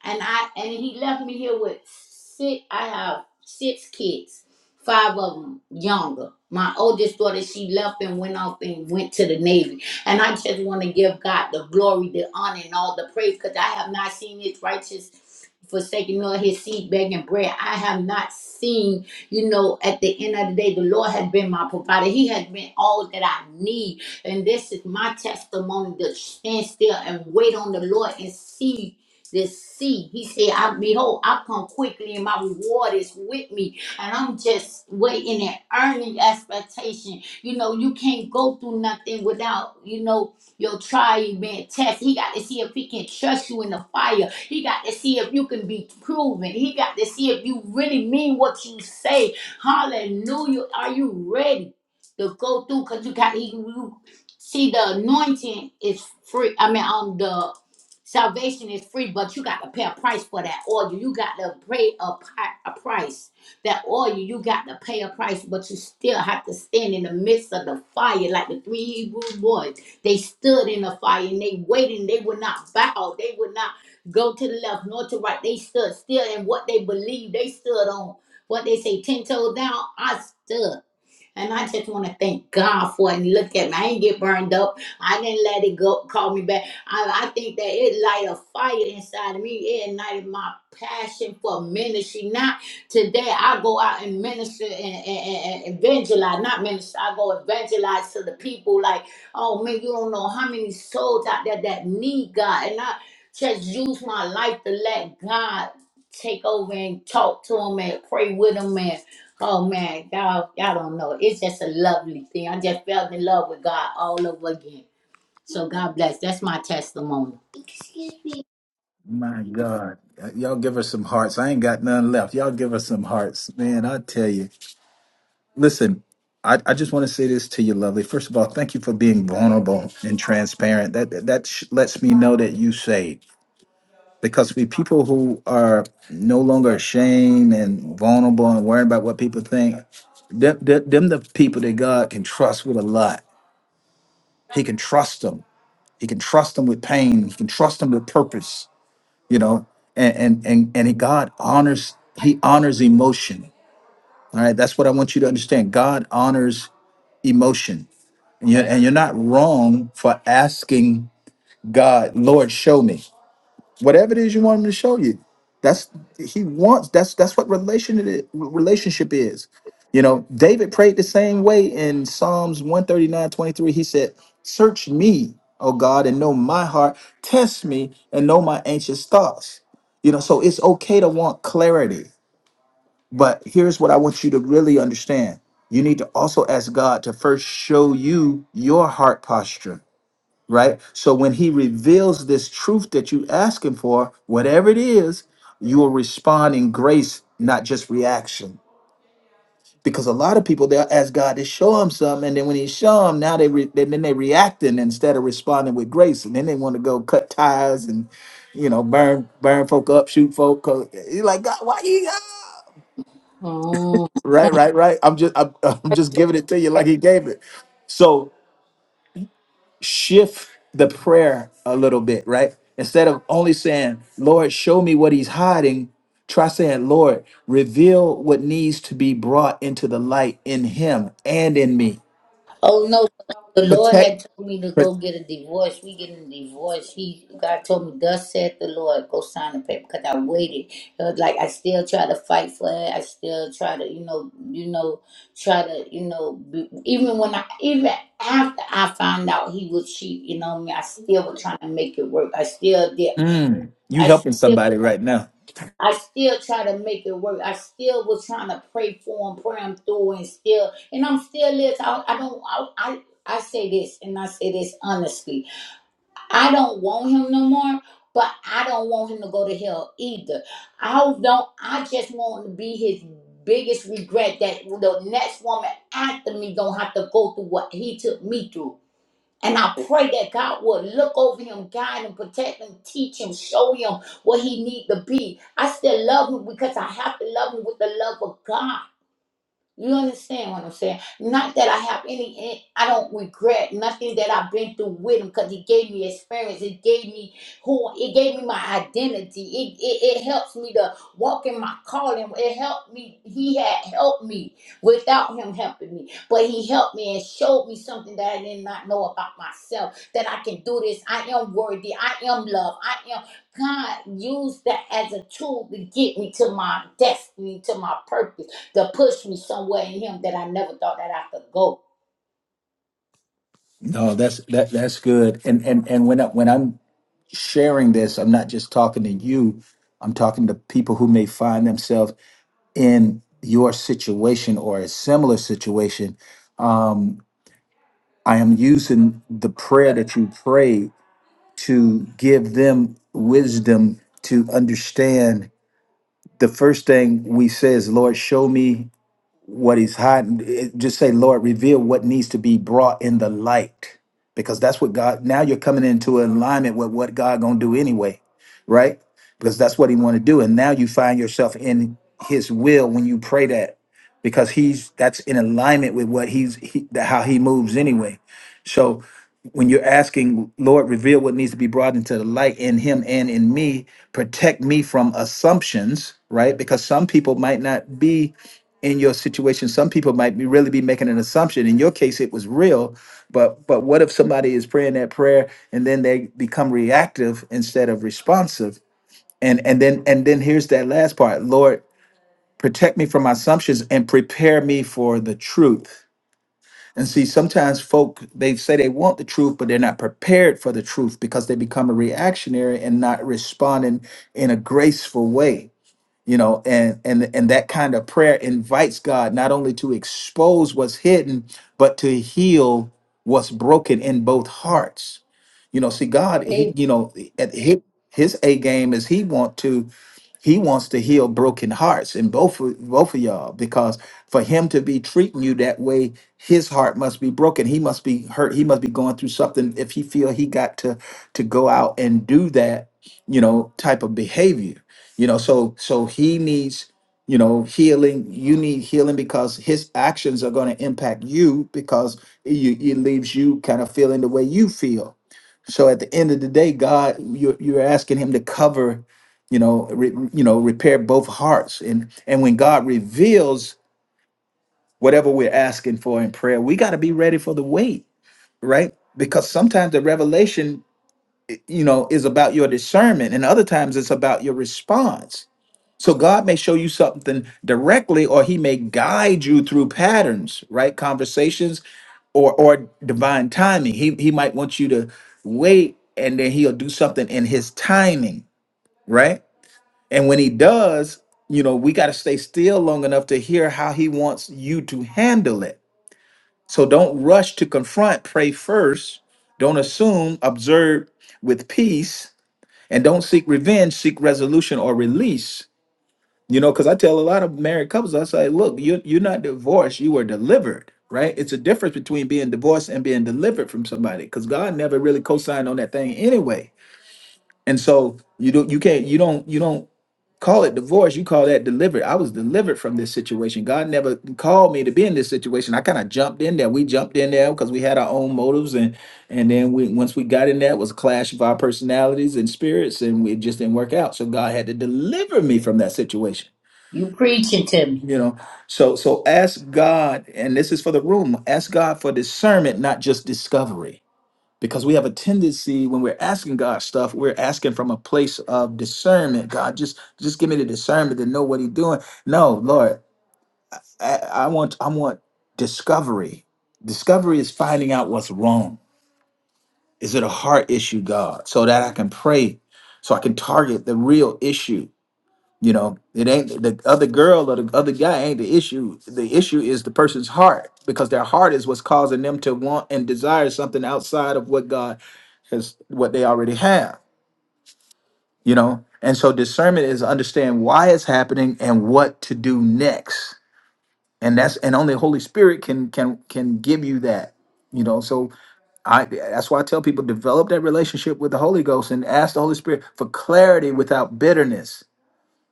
K: and I and he left me here with six. I have six kids, five of them younger. My oldest daughter, she left and went off and went to the Navy. And I just want to give God the glory, the honor, and all the praise because I have not seen his righteous forsaken nor his seed begging bread. I have not seen, you know, at the end of the day, the Lord has been my provider. He has been all that I need. And this is my testimony to stand still and wait on the Lord and see this seed. He said, I behold, I come quickly and my reward is with me. And I'm just waiting and earning expectation. You know, you can't go through nothing without, you know, your trial being tested. He got to see if he can trust you in the fire. He got to see if you can be proven. He got to see if you really mean what you say. Hallelujah. Are you ready to go through? Because you got you, you see the anointing is free. I mean, um the Salvation is free, but you got to pay a price for that oil. You got to pay a, pi- a price. That oil, you got to pay a price, but you still have to stand in the midst of the fire, like the three Hebrew boys. They stood in the fire and they waited. and They would not bow. They would not go to the left nor to right. They stood still in what they believed. They stood on what they say, ten toes down. I stood. And I just want to thank God for it. And look at me. I didn't get burned up. I didn't let it go call me back. I, I think that it light a fire inside of me. It ignited my passion for ministry. Not today I go out and minister and, and, and and evangelize, not minister, I go evangelize to the people like, oh man, you don't know how many souls out there that need God. And I just use my life to let God take over and talk to them and pray with them Oh man, y'all, y'all don't know. It's just a lovely thing. I just fell in love with God all over again. So God bless. That's my testimony.
A: My God. Y'all give her some hearts. I ain't got none left. Y'all give her some hearts. Man, I tell you. Listen, I, I just want to say this to you, lovely. First of all, thank you for being vulnerable and transparent. That that sh- lets me know that you saved. because we people who are no longer ashamed and vulnerable and worried about what people think, them, them, them the people that God can trust with a lot. He can trust them. He can trust them with pain. He can trust them with purpose. You know, and and and and God honors. He honors emotion. All right, that's what I want you to understand. God honors emotion, and you're, and you're not wrong for asking God, Lord, show me. whatever it is you want him to show you that's he wants that's that's what relation it is, relationship is you know david prayed the same way in psalms one thirty nine twenty three. he said search me o god and know my heart test me and know my anxious thoughts you know so it's okay to want clarity but here's what i want you to really understand you need to also ask god to first show you your heart posture right? So when he reveals this truth that you asking for, whatever it is, you will respond in grace, not just reaction. Because a lot of people they'll ask God to show them something, and then when He show them, now they re- then then they reacting instead of responding with grace, and then they want to go cut ties and you know burn burn folk up, shoot folk. you you're like God, why you? ah?"
K: Mm.
A: Right, right, right. I'm just I'm, I'm just giving it to you like He gave it. So shift the prayer a little bit, right? Instead of only saying, Lord, show me what he's hiding, try saying, Lord, reveal what needs to be brought into the light in him and in me.
K: Oh no, the Lord
A: Protect,
K: had told me to
A: but
K: go get a divorce. We getting a divorce. He God told me, Thus said the Lord, go sign the paper because I waited. It was like I still try to fight for it. I still try to, you know, you know, try to, you know, be, even when I even after I found out he was cheap, you know what I mean, I still was trying to make it work. I still did.
A: mm, you
K: I still.
A: helping somebody right now.
K: I still try to make it work. I still was trying to pray for him, pray him through, and still, and I'm still this. I, I don't. I, I I say this, and I say this honestly. I don't want him no more, but I don't want him to go to hell either. I don't. I just want to be his biggest regret that the next woman after me don't have to go through what he took me through. And I pray that God will look over him, guide him, protect him, teach him, show him what he need to be. I still love him because I have to love him with the love of God. You understand what I'm saying? Not that I have any, eh, I don't regret nothing that I've been through with him because he gave me experience. It gave me who, it gave me my identity. It, it, it helps me to walk in my calling. It helped me. He had helped me without him helping me. But he helped me and showed me something that I did not know about myself that I can do this. I am worthy. I am loved. I am. God used that as a tool to get me to my destiny, to my purpose to push me somewhere in him that I never thought that I could go.
A: No, that's that that's good. And and and when I, when I'm sharing this, I'm not just talking to you. I'm talking to people who may find themselves in your situation or a similar situation I am using the prayer that you pray to give them wisdom to understand. The first thing we say is, Lord, show me what is hiding. It- Just say, Lord, reveal what needs to be brought in the light. Because that's what God, now you're coming into alignment with what God gonna do anyway, right? Because that's what he want to do. And now you find yourself in his will when you pray that. Because he's that's in alignment with what he's he, how he moves anyway. So when you're asking, Lord, reveal what needs to be brought into the light in him and in me, protect me from assumptions, right? Because some people might not be in your situation. Some people might be really be making an assumption. In your case, it was real, but but what if somebody is praying that prayer and then they become reactive instead of responsive? And and then and then here's that last part. Lord, protect me from my assumptions and prepare me for the truth and see, sometimes folk they say they want the truth, but they're not prepared for the truth because they become a reactionary and not responding in a graceful way you know and and and that kind of prayer invites god not only to expose what's hidden but to heal what's broken in both hearts you know see god he
K: Hey,
A: you know at his, his a game is he want to he wants to heal broken hearts in both of, both of y'all because for him to be treating you that way his heart must be broken he must be hurt he must be going through something if he feel he got to to go out and do that you know type of behavior you know so so he needs you know healing you need healing because his actions are going to impact you because you, it leaves you kind of feeling the way you feel so at the end of the day god you're, you're asking him to cover you know re, you know repair both hearts and and when god reveals whatever we're asking for in prayer we got to be ready for the wait right because sometimes the revelation you know is about your discernment and other times it's about your response so God may show you something directly, or He may guide you through patterns, right? Conversations or or divine timing. He he might want you to wait and then he'll do something in his timing, right? And when he does, you know, we got to stay still long enough to hear how he wants you to handle it. So don't rush to confront, pray first, don't assume, observe with peace, and don't seek revenge, seek resolution or release. You know, because I tell a lot of married couples, I say, look, you you're not divorced, you were delivered, right? It's a difference between being divorced and being delivered from somebody, because God never really co-signed on that thing anyway. And so you don't you can't you don't you don't call it divorce, you call that delivered. I was delivered from this situation. God never called me to be in this situation. I kind of jumped in there. We jumped in there because we had our own motives and and then we once we got in there, it was a clash of our personalities and spirits, and it just didn't work out. So God had to deliver me from that situation.
K: you preaching to me.
A: You know, so so ask God, and this is for the room. Ask God for discernment, not just discovery, because we have a tendency when we're asking God stuff, we're asking from a place of discernment. God, just just give me the discernment to know what He's doing. No, Lord, I, I want I want discovery. Discovery is finding out what's wrong. Is it a heart issue, God, so that I can pray, so I can target the real issue you know, it ain't the other girl or the other guy ain't the issue. The issue is the person's heart because their heart is what's causing them to want and desire something outside of what God has, what they already have, you know? And so discernment is understand why it's happening and what to do next. And that's, and only Holy Spirit can, can, can give you that, you know? So I, that's why I tell people develop that relationship with the Holy Ghost and ask the Holy Spirit for clarity without bitterness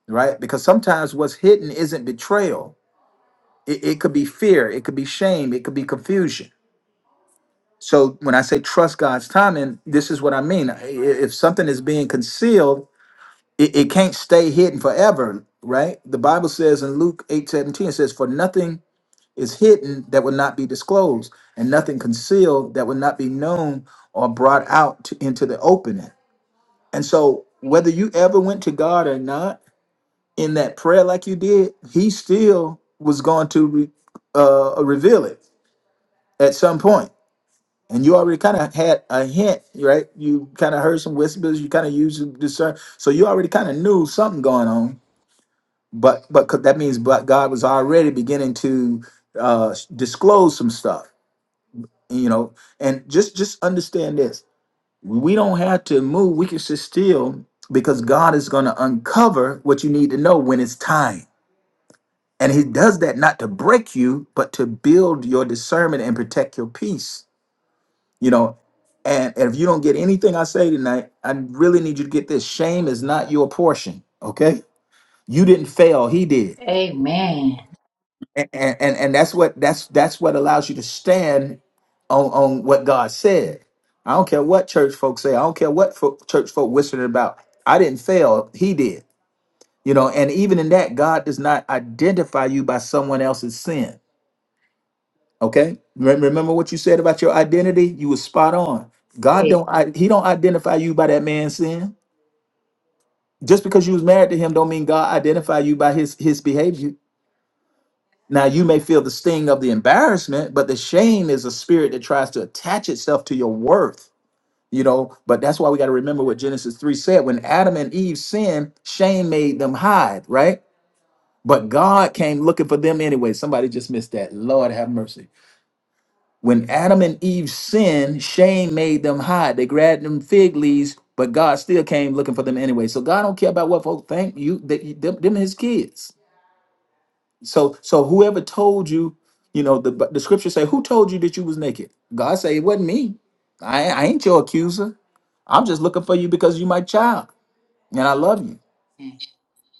A: right? Because sometimes what's hidden isn't betrayal. It, it could be fear, it could be shame, it could be confusion. So when I say trust God's timing, this is what I mean. I- If something is being concealed, it, it can't stay hidden forever, right? The Bible says in Luke eight seventeen, it says, For nothing is hidden that would not be disclosed, and nothing concealed that would not be known or brought out to, into the opening. And so whether you ever went to God or not, in that prayer like you did, he still was going to re, uh, reveal it at some point. And you already kind of had a hint, right? You kind of heard some whispers. You kind of used to discern, so you already kind of knew something going on. But but 'cause that means, but God was already beginning to uh, disclose some stuff, you know. And just just understand this: we don't have to move. We can sit still because God is going to uncover what you need to know when it's time And he does that not to break you, but to build your discernment and protect your peace. You know, and, and if you don't get anything I say tonight, I really need you to get this. Shame is not your portion. Okay. You didn't fail, he did.
K: Amen.
A: And and, and that's what that's that's what allows you to stand on, on what God said. I don't care what church folks say, I don't care what fo- church folk whispering about. I didn't fail, he did. You know, and even in that, God does not identify you by someone else's sin Okay, Re- remember what you said about your identity? You was spot on. God
K: Amen.
A: don't I, he don't identify you by that man's sin. Just because you was married to him, don't mean God identify you by his his behavior. Now you may feel the sting of the embarrassment, but the shame is a spirit that tries to attach itself to your worth. You know, but that's why we got to remember what Genesis three said. When Adam and Eve sinned, shame made them hide, right? But God came looking for them anyway. Somebody just missed that. Lord have mercy When Adam and Eve sinned, shame made them hide. They grabbed them fig leaves, but God still came looking for them anyway. So God don't care about what folks think. You, that them, them His kids. So, so whoever told you, you know, the the scripture say, who told you that you was naked? God say it wasn't me. I, I ain't your accuser. I'm just looking for you because you my child, and I love you.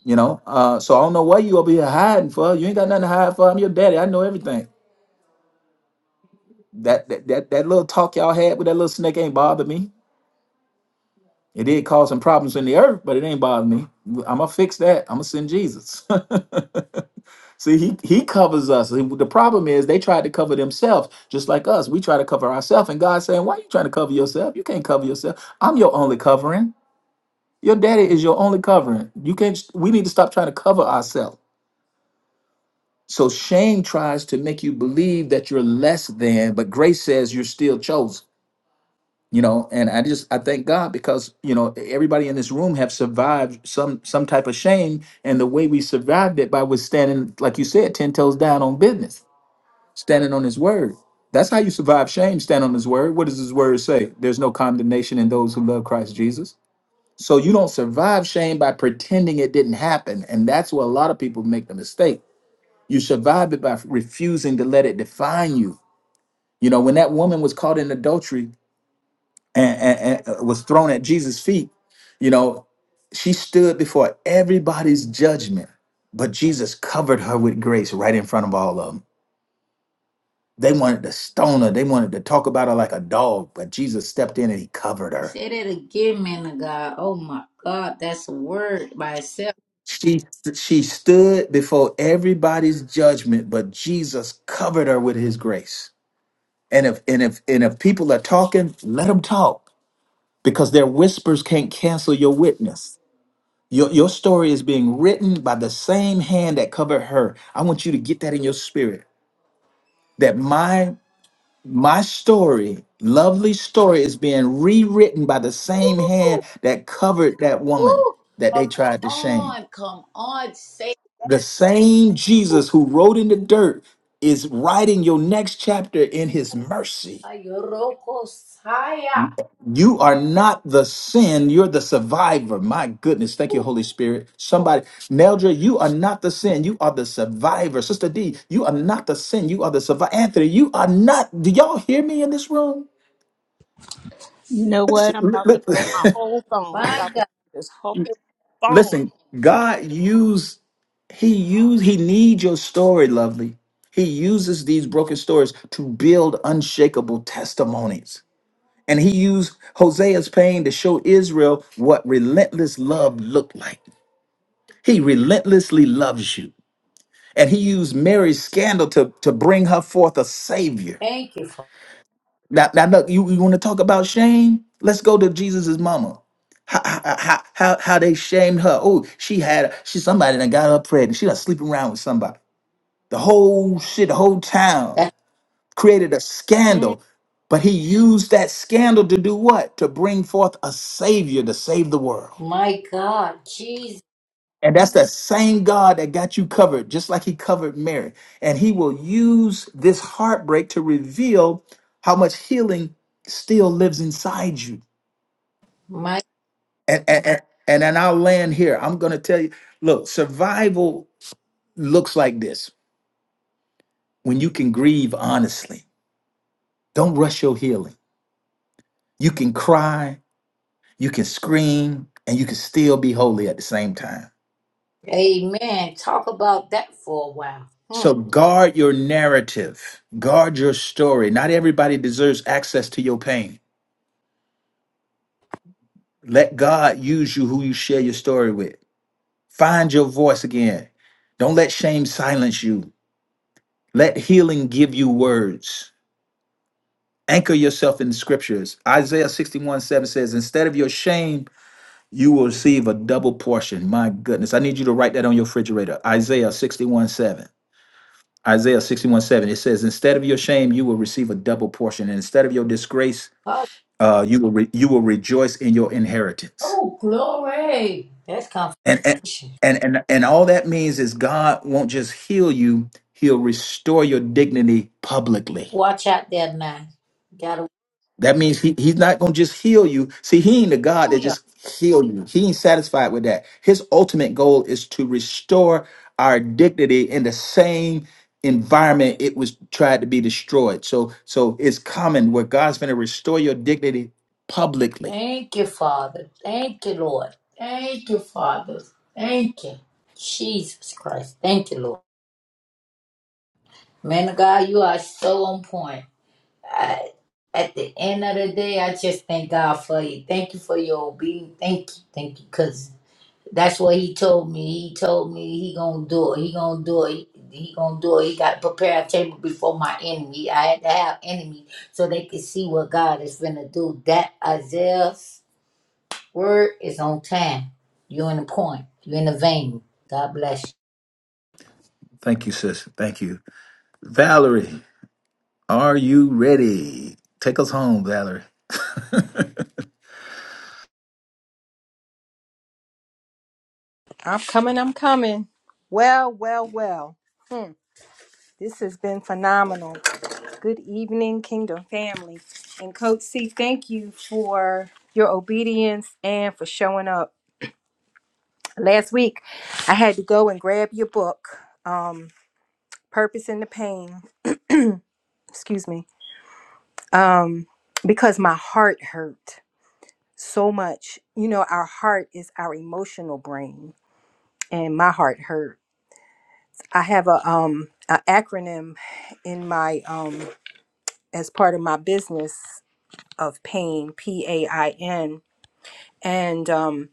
A: You know, uh, so I don't know what you over here hiding for. You ain't got nothing to hide for. I'm your daddy. I know everything. That that that, that little talk y'all had with that little snake ain't bothered me. It did cause some problems in the earth, but it ain't bothering me. I'm gonna fix that. I'm gonna send Jesus. See, he he covers us. The problem is they tried to cover themselves, just like us. We try to cover ourselves, and God's saying, "Why are you trying to cover yourself? You can't cover yourself. I'm your only covering. Your daddy is your only covering. You can't. We need to stop trying to cover ourselves." So shame tries to make you believe that you're less than, but grace says you're still chosen. you know and i just i thank god because you know everybody in this room have survived some some type of shame and the way we survived it by was standing like you said 10 toes down on business standing on his word that's how you survive shame stand on his word what does his word say there's no condemnation in those who love christ jesus so you don't survive shame by pretending it didn't happen and that's where a lot of people make the mistake you survive it by refusing to let it define you you know when that woman was caught in adultery and, and, and uh, was thrown at Jesus' feet, you know, she stood before everybody's judgment, but Jesus covered her with grace right in front of all of them. They wanted to stone her, they wanted to talk about her like a dog, but Jesus stepped in and he covered her.
K: Say that again, man of God. Oh my God, that's a word by itself.
A: She she stood before everybody's judgment, but Jesus covered her with his grace. And if and if and if people are talking, let them talk because their whispers can't cancel your witness Your, your story is being written by the same hand that covered her. I want you to get that in your spirit. That my my story, lovely story, is being rewritten by the same hand that covered that woman
K: Woo!
A: that they
K: Come
A: tried to shame.
K: on, come on. Say
A: The same Jesus who wrote in the dirt is writing your next chapter in his mercy.
K: Yoroko Saya.
A: You are not the sin. You're the survivor. My goodness. Thank you, Holy Spirit. Somebody, Neldra, you are not the sin. You are the survivor. Sister D, you are not the sin. You are the survivor. Anthony, you are not. Do y'all hear me in this room?
F: You know
A: Listen,
F: what? I'm
A: li-
F: about to
A: li-
F: throw my whole phone. I'm
K: My
F: about to
K: God.
F: throw this whole phone.
A: listen, God used, He used, He needs your story, lovely. He uses these broken stories to build unshakable testimonies. And he used Hosea's pain to show Israel what relentless love looked like. He relentlessly loves you. And he used Mary's scandal to, to bring her forth a savior.
K: Thank you for
A: Now, now look, you, you want to talk about shame? Let's go to Jesus's mama. How, how, how, how how they shamed her. Oh, she had she somebody that got her pregnant. She done sleeping around with somebody. The whole shit, the whole town
K: that.
A: created a
K: Mm,
A: scandal. But he used that scandal to do what? To bring forth a savior to save the world.
K: my God. Jesus.
A: And that's that same God that got you covered, just like he covered Mary. And he will use this heartbreak to reveal how much healing still lives inside you.
K: My
A: And and and, and then I'll land here. I'm gonna tell you, look, survival looks like this when you can grieve honestly. Don't rush your healing. You can cry, you can scream, and you can still be holy at the same time.
K: Amen. Talk about that for a while. Hmm.
A: So guard your narrative, guard your story. Not everybody deserves access to your pain. Let God use you who you share your story with. Find your voice again. Don't let shame silence you. Let healing give you words. Anchor yourself in the scriptures. Isaiah 61 7 says, Instead of your shame, you will receive a double portion. My goodness. I need you to write that on your refrigerator. Isaiah 61 7. Isaiah 61 7. It says, Instead of your shame, you will receive a double portion. And instead of your disgrace,
K: Oh,
A: uh, you will re- you will rejoice in your inheritance.
K: oh, glory. That's
A: And and
K: confirmation.
A: and and and all that means is God won't just heal you; He'll restore your dignity publicly.
K: Watch out there now. Gotta
A: That means he, he's not gonna just heal you. See, he ain't a God that
K: Hallelujah.
A: just heal you. He ain't satisfied with that. His ultimate goal is to restore our dignity in the same environment it was tried to be destroyed. So so it's common where God's gonna restore your dignity publicly.
K: Thank you, Father. Thank you, Lord. Thank you, Father. Thank you. Jesus Christ. Thank you, Lord. Man of God, you are so on point. I, at the end of the day, I just thank God for you. Thank you for your obedience. Thank you. Thank you. Because That's what he told me. He told me he gonna do it. He gonna do it. He, gonna do it. He got to prepare a table before my enemy. I had to have enemy so they could see what God is gonna do. That Isaiah's word is on time. You're in the point. You're in the vein. God bless you.
A: Thank you, sis. Thank you. Valerie, are you ready? Take us home, Valerie.
H: I'm coming, I'm coming. Well, well, well. Hmm. This has been phenomenal. Good evening, Kingdom family. And Coach C, thank you for your obedience and for showing up. Last week, I had to go and grab your book, um, Purpose in the Pain, excuse me, um, because my heart hurt so much. You know, our heart is our emotional brain, and my heart hurt. I have a um an acronym in my um as part of my business of pain P A I N and um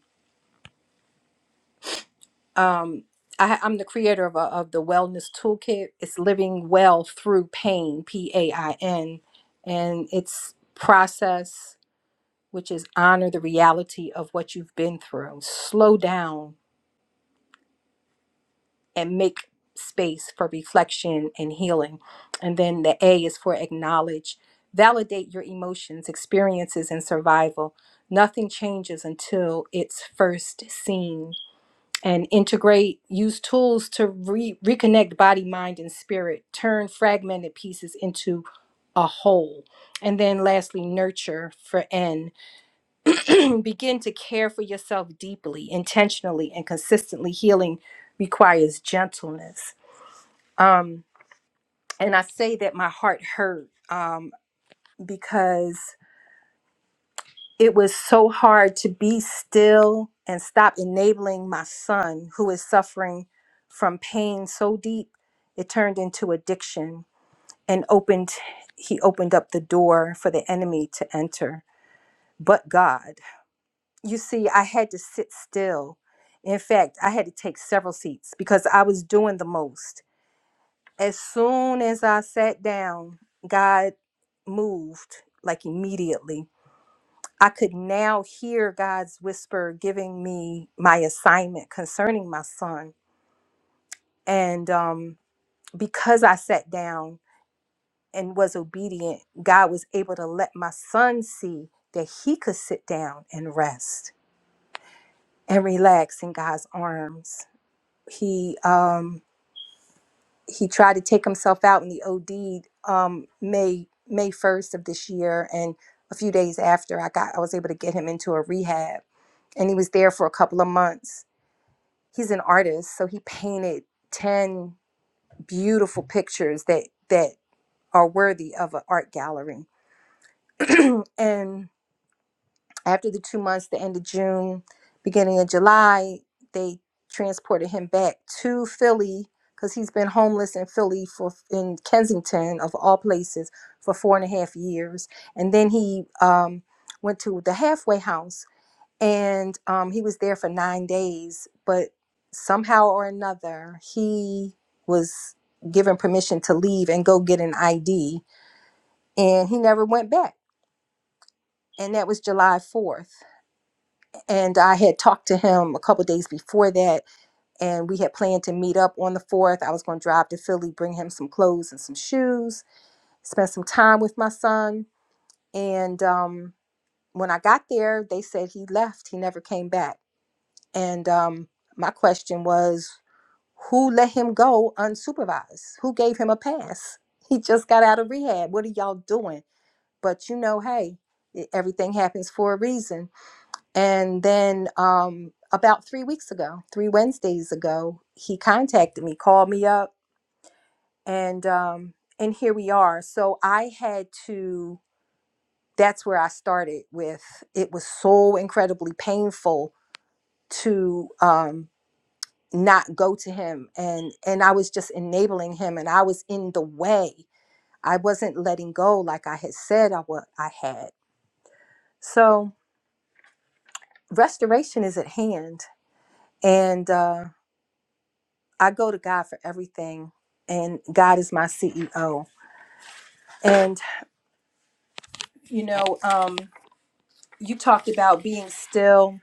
H: um I, I'm the creator of a, of the wellness toolkit. It's living well through pain P A I N and it's process which is honor the reality of what you've been through. Slow down and make space for reflection and healing. And then the A is for acknowledge. Validate your emotions, experiences, and survival. Nothing changes until it's first seen. And integrate, use tools to re- reconnect body, mind, and spirit. Turn fragmented pieces into a whole. And then lastly, nurture for N. Begin to care for yourself deeply, intentionally, and consistently. Healing requires gentleness um, and I say that my heart hurt um, because it was so hard to be still and stop enabling my son, who is suffering from pain so deep, it turned into addiction and opened, he opened up the door for the enemy to enter, but God. You see, I had to sit still. In fact, I had to take several seats because I was doing the most As soon as I sat down, God moved like immediately. I could now hear God's whisper giving me my assignment concerning my son. And um, because I sat down and was obedient, God was able to let my son see that he could sit down and rest and relax in God's arms. He, um, he tried to take himself out and he OD'd um, May May first of this year, and a few days after, I got I was able to get him into a rehab, and he was there for a couple of months. He's an artist, so he painted ten beautiful pictures that that are worthy of an art gallery, and After the two months, the end of June, beginning of July, they transported him back to Philly because he's been homeless in Philly for in Kensington of all places for four and a half years, and then he um, went to the halfway house and um, he was there for nine days, but somehow or another he was given permission to leave and go get an ID, and he never went back, and that was July fourth and I had talked to him a couple days before that, and we had planned to meet up on the 4th. I was going to drive to Philly, bring him some clothes and some shoes, spend some time with my son. And um, when I got there, they said he left, he never came back. And um, my question was, who let him go unsupervised? Who gave him a pass? He just got out of rehab. What are y'all doing? But you know, hey, e, everything happens for a reason and then um, about three weeks ago, three Wednesdays ago, he contacted me, called me up, and um, and here we are. So I had to. That's where I started with. It was so incredibly painful to um, not go to him, and and I was just enabling him, and I was in the way. I wasn't letting go like I had said I what I had. So restoration is at hand, and. Uh, I go to God for everything, and God is my CEO. And you know, um, you talked about being still,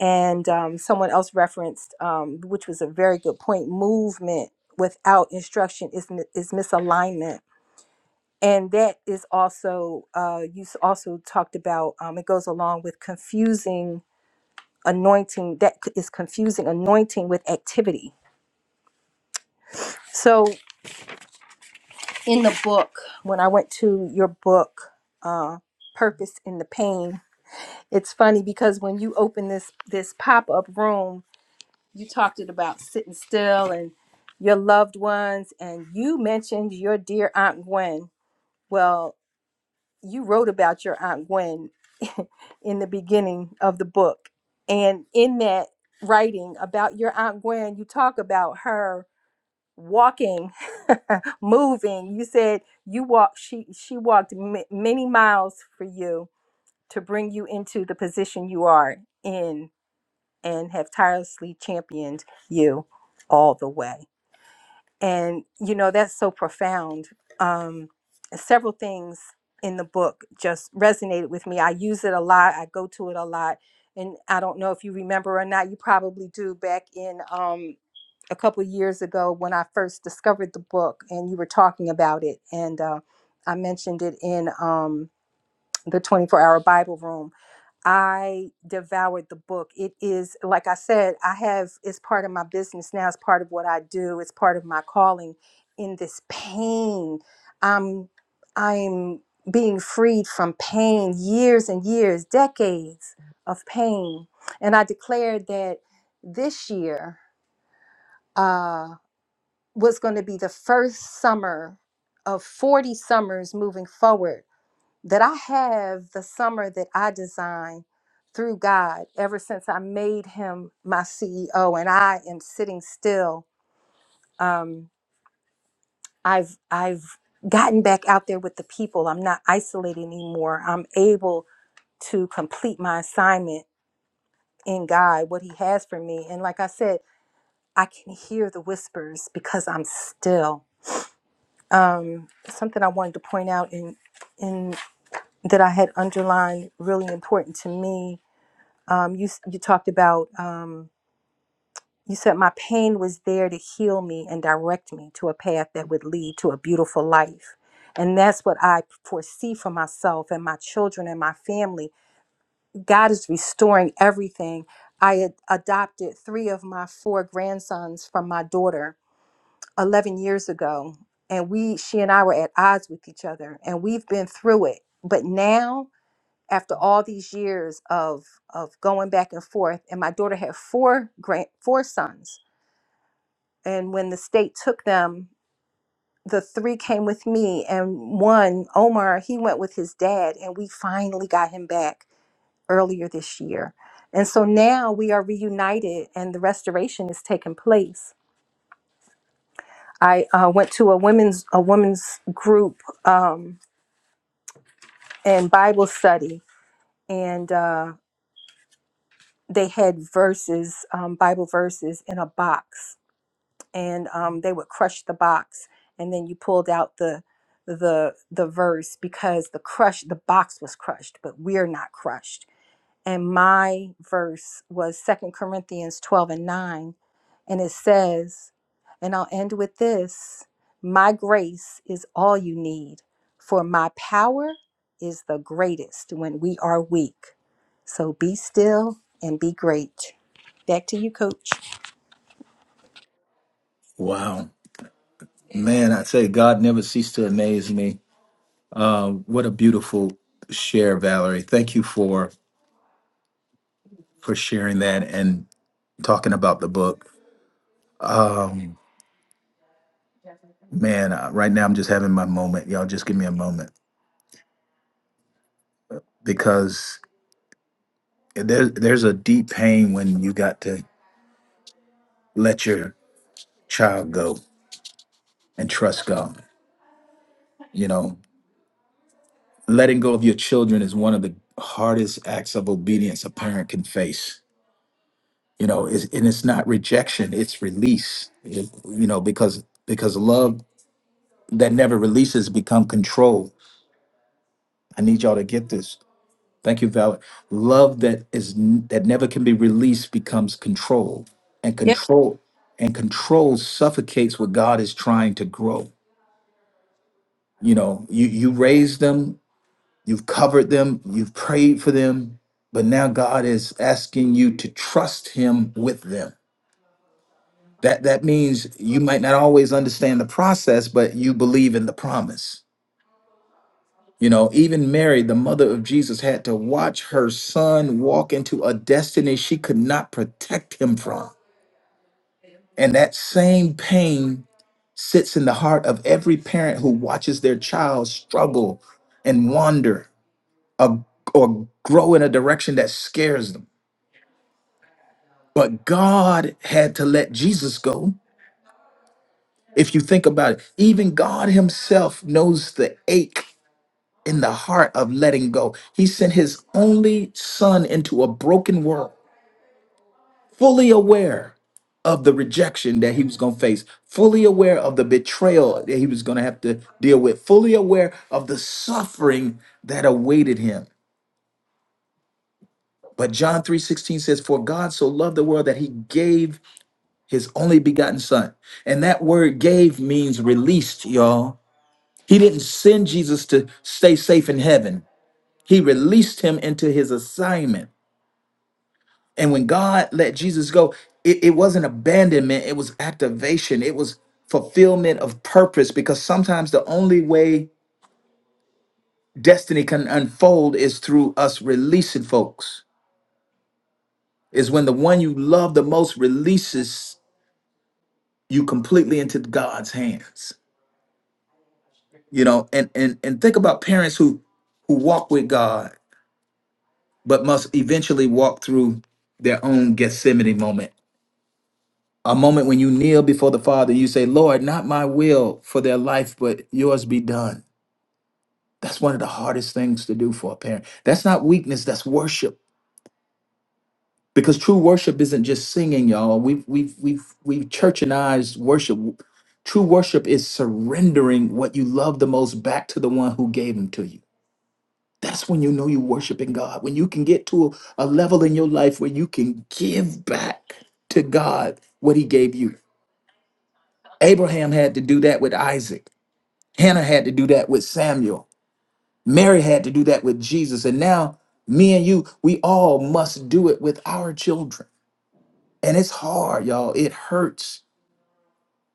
H: and um, someone else referenced, um, which was a very good point. Movement without instruction is mi- is misalignment, and that is also uh, you s- also talked about. Um, it goes along with confusing anointing that c- is confusing anointing with activity. So. in the book when I went to your book, uh, "Purpose in the Pain." It's funny because when you open this this pop up room, you talked it about sitting still and your loved ones, and you mentioned your dear Aunt Gwen. Well, you wrote about your Aunt Gwen in the beginning of the book, and in that writing about your Aunt Gwen, you talk about her walking moving you said you walked she she walked m- many miles for you to bring you into the position you are in and have tirelessly championed you all the way and you know that's so profound um several things in the book just resonated with me i use it a lot i go to it a lot and i don't know if you remember or not you probably do back in um a couple of years ago when I first discovered the book and you were talking about it. And uh, I mentioned it in um, the 24 hour Bible room. I devoured the book. It is, like I said, I have, it's part of my business now. It's part of what I do. It's part of my calling in this pain. I'm, I'm being freed from pain, years and years, decades of pain. And I declared that this year, uh, was going to be the first summer of 40 summers moving forward that I have the summer that I designed through God ever since I made him my CEO and I am sitting still um I've I've gotten back out there with the people I'm not isolated anymore I'm able to complete my assignment in God what he has for me and like I said I can hear the whispers because I'm still um, something I wanted to point out in in that I had underlined really important to me. Um, you s- you talked about um, you said my pain was there to heal me and direct me to a path that would lead to a beautiful life. And that's what I foresee for myself and my children and my family. God is restoring everything. I ad- adopted three of my four grandsons from my daughter 11 years ago and we she and I were at odds with each other and we've been through it but now after all these years of of going back and forth and my daughter had four grand four sons and when the state took them the three came with me and one Omar he went with his dad and we finally got him back earlier this year and so now we are reunited and the restoration is taking place I uh, went to a women's a women's group um, and Bible study, and uh, they had verses, um, Bible verses, in a box, and um, they would crush the box, and then you pulled out the the the verse because the crush the box was crushed, but we're not crushed. and my verse was Second Corinthians 12 and 9. And it says, and I'll end with this My grace is all you need, for my power is the greatest when we are weak. So be still and be great. Back to you, coach.
A: wow. Man, I say God never ceased to amaze me. What a beautiful share, Valerie. Thank you for for sharing that and talking about the book. Um man, uh, right now I'm just having my moment. Y'all just give me a moment because there's there's a deep pain when you got to let your child go and trust God. You know, letting go of your children is one of the hardest acts of obedience a parent can face you know it's, and it's not rejection it's release It- you know because because love that never releases become control i need y'all to get this thank you val love that is n- that never can be released becomes control and
H: Yeah,
A: control and control suffocates what god is trying to grow you know you you raise them You've covered them, you've prayed for them, but now God is asking you to trust him with them. That that means you might not always understand the process, but you believe in the promise. You know, even Mary, the mother of Jesus, had to watch her son walk into a destiny she could not protect him from. And that same pain sits in the heart of every parent who watches their child struggle and wander uh, or grow in a direction that scares them But God had to let Jesus go. If you think about it, even God Himself knows the ache in the heart of letting go. He sent His only Son into a broken world, fully aware of the rejection that He was going to face, fully aware of the betrayal that He was going to have to deal with, fully aware of the suffering that awaited Him. But John 3:16 says, For God so loved the world that he gave his only begotten son. And that word gave means released, y'all. He didn't send Jesus to stay safe in heaven, he released him into his assignment. And when God let Jesus go, it, it wasn't abandonment, it was activation, it was fulfillment of purpose because sometimes the only way destiny can unfold is through us releasing folks, is when the one you love the most releases you completely into God's hands. you know and and and think about parents who who walk with god but must eventually walk through their own gethsemane moment a moment when you kneel before the father you say lord not my will for their life but yours be done that's one of the hardest things to do for a parent that's not weakness that's worship because true worship isn't just singing y'all we've we've we've we've churchanized worship true worship is surrendering what you love the most back to the one who gave them to you That's when you know you're worshiping God. When you can get to a, a level in your life where you can give back to God what he gave you. Abraham had to do that with Isaac. Hannah had to do that with Samuel. Mary had to do that with Jesus. And now, me and you, we all must do it with our children. And it's hard, y'all. It hurts.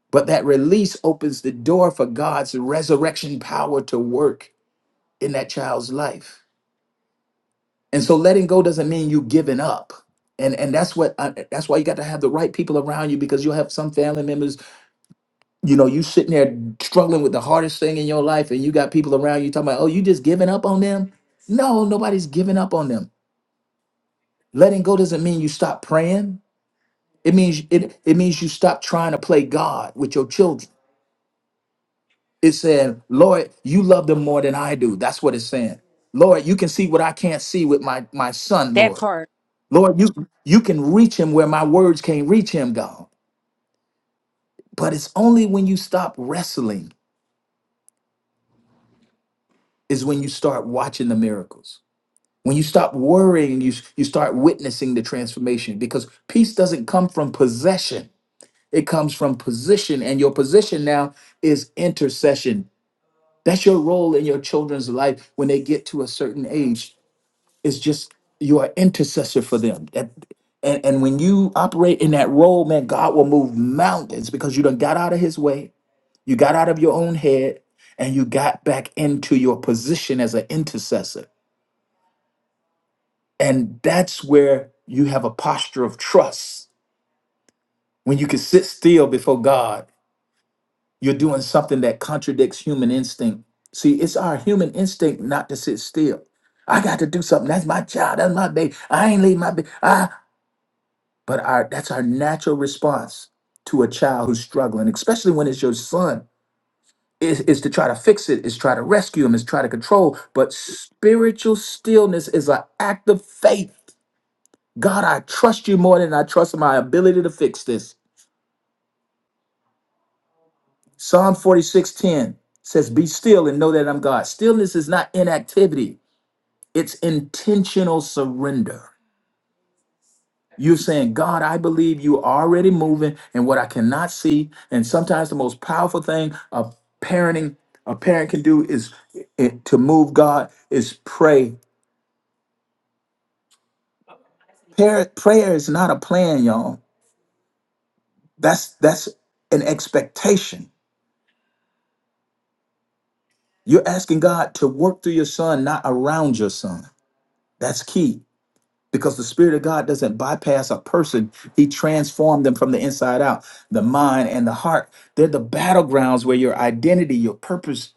A: But that release opens the door for God's resurrection power to work in that child's life. And so letting go doesn't mean you giving up. And and that's what I, that's why you got to have the right people around you because you'll have some family members, you know, you sitting there struggling with the hardest thing in your life and you got people around you talking about, "Oh, you just giving up on them?" No, nobody's giving up on them. Letting go doesn't mean you stop praying. It means it it means you stop trying to play God with your children. It's saying, "Lord, you love them more than I do." That's what it's saying. Lord, you can see what I can't see with my my son,
H: that
A: Lord.
H: part.
A: Lord, you you can reach him where my words can't reach him, God. But it's only when you stop wrestling is when you start watching the miracles. When you stop worrying, you you start witnessing the transformation because peace doesn't come from possession. It comes from position and your position now is intercession. That's your role in your children's life when they get to a certain age. is just you're intercessor for them. That- and, and when you operate in that role, man, God will move mountains because you done got out of his way, you got out of your own head, and you got back into your position as an intercessor. And that's where you have a posture of trust. When you can sit still before God, you're doing something that contradicts human instinct. See, it's our human instinct not to sit still. I got to do something. That's my child. That's my baby. I ain't leave my baby. But our that's our natural response to a child who's struggling, especially when it's your son, is, is to try to fix it, is try to rescue him, is try to control. But spiritual stillness is an act of faith. God, I trust you more than I trust my ability to fix this. Psalm 46:10 says, Be still and know that I'm God. Stillness is not inactivity, it's intentional surrender. You're saying, God, I believe you already moving and what I cannot see. And sometimes the most powerful thing a parenting a parent can do is it, to move God is pray. Prayer, prayer is not a plan, y'all. That's that's an expectation. You're asking God to work through your son, not around your son. That's key because the Spirit of God doesn't bypass a person. He transformed them from the inside out, the mind and the heart. They're the battlegrounds where your identity, your purpose,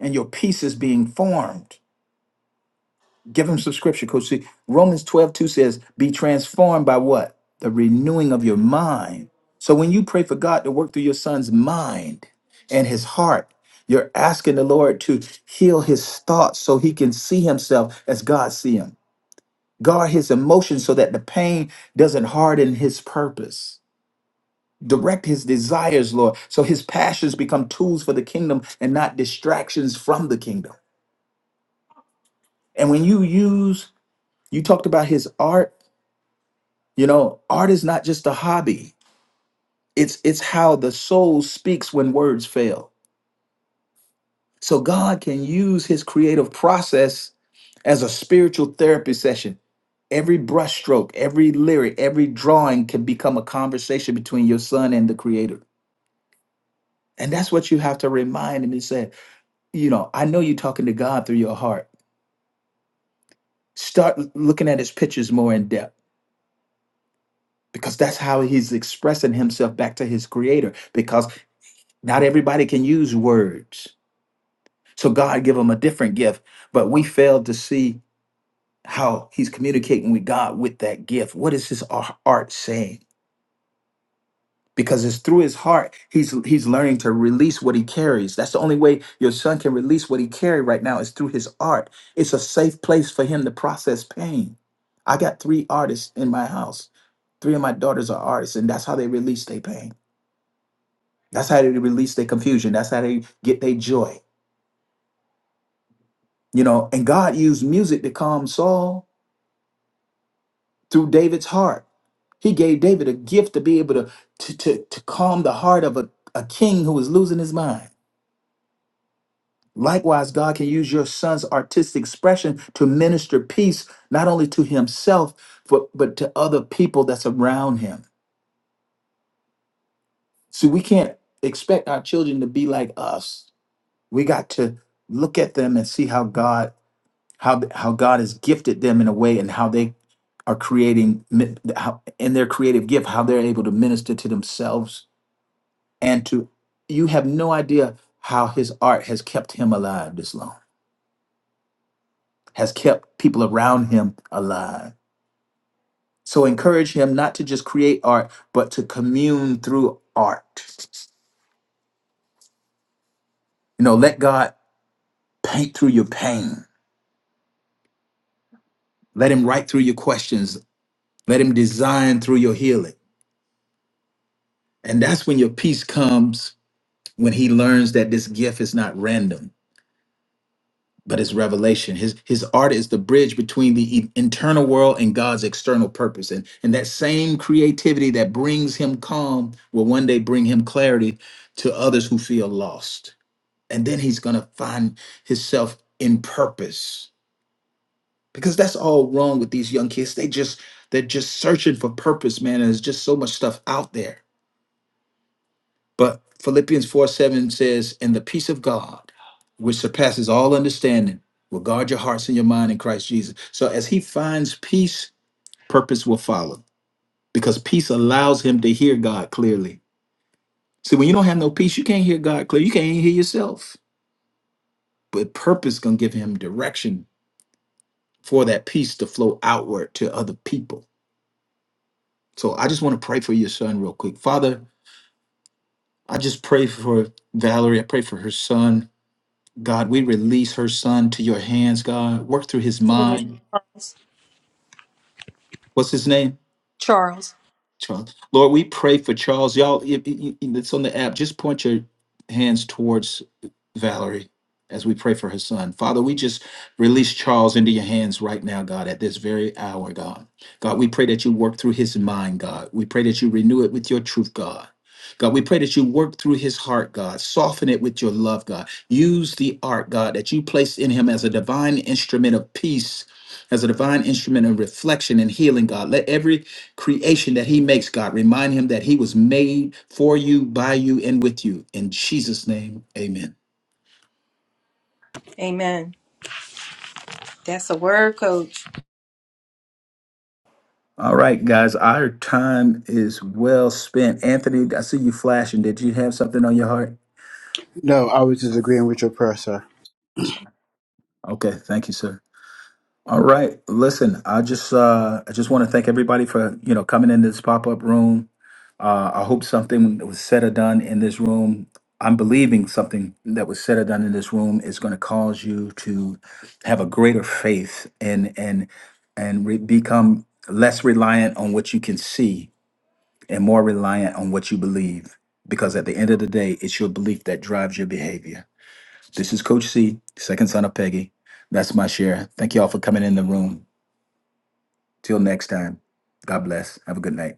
A: and your peace is being formed. Give him some scripture, Coach C. Romans 12 2 says, Be transformed by what? The renewing of your mind. So when you pray for God to work through your son's mind and his heart, you're asking the Lord to heal his thoughts so he can see himself as God see him. Guard his emotions so that the pain doesn't harden his purpose. Direct his desires, Lord, so his passions become tools for the kingdom and not distractions from the kingdom. And when you use You talked about his art. You know, art is not just a hobby. It's it's how the soul speaks when words fail. So God can use his creative process as a spiritual therapy session. Every brushstroke, every lyric, every drawing can become a conversation between your son and the creator. And that's what you have to remind him and say, you know, I know you're talking to God through your heart. Start l- looking at his pictures more in depth because that's how he's expressing himself back to his creator. Because Not everybody can use words. So God give them a different gift, but we fail to see how he's communicating with God with that gift. What is his ar- art saying? Because it's through his heart he's he's learning to release what he carries. That's the only way your son can release what he carry right now is through his art. It's a safe place for him to process pain. I got three artists in my house. Three of my daughters are artists, and that's how they release their pain. That's how they release their confusion. That's how they get their joy. You know, and God used music to calm Saul through David's heart. He gave David a gift to be able to, to, to, to calm the heart of a, a king who was losing his mind. Likewise, God can use your son's artistic expression to minister peace, not only to himself, but, but to other people that's around him. See, we can't expect our children to be like us. We got to look at them and see how God how how God has gifted them in a way and how they are creating mi- how, in their creative gift how they're able to minister to themselves and to you have no idea how his art has kept him alive this long has kept people around him alive so encourage him not to just create art but to commune through art you know let God paint through your pain let him write through your questions let him design through your healing and that's when your peace comes when he learns that this gift is not random but it's revelation his his art is the bridge between the e- internal world and god's external purpose and and that same creativity that brings him calm will one day bring him clarity to others who feel lost and then he's going to find himself in purpose because that's all wrong with these young kids they just they're just searching for purpose man and there's just so much stuff out there But Philippians 4 7 says, And the peace of God, which surpasses all understanding, will guard your hearts and your mind in Christ Jesus. So as he finds peace, purpose will follow because peace allows him to hear God clearly. See, when you don't have no peace, you can't hear God clearly. You can't even hear yourself. But purpose gonna give him direction for that peace to flow outward to other people. So I just want to pray for your son real quick. Father, I just pray for Valerie. I pray for her son. God, we release her son to your hands, God. Work through his mind. What's his name? Charles. Lord, we pray for Charles. Y'all, if, if- if it's on the app. Just point your hands towards Valerie as we pray for her son. Father, we just release Charles into your hands right now, God, at this very hour, God. God, we pray that you work through his mind, God. We pray that you renew it with your truth, God. God, we pray that you work through his heart, God. Soften it with your love, God. Use the art, God, that you placed in him as a divine instrument of peace as a divine instrument of reflection and healing, God. Let every creation that He makes, God, remind Him that He was made for you, by you, and with you. In Jesus' name, amen.
H: Amen. That's a word, coach.
A: All right, guys, our time is well spent. Anthony, I see you flashing. Did you have something on your heart?
I: No, I was just agreeing with your prayer, sir.
A: Okay, thank you, sir. All right, listen, I just uh I just want to thank everybody for, you know, coming into this pop-up room. Uh, I hope something that was said or done in this room. I'm believing something that was said or done in this room is going to cause you to have a greater faith and and and re- become less reliant on what you can see and more reliant on what you believe. Because at the end of the day, it's your belief that drives your behavior. This is Coach C, second son of Peggy. That's my share. Thank you all for coming in the room. Till next time, God bless. Have a good night.